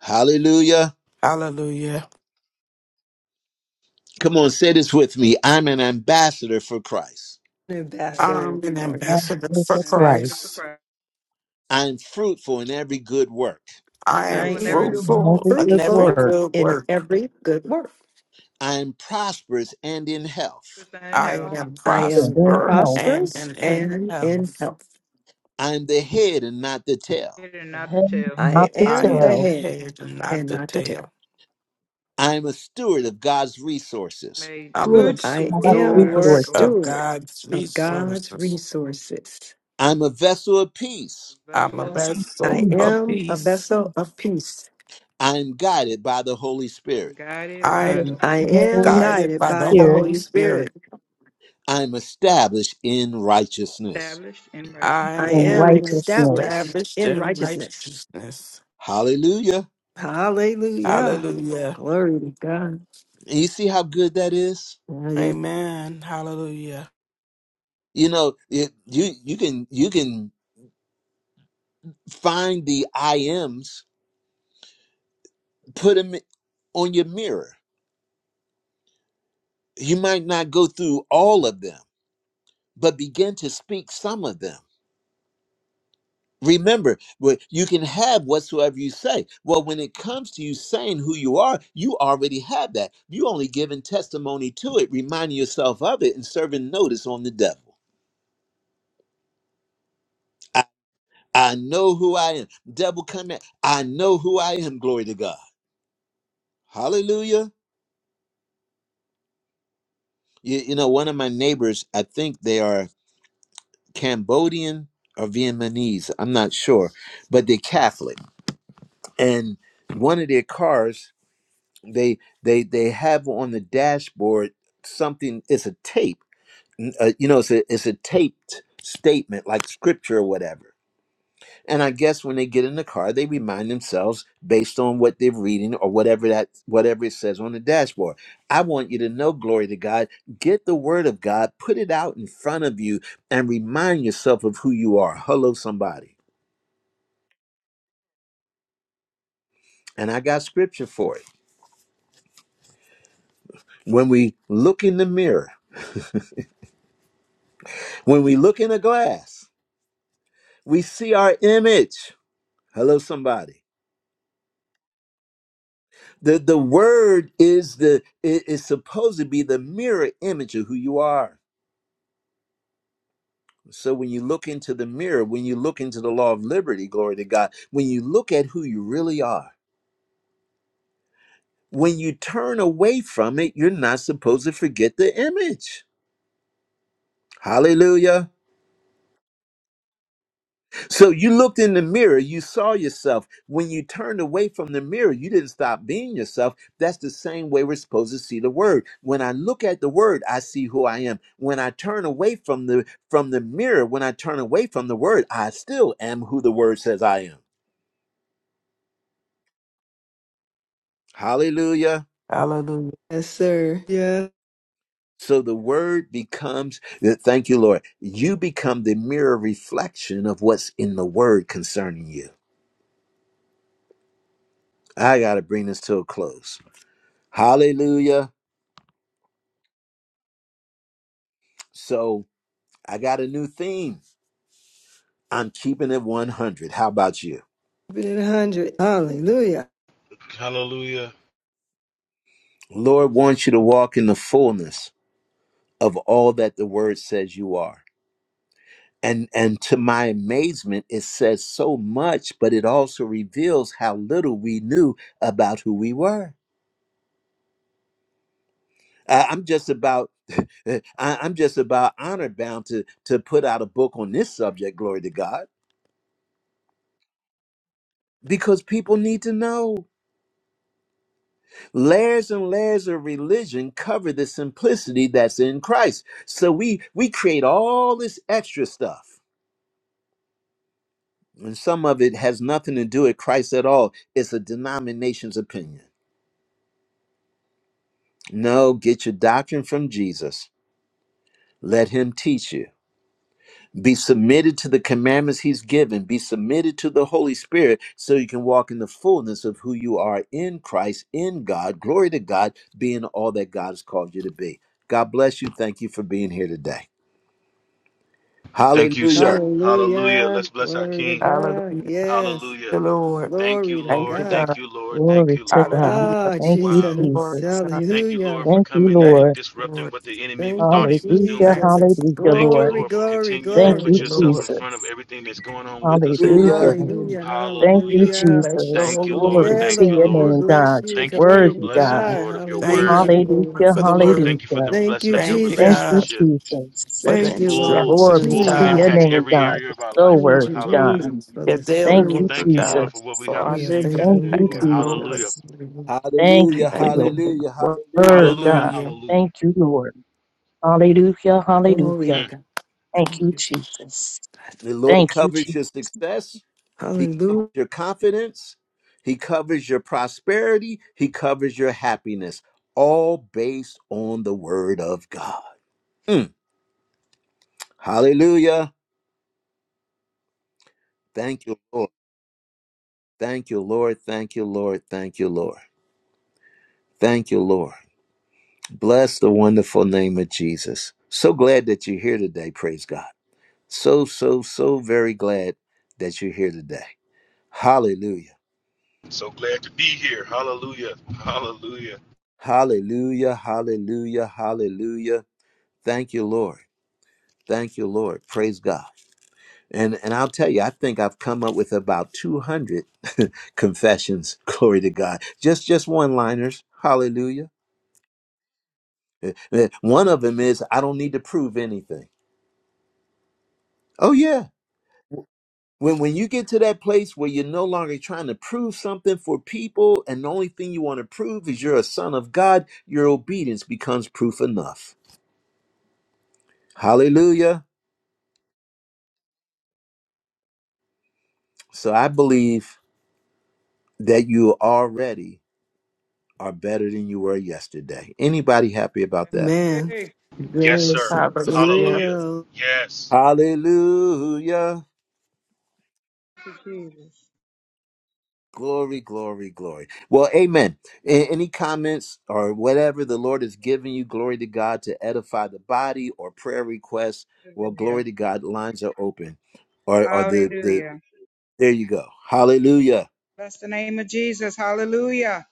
hallelujah Hallelujah. come on say this with me i'm an ambassador for christ God. I'm Ambassador. an That ambassador is for it An right. ambassador for Christ. Christ. i'm fruitful in every good work I I am Pulling Fruit every good am word in fruitful Every in good every fruitful word. good in work. every good work. i'm prosperous and in health in I hell. Christ am I And am then prosper help, and prosperous am in and in health. health. i'm the head and not the tail and the not to head, tell. I not the I am the am tail. the head head and not and the not the tail. tail. I am a steward of God's resources. made I'm a steward, good I steward Have of am a God steward resources. of resources, steward God's of God's resources. resources. I'm a vessel of peace. a I'm vessel a of us peace, I vessel Peace. of am a peace. vessel of peace. I am guided by the Holy and Spirit. guided I guide by us. am the I in Holy the Spirit, am Holy guided guided by the by the Spirit Holy Holy Spirit. Spirit. I am established in righteousness. established in right. I I and am am righteousness. established established in in righteousness. righteousness. Hallelujah. Hallelujah. Hallelujah. Hallelujah. Glory to God. And you see how good that is? That is- Amen. Hallelujah. You know, it- you you can you can find the I ams, put them on your mirror. You might not go through all of them, but begin to speak some of them Remember, what- you can have whatsoever you say. Well, when it comes to you saying who you are, you already have that. You only giving testimony to it, reminding yourself of it, and serving notice on the devil. I, I know who I am. Devil, come at. I know who I am. Glory to God. Hallelujah. You, you know, one of my neighbors, I think they are Cambodian or Vietnamese. I'm not sure, but they're Catholic, and one of their cars they they they have on the dashboard something it's a tape n- uh, you know it's a, it's a taped statement like scripture or whatever and i guess when they get in the car they remind themselves based on what they're reading or whatever that whatever it says on the dashboard i want you to know glory to god get the word of god put it out in front of you and remind yourself of who you are hello somebody and i got scripture for it when we look in the mirror when we look in a glass we see our image hello somebody the the word is the i- is supposed to be the mirror image of who you are so when you look into the mirror when you look into the law of liberty glory to god when you look at who you really are when you turn away from it you're not supposed to forget the image hallelujah So you looked in the mirror, you saw yourself. When you turned away from the mirror, you didn't stop being yourself. That's the same way we're supposed to see the word. When I look at the word, I see who I am. When I turn away from the from the mirror, when I turn away from the word, I still am who the word says I am. Hallelujah. Hallelujah. Yes, sir. Yeah. So the word becomes, thank you, Lord. You become the mirror reflection of what's in the word concerning you. I got to bring this to a close. Hallelujah. So, I got a new theme. I'm keeping it 100. How about you? Keep it at 100. Hallelujah. Hallelujah. Lord wants you to walk in the fullness of all that the word says you are. And and to my amazement it says so much, but it also reveals how little we knew about who we were. I- I'm just about I- I'm just about honor bound to to put out a book on this subject, glory to God, because people need to know. Layers and layers of religion cover the simplicity that's in Christ. So we we create all this extra stuff, and some of it has nothing to do with Christ at all. It's a denomination's opinion. No, get your doctrine from Jesus. Let him teach you. Be submitted to the commandments he's given. Be submitted to the Holy Spirit so you can walk in the fullness of who you are in Christ, in God. Glory to God, being all that God has called you to be. God bless you. Thank you for being here today. Thank you, sir. Hallelujah. Hallelujah. Hallelujah. Let's bless our Glory to King. Hallelujah. God. Thank Yes. you, Hallelujah. Lord. Thank you, Glory to Thank Lord. you, God. Thank God. you, Lord. Thank Glory you, to Lord. Hallelujah. God. Ah, Thank you, Wow. Glory Jesus. Jesus. to God. Thank you, Hallelujah. Lord, for Thank you, coming in Thank and Lord. you, disrupting Lord. what the enemy Thank you, thought he was Hallelujah. doing. Thank you. Jesus. Hallelujah, Lord. Thank you, Lord. Glory, Lord, for glory, continuing to Thank Thank glory. you, put you, yourself in Lord. front of Jesus. everything that's going on with us, Lord. Thank you, Hallelujah. Hallelujah. Lord. Hallelujah, Thank you, Hallelujah. hallelujah. Bless your Jesus. Thank holy you, Lord. Glory name. Yeah, to Thank you, your Lord, we Lord. name, bless God. you. You're Thank you for Glory your worthy, to blessing, God. God. Lord, of your word. Thank Hallelujah. you, Lord, Hallelujah. for the Lord, word. thank you for the Hallelujah. Thank blessing you, of your Thank you, Thank Jesus. you, God, relationship. Jesus. for It's the Thank you, Lord. full, it's Glory instructions, full, to and God, Mm. your impacts name, every God. area of our You're so life, Praise Lord. you, worthy, God. Hallelujah. Jesus, for your this daily Thank word. you, word, Thank you, God, Lord, for Jesus. what we for have our We are received here living. Thank thanking today, you, Thank you, Lord. you, God. Lord. Hallelujah. Jesus. Hallelujah. Thank you Hallelujah. Thank for you, Thank you. your Lord. Hallelujah. word, Hallelujah. Hallelujah. God. Hallelujah. Hallelujah. Thank you, Lord. Hallelujah. Glory to Hallelujah. Mm. God. Thank Thank you, you, Jesus. Jesus. The Lord Thank you, covers your Jesus. success. He covers Hallelujah. your confidence. He covers your prosperity. He covers your happiness, all based on the word of God. Mm. Hallelujah. Thank you, Lord. Thank you, Lord. Thank you, Lord. Thank you, Lord. Thank you, Lord. Bless the wonderful name of Jesus. So glad that you're here today. Praise God. So, so, so very glad that you're here today. Hallelujah. So glad to be here. Hallelujah. Hallelujah. Hallelujah. Hallelujah. Hallelujah. Thank you, Lord. Thank you, Lord. Praise God. And and I'll tell you, I think I've come up with about 200 confessions. Glory to God. Just just one-liners. Hallelujah. Eh, eh, One of them is I don't need to prove anything. Oh yeah. When when you get to that place where you're no longer trying to prove something for people and the only thing you want to prove is you're a son of God, your obedience becomes proof enough. Hallelujah. So I believe that you already are better than you were yesterday. Anybody happy about that? Amen. Praise Yes, Yes, sir. it's Hallelujah. Hallelujah. real. Yes. Hallelujah. to Jesus. Glory, glory, glory. Well, amen. A- Any comments or whatever the Lord has given you, glory to God to edify the body or prayer requests. Well, glory Hallelujah. to God, lines are open. Or, or the, the, Hallelujah. there you go. Hallelujah. Bless the name of Jesus. Hallelujah.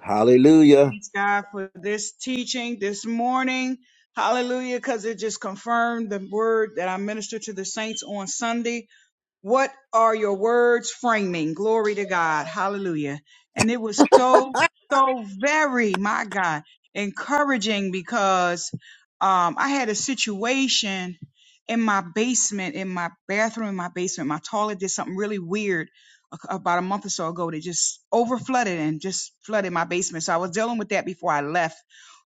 Hallelujah. Thanks God for this teaching this morning. Hallelujah, because it just confirmed the word that I ministered to the saints on Sunday. What are your words framing? Glory to God. Hallelujah. And it was so, so very, my God, encouraging because um, I had a situation in my basement, in my bathroom, in my basement. My toilet did something really weird a- about a month or so ago that just over flooded and just flooded my basement. So I was dealing with that before I left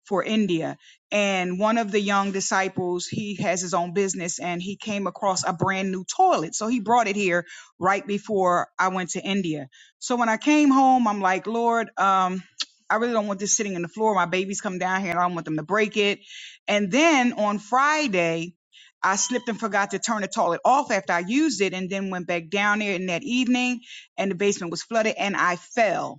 for India and one of the young disciples he has his own business and he came across a brand new toilet so he brought it here right before i went to india so when i came home i'm like lord um i really don't want this sitting on the floor my babies come down here and i don't want them to break it and then on friday I slipped and forgot to turn the toilet off after I used it and then went back down there in that evening and the basement was flooded and I fell.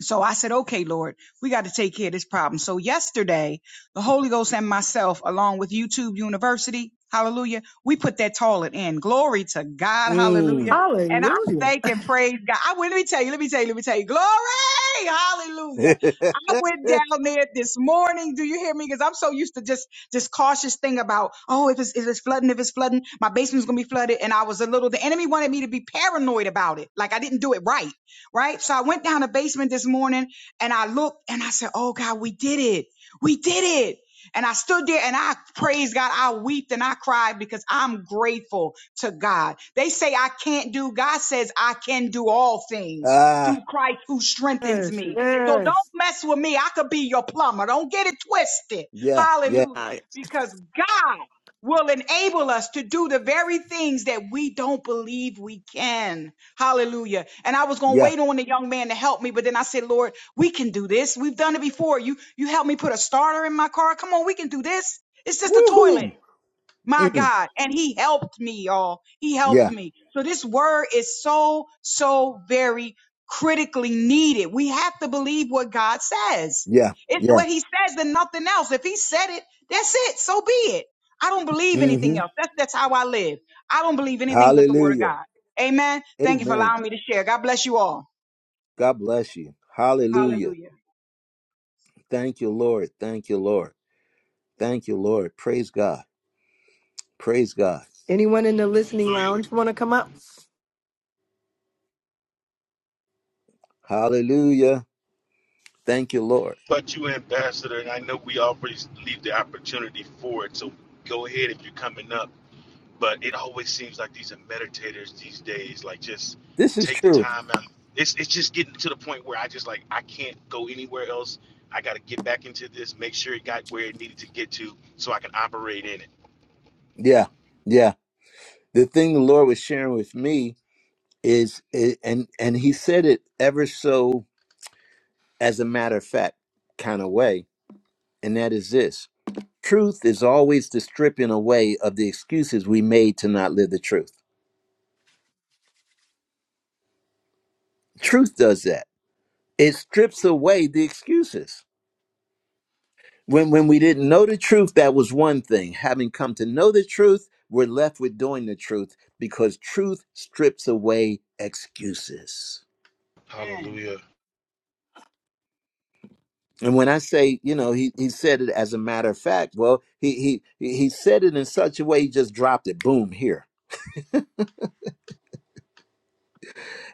So I said, okay, Lord, we got to take care of this problem. So yesterday, the Holy Ghost and myself, along with YouTube University, hallelujah, we put that toilet in. Glory to God, hallelujah. Mm. And I Hallelujah. thank and praise God. I went, let me tell you, let me tell you, let me tell you, glory, hallelujah. I went down there this morning. Do you hear me? Because I'm so used to just this cautious thing about, oh, if it's, if it's flooding, if it's flooding, my basement's going to be flooded. And I was a little, the enemy wanted me to be paranoid about it. Like I didn't do it right right? So I went down the basement this morning and I looked and I said, Oh God, we did it. We did it. And I stood there and I praised God. I wept and I cried because I'm grateful to God. They say I can't do, God says I can do all things ah, through Christ who strengthens Yes, me. So don't yes. mess with me. I could be your plumber. Don't get it twisted. yeah, yeah, Hallelujah. Uh, Because God will enable us to do the very things that we don't believe we can. Hallelujah. And I was going to yeah. wait on the young man to help me, but then I said, Lord, we can do this. We've done it before. You, you helped me put a starter in my car. Come on, we can do this. It's just a Woohoo. toilet. My Mm, God. And he helped me, y'all. He helped yeah, me. So this word is so, so very critically needed. We have to believe what God says. yeah, It's yeah. what he says and nothing else. If he said it, that's it. So be it. I don't believe anything hmm else. That's, that's how I live. I don't believe anything but the word of Hallelujah. God. Amen. Thank you for Amen. allowing me to share. God bless you all. God bless you. Hallelujah. Hallelujah. Thank you, Lord. Thank you, Lord. Thank you, Lord. Praise God. Praise God. anyone in the listening Hallelujah. lounge want to come up? Hallelujah. Thank you, Lord. But you, Ambassador, and I know we always leave the opportunity for it. So go ahead if you're coming up. but it always seems like these are meditators these days like just This is take the true. time out it's, it's just getting to the point where i just like i can't go anywhere else i got to get back into this make sure it got where it needed to get to so i can operate in it Yeah, yeah. The thing the Lord was sharing with me is, i- and and He said it ever so as a matter of fact kind of way, and that is this: truth is always the stripping away of the excuses we made to not live the truth. Truth does that. It strips away the excuses. When when we didn't know the truth, that was one thing. Having come to know the truth, we're left with doing the truth because truth strips away excuses. Amen. hallelujah And when I say, you know, he, he said it as a matter of fact, well, he he he he said it in such a way he just dropped it, boom, here.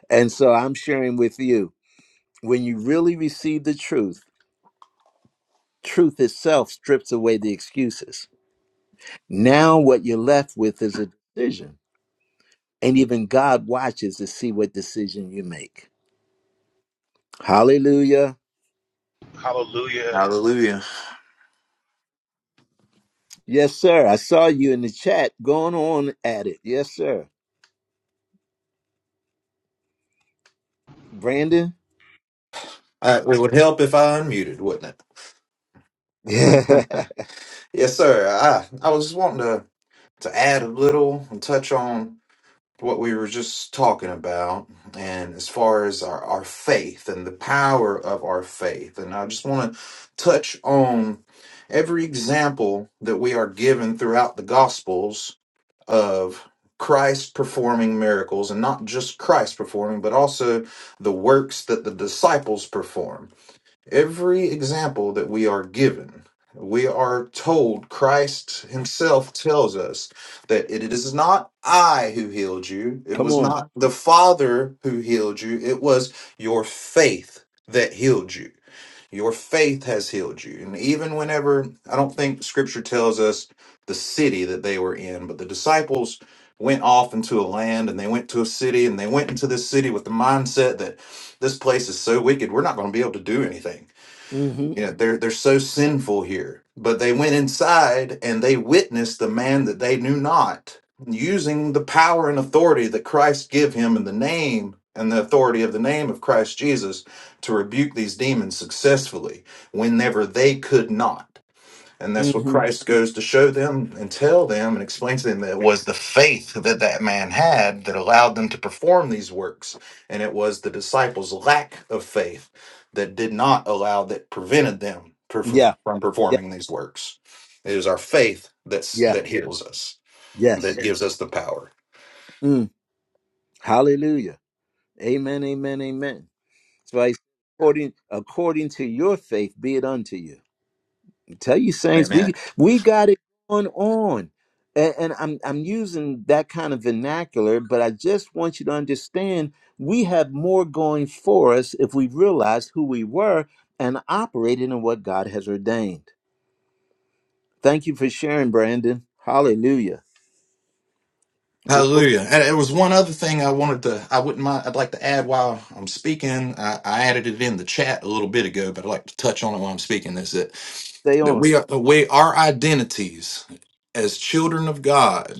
And so I'm sharing with you, when you really receive the truth, truth itself strips away the excuses. Now what you're left with is a decision And even God watches to see what decision you make. Hallelujah. hallelujah Hallelujah. Yes, sir. I saw you in the chat going on at it. Yes, sir. Brandon? Uh, it would help if I unmuted, wouldn't it? Yes, sir. I I was just wanting to to add a little and touch on what we were just talking about, and as far as our, our faith and the power of our faith, and I just want to touch on every example that we are given throughout the Gospels of Christ performing miracles, and not just Christ performing, but also the works that the disciples perform. Every example that we are given, we are told, Christ Himself tells us that it is not I who healed you, it Come was on. not the Father who healed you, it was your faith that healed you. Your faith has healed you. And even whenever, I don't think scripture tells us the city that they were in, but the disciples went off into a land and they went to a city and they went into this city with the mindset that this place is so wicked, we're not going to be able to do anything Mm-hmm. yeah, they're they're so sinful here. But they went inside and they witnessed the man that they knew not, using the power and authority that Christ give him in the name and the authority of the name of Christ Jesus to rebuke these demons successfully whenever they could not. And that's what Mm-hmm. Christ goes to show them and tell them and explain to them that it was the faith that that man had that allowed them to perform these works. And it was the disciples' lack of faith that did not allow, that prevented them per- from Yeah. Yeah. performing these works. It is our faith that's, Yeah. that heals us, that Yes. gives us the power. Mm. Hallelujah. Amen. Amen. Amen. So I according according to your faith be it unto you. tell you saints Amen. we we got it going on and, and i'm i'm using that kind of vernacular but i just want you to understand we have more going for us if we realize who we were and operated in what god has ordained thank you for sharing brandon hallelujah Glory, Hallelujah. And there was one other thing I wanted to, I wouldn't mind, I'd like to add while I'm speaking. I, I added it in the chat a little bit ago, but I'd like to touch on it while I'm speaking. Is that, stay that on we are, we, our identities as children of God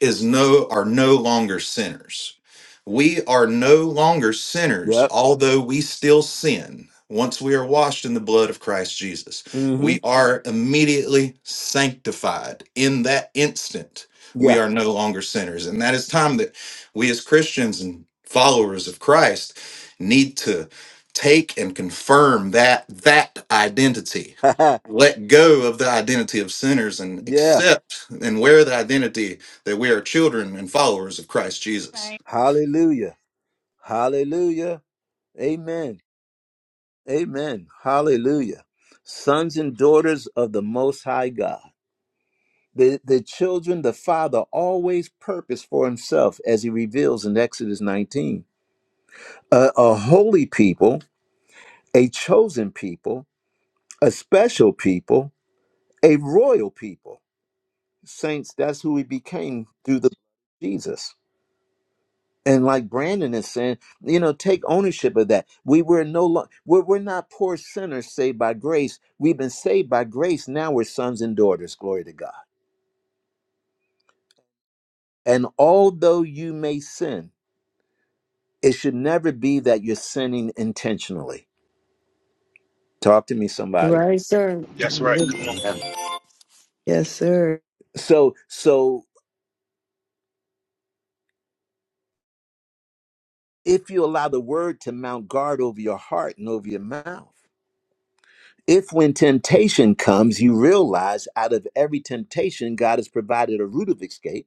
is no, are no longer sinners. We are no longer sinners, yep although we still sin. Once we are washed in the blood of Christ Jesus, mm-hmm we are immediately sanctified in that instant we yeah are no longer sinners. And that is time that we as Christians and followers of Christ need to take and confirm that that identity. Let go of the identity of sinners and yeah accept and wear the identity that we are children and followers of Christ Jesus. hallelujah hallelujah amen Amen. Hallelujah. Sons and daughters of the Most High God. The, the children the Father always purpose for himself, as he reveals in Exodus 19. A, a holy people, a chosen people, a special people, a royal people. Saints, that's who we became through the Jesus. and like Brandon is saying, you know, take ownership of that. We were no longer we're, we're not poor sinners saved by grace. We've been saved by grace. Now we're sons and daughters. Glory to God. And although you may sin, it should never be that you're sinning intentionally. Talk to me, somebody. Right, sir. I that's right come on live- Amen. Yes, sir. So, so if you allow the word to mount guard over your heart and over your mouth, if when temptation comes, you realize out of every temptation, God has provided a route of escape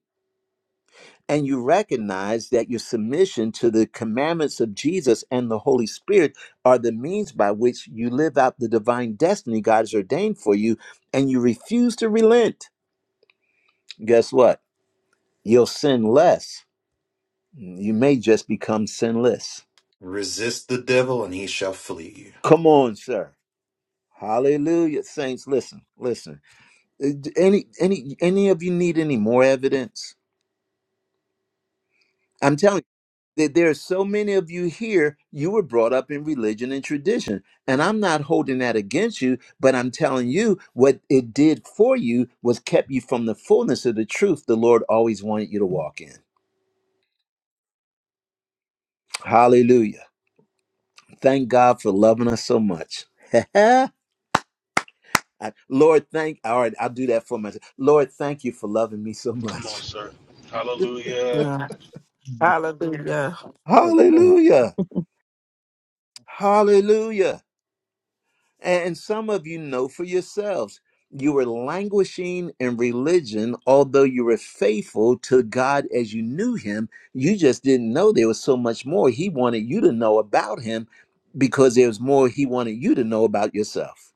and you recognize that your submission to the commandments of Jesus and the Holy Spirit are the means by which you live out the divine destiny God has ordained for you, and you refuse to relent, guess what? You'll sin less. You may just become sinless. Resist the devil and he shall flee. Come on, sir. Hallelujah. Saints, listen, listen. Uh, Any any any of you need any more evidence? I'm telling you. that there are so many of you here, you were brought up in religion and tradition. And I'm not holding that against you, but I'm telling you what it did for you was kept you from the fullness of the truth the Lord always wanted you to walk in. Hallelujah. Thank God for loving us so much. I- Lord, thank all right, I'll do that for myself. Lord, thank you for loving me so come on much. sir hallelujah No. Hallelujah. Hallelujah, Hallelujah. Hallelujah. And some of you know for yourselves, you were languishing in religion, although you were faithful to God as you knew Him. You just didn't know there was so much more He wanted you to know about Him because there was more He wanted you to know about yourself.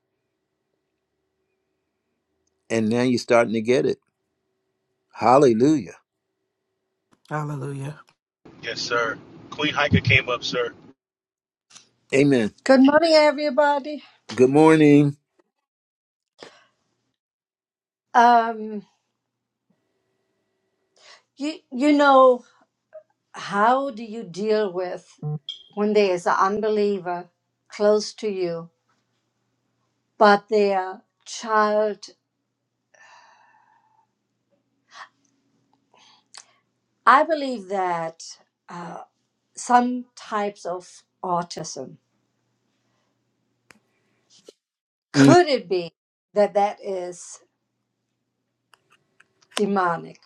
And now you're starting to get it. Hallelujah. Hallelujah. yes sir queen hiker came up sir Amen. Good morning, everybody. Good morning. Um, you you know how do you deal with when there is an unbeliever close to you, but their child? I believe that uh, some types of autism Mm, could it be that that is demonic?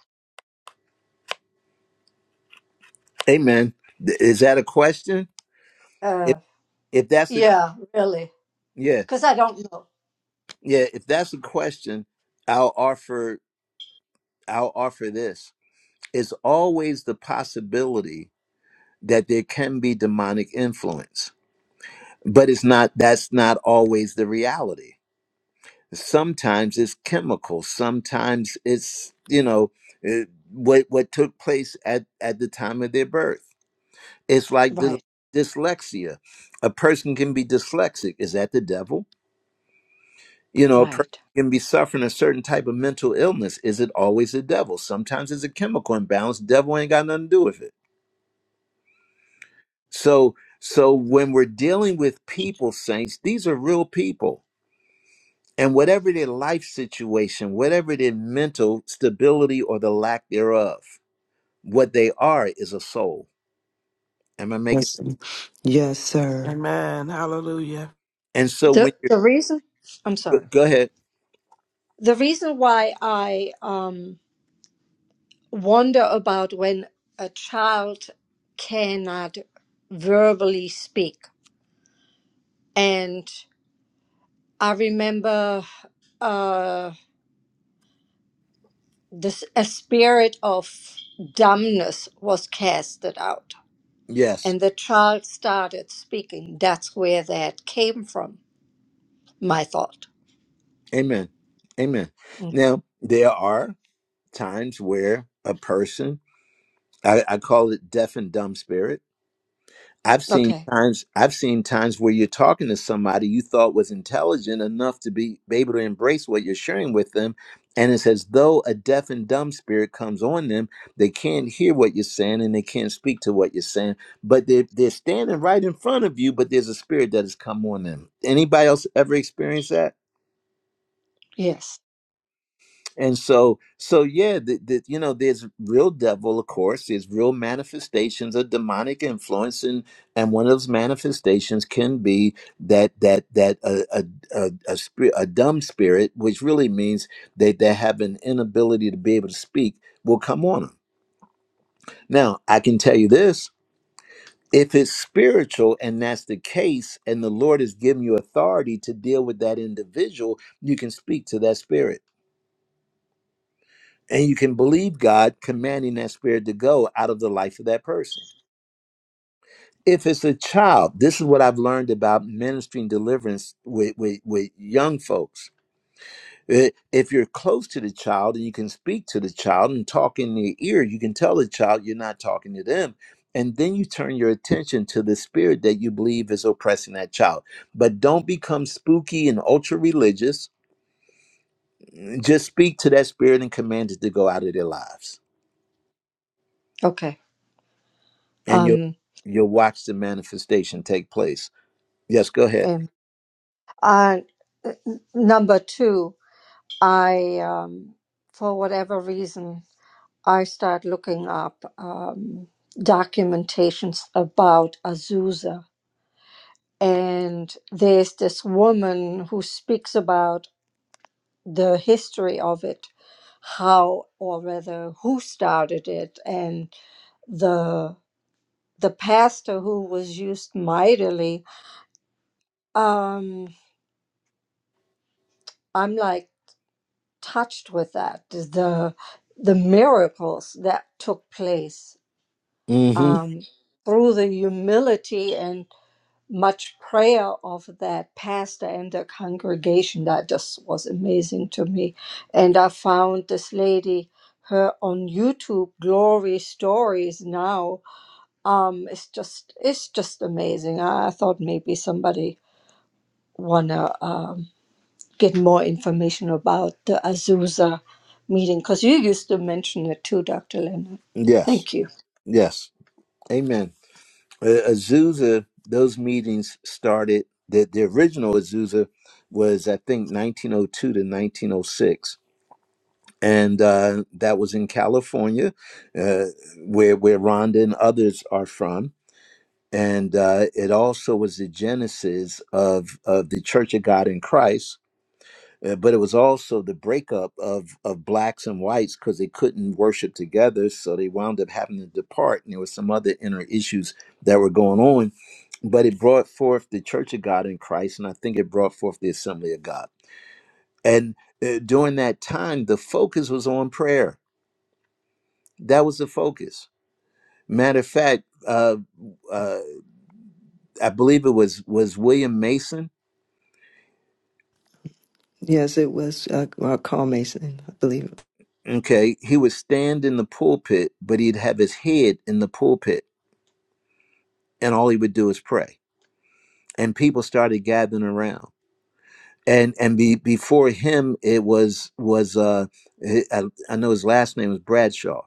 amen. Th- Is that a question? Uh, If, if that's the yeah, really, yeah because I don't know. yeah if that's the question, I'll offer I'll offer this is always the possibility that there can be demonic influence but it's not that's not always the reality sometimes it's chemical sometimes it's you know eh, what what took place at at the time of their birth it's like dys- Right, dyslexia a person can be dyslexic is that the devil you know a person right. can be suffering a certain type of mental illness is it always the devil sometimes it's a chemical imbalance devil ain't got nothing to do with it So so when we're dealing with people, saints, these are real people. And whatever their life situation, whatever their mental stability or the lack thereof, what they are is a soul. Am I Yes, making sir. Yes, sir. Amen. Hallelujah. and so when the you The reason I'm go sorry. go ahead. The reason why I um. wonder about when a child cannot verbally speak. And I remember uh, this, a spirit of dumbness was casted out, Yes. and the child started speaking. That's where that came from, my thought. Amen. Amen. Mm. Now there are times where a person I, I call it deaf and dumb spirits I've seen Okay. times I've seen times where you're talking to somebody you thought was intelligent enough to be, be able to embrace what you're sharing with them, and it's as though a deaf and dumb spirit comes on them. They can't hear what you're saying and they can't speak to what you're saying, but they're they're standing right in front of you, but there's a spirit that has come on them. Anybody else ever experienced that? Yes. and so so yeah the, the, you know there's real devil of course there's real manifestations of demonic influence and and one of those manifestations can be that that that a a, a, a, spirit, a dumb spirit which really means that they have an inability to be able to speak will come on them now i can tell you this if it's spiritual and that's the case and the lord has given you authority to deal with that individual you can speak to that spirit and you can believe God commanding that spirit to go out of the life of that person. If it's a child, this is what I've learned about ministering deliverance with, with, with young folks. Eh, If you're close to the child and you can speak to the child and talk in their ear, you can tell the child you're not talking to them. And then you turn your attention to the spirit that you believe is oppressing that child. But don't become spooky and ultra religious. Just speak to that spirit and command it to go out of their lives. Okay. and you'll Um, you'll watch the manifestation take place. Yes, go ahead. and I, n- number two, I, um, for whatever reason, I started looking up um, documentations about Azusa. And there's this woman who speaks about the history of it, how or rather who started it, and the the pastor who was used mightily. Um, I'm like touched with that the the miracles that took place hmm um, through the humility and much prayer of that pastor and the congregation. That just was amazing to me. And I found this lady, her on YouTube, Glory Stories now. Um, it's just it's just amazing. I, I thought maybe somebody wanna um, get more information about the Azusa meeting because you used to mention it too, Dr. Leonard. Yes, Thank you. yes. Amen. Uh, Azusa, those meetings started. The the original Azusa was I think 1902 to 1906. And uh, that was in California, uh, where where Rhonda and others are from, and uh, it also was the genesis of of the Church of God in Christ, Uh, but it was also the breakup of of blacks and whites because they couldn't worship together, so they wound up having to depart, and there were some other inner issues that were going on. But it brought forth the Church of God in Christ, and I think it brought forth the Assembly of God. And uh, during that time, the focus was on prayer. That was the focus. Matter of fact, uh, uh, I believe it was was William Mason. Yes, it was uh, uh, Carl Mason, I believe. Okay, he would stand in the pulpit, but he'd have his head in the pulpit and all he would do is pray and people started gathering around and and be, before him it was was uh I I know his last name was Bradshaw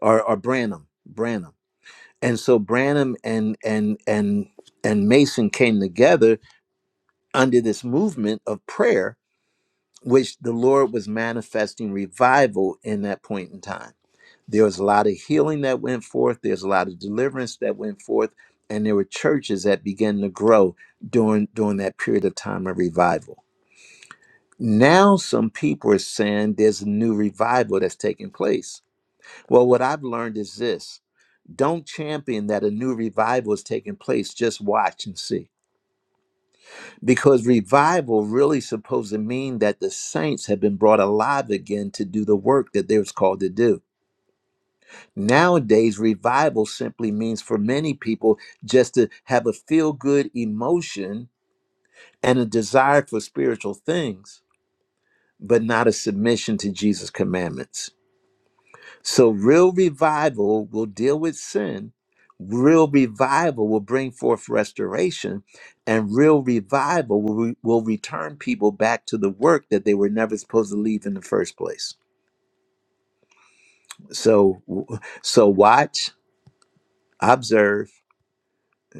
or or Branham Branham and so Branham and and and and Mason came together under this movement of prayer which the Lord was manifesting revival in that point in time There was a lot of healing that went forth. There's a lot of deliverance that went forth, and there were churches that began to grow during during that period of time of revival. Now, some people are saying there's a new revival that's taking place. Well, what I've learned is this: don't champion that a new revival is taking place. Just watch and see, because revival really supposed to mean that the saints have been brought alive again to do the work that they was called to do Nowadays, revival simply means for many people just to have a feel good emotion and a desire for spiritual things, but not a submission to Jesus' commandments. So, real revival will deal with sin. Real revival will bring forth restoration, and real revival will, re- will return people back to the work that they were never supposed to leave in the first place. So, so watch, observe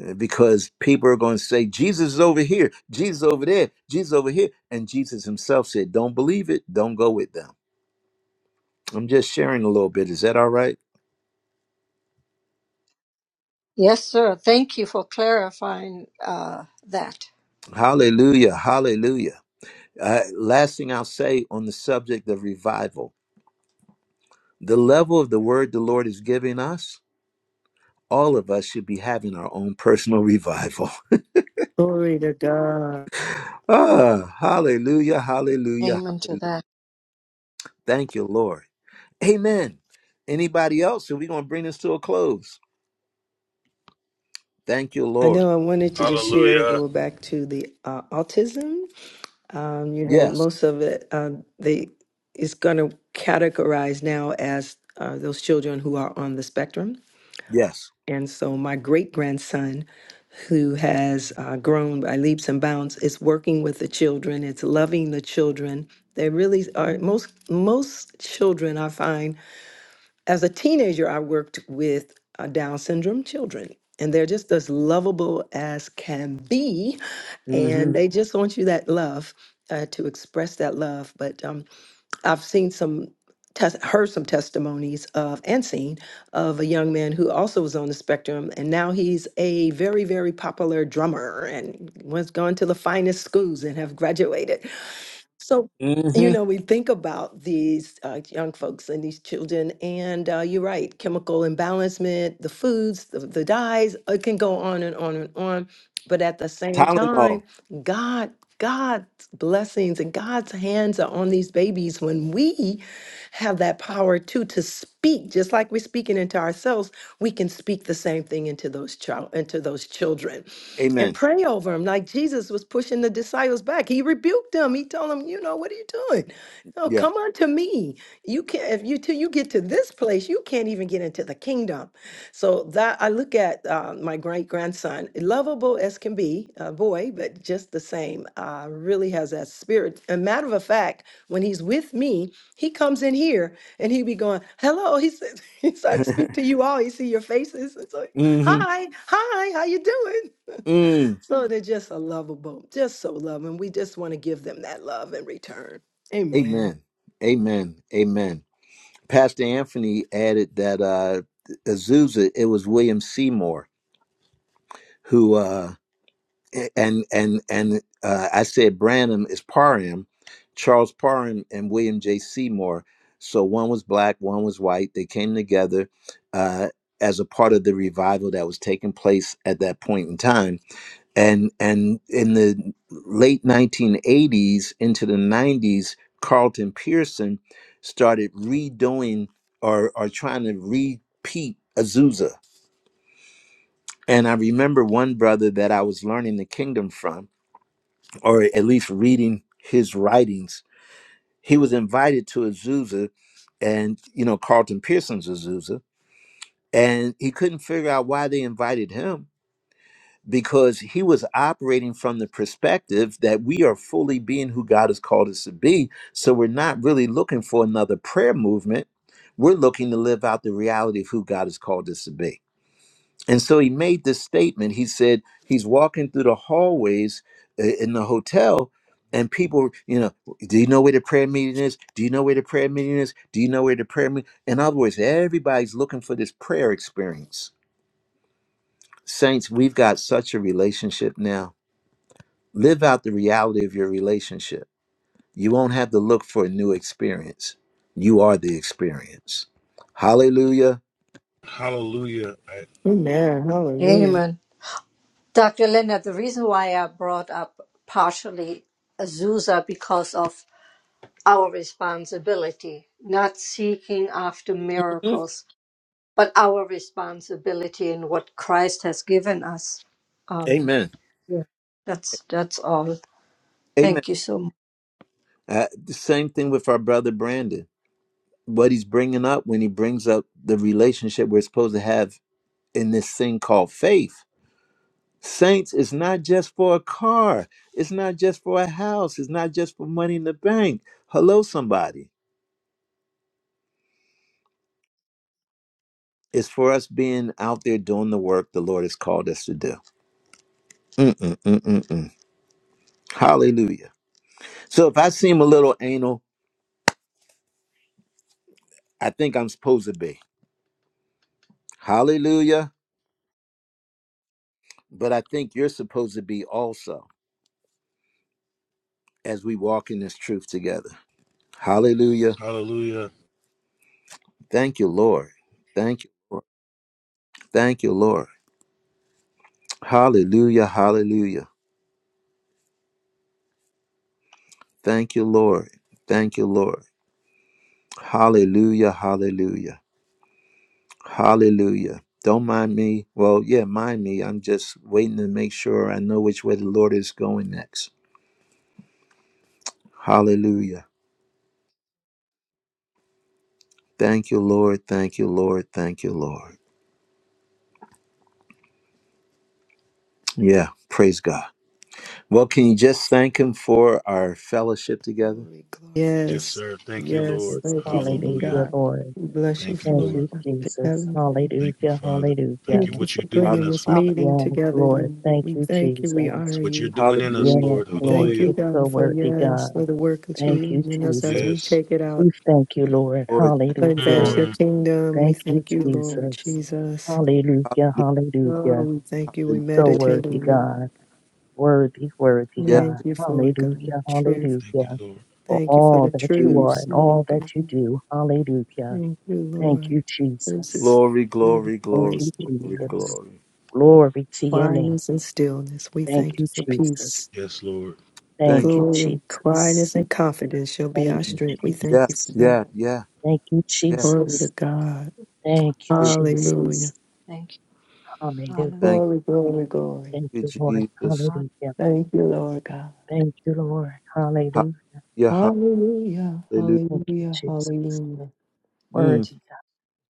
uh, because people are going to say Jesus is over here, Jesus over there, Jesus over here, and Jesus himself said, "Don't believe it, don't go with them." I'm just sharing a little bit. Is that all right? Yes, sir. Thank you for clarifying uh, that. Hallelujah, hallelujah. Uh, last thing I'll say on the subject of revival, the level of the word the Lord is giving us, all of us should be having our own personal revival. Glory to God. Ah, hallelujah, hallelujah. Amen to that. Thank you, Lord. Amen. Anybody else? Are we going to bring this to a close? Thank you, I Lord. know I wanted to just share, hallelujah go back to the uh, autism. Um, you know, Yes. most of it, um, they it's going to categorize now as uh, those children who are on the spectrum. Yes. And so my great grandson who has uh, grown by leaps and bounds. It's working with the children. It's loving the children. They really are most most children. I find as a teenager, I worked with uh, Down syndrome children, and they're just as lovable as can be, and Mm-hmm. they just want you that love. Uh, to express that love, but um, I've seen some, tes- heard some testimonies of, and seen of a young man who also was on the spectrum, and now he's a very, very popular drummer and was gone to the finest schools and have graduated. So, you Mm-hmm. know, we think about these uh, young folks and these children, and uh, you're right, chemical imbalancement, the foods, the, the dyes, it can go on and on and on. But at the same time, Tylenol. God, God's blessings and God's hands are on these babies when we have that power too to speak, just like we're speaking into ourselves, we can speak the same thing into those child into those children. And Amen. pray over them. Like Jesus was pushing the disciples back. He rebuked them. He told them, you know, what are you doing? No, Yeah. come unto me. you." can't, if you till you get to this place, you can't even get into the kingdom. So that I look at uh, my great grandson, lovable as can be, a boy, but just the same, uh, really has that spirit. A matter of fact, when he's with me, he comes in here and he be going, "Hello," he said. he started to speak to you all. He see your faces, and so, Mm-hmm. "Hi, hi, how you doing?" Mm. so they're just a lovable, just so loving. We just want to give them that love in return. Amen. Amen. Amen. Amen. Pastor Anthony added that uh Azusa, it was William Seymour who uh and and and uh I said Branham is Parham, Charles Parham and William J. Seymour. So one was black, one was white. They came together uh as a part of the revival that was taking place at that point in time and and in the late 1980s into the 90s carlton pearson started redoing or or trying to repeat azusa and i remember one brother that i was learning the kingdom from or at least reading his writings he was invited to azusa and you know carlton pearson's azusa and he couldn't figure out why they invited him because he was operating from the perspective that we are fully being who God has called us to be. So we're not really looking for another prayer movement. We're looking to live out the reality of who God has called us to be. And so he made this statement. He said he's walking through the hallways uh, in the hotel. And people, you know, do you know where the prayer meeting is? Do you know where the prayer meeting is? Do you know where the prayer meeting? In other words, everybody's looking for this prayer experience. Saints, we've got such a relationship now Live out the reality of your relationship. You won't have to look for a new experience. You are the experience. Hallelujah. hallelujah Amen. Hallelujah. Amen. Dr. Leonard, the reason why I brought up partially Azusa because of our responsibility, not seeking after miracles, but our responsibility in what Christ has given us. Um, Amen. yeah. That's that's all. Amen. Thank you so Uh, the same thing with our brother Brandon. What he's bringing up when he brings up the relationship we're supposed to have in this thing called faith. Saints, it's not just for a car. It's not just for a house. It's not just for money in the bank. Hello, somebody. It's for us being out there doing the work the Lord has called us to do. Mm-mm-mm-mm-mm. Hallelujah. So if I seem a little anal, I think I'm supposed to be. Hallelujah. But I think you're supposed to be also as we walk in this truth together. Hallelujah. hallelujah Thank you, Lord. Thank you. Lord. Thank you, Lord. Hallelujah. Hallelujah. Thank you, Lord. Thank you, Lord. Hallelujah. Hallelujah. Hallelujah. Don't mind me. Well, yeah, mind me. I'm just waiting to make sure I know which way the Lord is going next. Hallelujah. Thank you, Lord. Thank you, Lord. Thank you, Lord. Yeah, praise God. Well, can you just thank Him for our fellowship together? Glory, glory. yes Yes, sir thank you yes. lord Thank you, Father hallelujah God. Lord. We bless you, thank you Thank Father lord you, God. Jesus. Heaven. much, Thank you, Hallelujah. Father. Thank Hallelujah. you Thank you what you for Thank do Hall- in bringing us, you, this Father. Father. meeting Yes, together, Lord. Lord. Thank We you, thank you. Jesus. We honor It's what you're you. doing in us, Hallelujah. Yes, Lord. We Lord. thank Hallelujah. you, You're so God, for worthy, yes, God. for the work that you Thank you, do in us as Jesus. we Yes. take it out We thank you, Thank you, Lord. Lord. Thank and you, Hallelujah. advance Lord. your Mm. kingdom. We Thank you, thank you, Lord Jesus. Jesus. Hallelujah. Hallelujah. Oh, Hallelujah. we thank you. We So Hallelujah. meditate worthy, on your word. God. Worthy, worthy, Yes. Thank God. you for it, God. Hallelujah. Truth. Thank Hallelujah. you, Lord. for Thank you for all the that you hallelujah. are truths, and all Lord that God. you do. Hallelujah. Thank you, Thank Lord. you, This Jesus. is Glory, a glory, beautiful Thank glory, place you, to be glory, Jesus. in. glory. Glory to your name. Quietness and stillness. We Thank thank you you, for Jesus. peace. Yes, Lord. Thank Thank you, you. Glory, quietness Jesus. and confidence shall be Thank our you, Mm. strength. We thank Yeah, you for Jesus. that. yeah, yeah, Thank you, yeah. Glory to Jesus. God. Thank you, Hallelujah. Hallelujah. Jesus. Thank you. Hallelujah. Thank Hallelujah. Glory, glory, glory. Thank you, you, Lord. Jesus. Hallelujah. Thank you, Lord God. Thank you, Lord. Hallelujah. Hallelujah. Hallelujah. Hallelujah. Thank you, Hallelujah. Jesus. Hallelujah. Mm. Worthy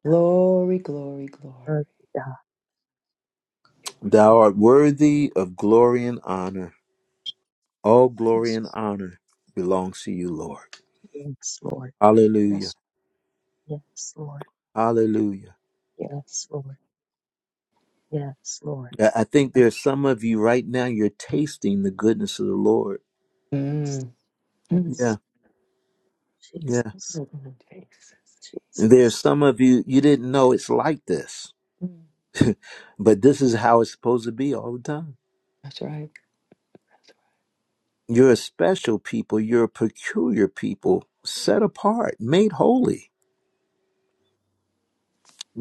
Glory, glory, God. glory. Worthy God. Thou art worthy of glory and honor All glory Yes. and honor belongs to you, Lord. Worthy. Yes, Lord. Hallelujah. Yes. Yes, Lord. Hallelujah. You Yes, Lord. Yes, Lord. Yeah, I think know. there's some of you right now, you're tasting the goodness of the Lord. Mm. Mm. Yes. Yeah, yeah. Jesus, Oh, Jesus. There's Jesus. some of you, you didn't know it's like this, Mm. but this is how it's supposed to be all the time. That's right. That's You're a special people, you're a peculiar people, set apart, made holy.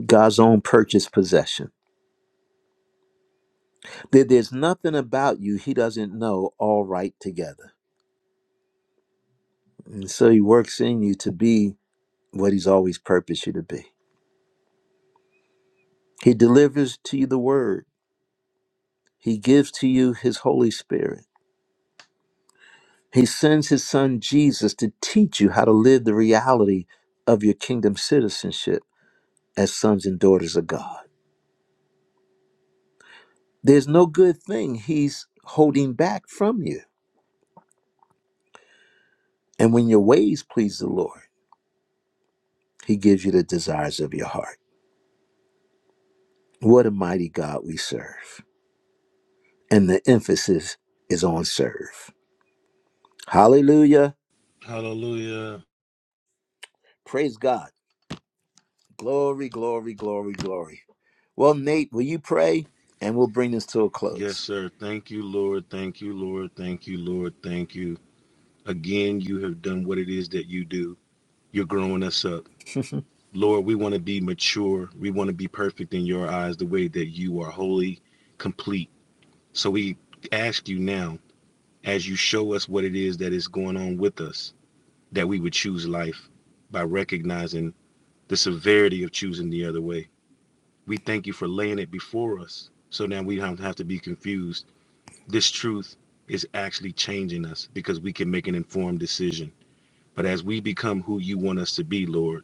God's own purchased possession. There- There's nothing about you he doesn't know all right together. And so he works in you to be what he's always purposed you to be. He delivers to you the word. He gives to you his Holy Spirit. He sends his son Jesus to teach you how to live the reality of your kingdom citizenship as sons and daughters of God. There's no good thing he's holding back from you. And when your ways please the Lord, he gives you the desires of your heart. What a mighty God we serve. And the emphasis is on serve. Hallelujah. Hallelujah. Praise God. Glory, glory, glory, glory. Well, Nate, will you pray? And we'll bring this to a Yes, close. sir. Thank you, Lord. Thank you, Lord. Thank you, Lord. Thank you. Again, you have done what it is that you do. You're growing us up. Lord, we want to be mature. We want to be perfect in your eyes the way that you are holy, complete. So we ask you now, as you show us what it is that is going on with us, that we would choose life by recognizing the severity of choosing the other way. We thank you for laying it before us so now we don't have to be confused. This truth is actually changing us because we can make an informed decision. But as we become who you want us to be, Lord,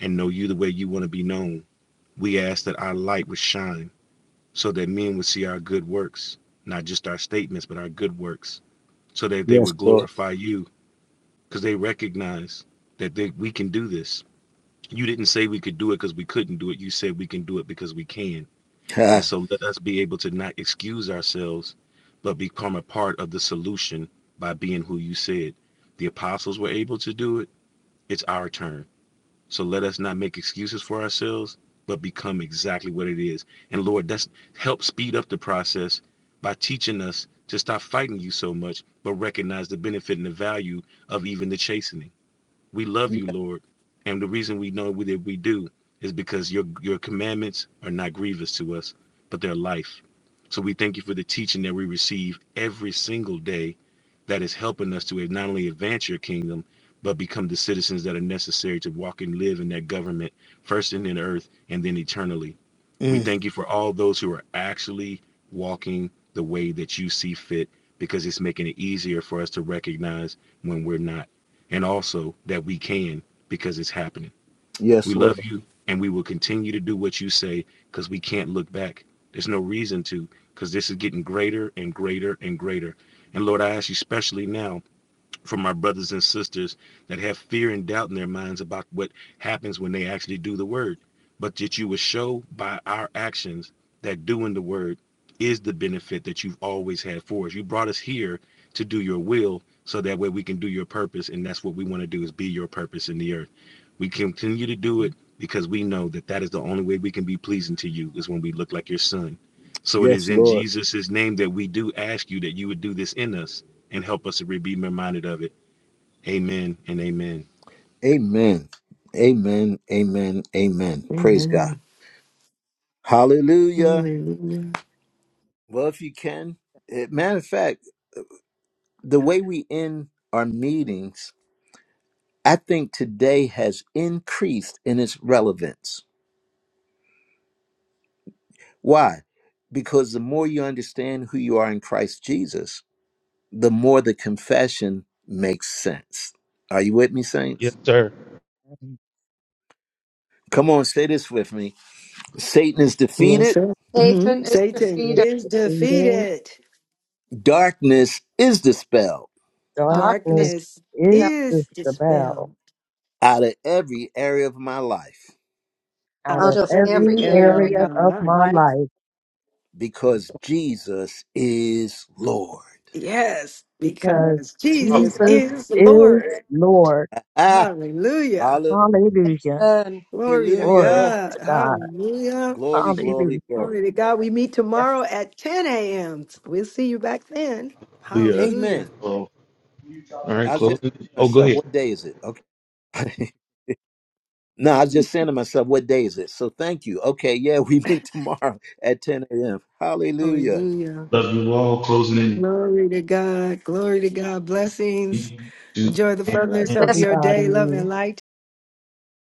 and know you the way you want to be known, we ask that our light would shine so that men would see our good works, not just our statements, but our good works, so that they Yes, would Lord. glorify you because they recognize that they, we can do this You didn't say we could do it because we couldn't do it. You said we can do it because we can. Ha. And so let us be able to not excuse ourselves, but become a part of the solution by being who you said. The apostles were able to do it. It's our turn. So let us not make excuses for ourselves, but become exactly what it is. And Lord, that's help speed up the process by teaching us to stop fighting you so much, but recognize the benefit and the value of even the chastening. We love you, Lord. And the reason we know that we do is because your your commandments are not grievous to us, but they're life. So we thank you for the teaching that we receive every single day that is helping us to not only advance your kingdom, but become the citizens that are necessary to walk and live in that government, first in the earth and then eternally. We Mm. thank you for all those who are actually walking the way that you see fit because it's making it easier for us to recognize when we're not and also that we can because it's happening. We Yes, Lord. love you and we will continue to do what you say because we back. There's no two because this is getting greater and greater. And Lord, I ask you now from others that have fear and doubt in their minds about what word, but that you would show by our actions that doing the word is the benefit that you've always had for us. You brought us here to do your will so that way we can do your purpose and that's what we want to do is be your purpose in the earth. We continue to do it because we know that that is the only way we can be pleasing to you is when we look like your son. So it is Yes, in Lord. Jesus's name that we do ask you that you would do this in us and help us to be reminded of it. Amen and amen. Amen. Amen. Amen. Amen. right. Praise Amen. God. Hallelujah. Hallelujah. Well, if you can, eh, matter of fact, the way we end our meetings, I think today has increased in its relevance. Why? Because the more you understand who you are in Christ Jesus, the more the confession makes sense. Are you with me, Yes, saints? sir. And Come on, say this with me. Satan is Yes, defeated, sir. hmm Satan is Satan Satan defeated. is is defeated. defeated. darkness is dispelled Darkness Darkness is Darkness is fell is dispelled dispelled out of every area of my life out out out of of of every every every area area of area of my of life. my my life because Jesus is Lord. Yes, life. because because Jesus Jesus, Jesus is is Lord. Lord. Ah, Hallelujah. hallelujah. Hallelujah. return. Glory to Glory God. to God. Hallelujah. Glory, Hallelujah. glory, Yes, glory. Glory to God. We meet tomorrow at 10 a.m. We'll see you back then. Hallelujah. Hallelujah. Amen. All right, I was just closing. saying to Oh, go myself, ahead. what day is it? Okay. no, I was just saying to myself, what day is it? So thank you. Okay, yeah, we meet tomorrow at 10 a.m. Hallelujah. Hallelujah. Love you all. Closing Glory to God. Glory to God. Blessings. in. Two, Enjoy the bless fullness of Bless your day. Love everybody. and light.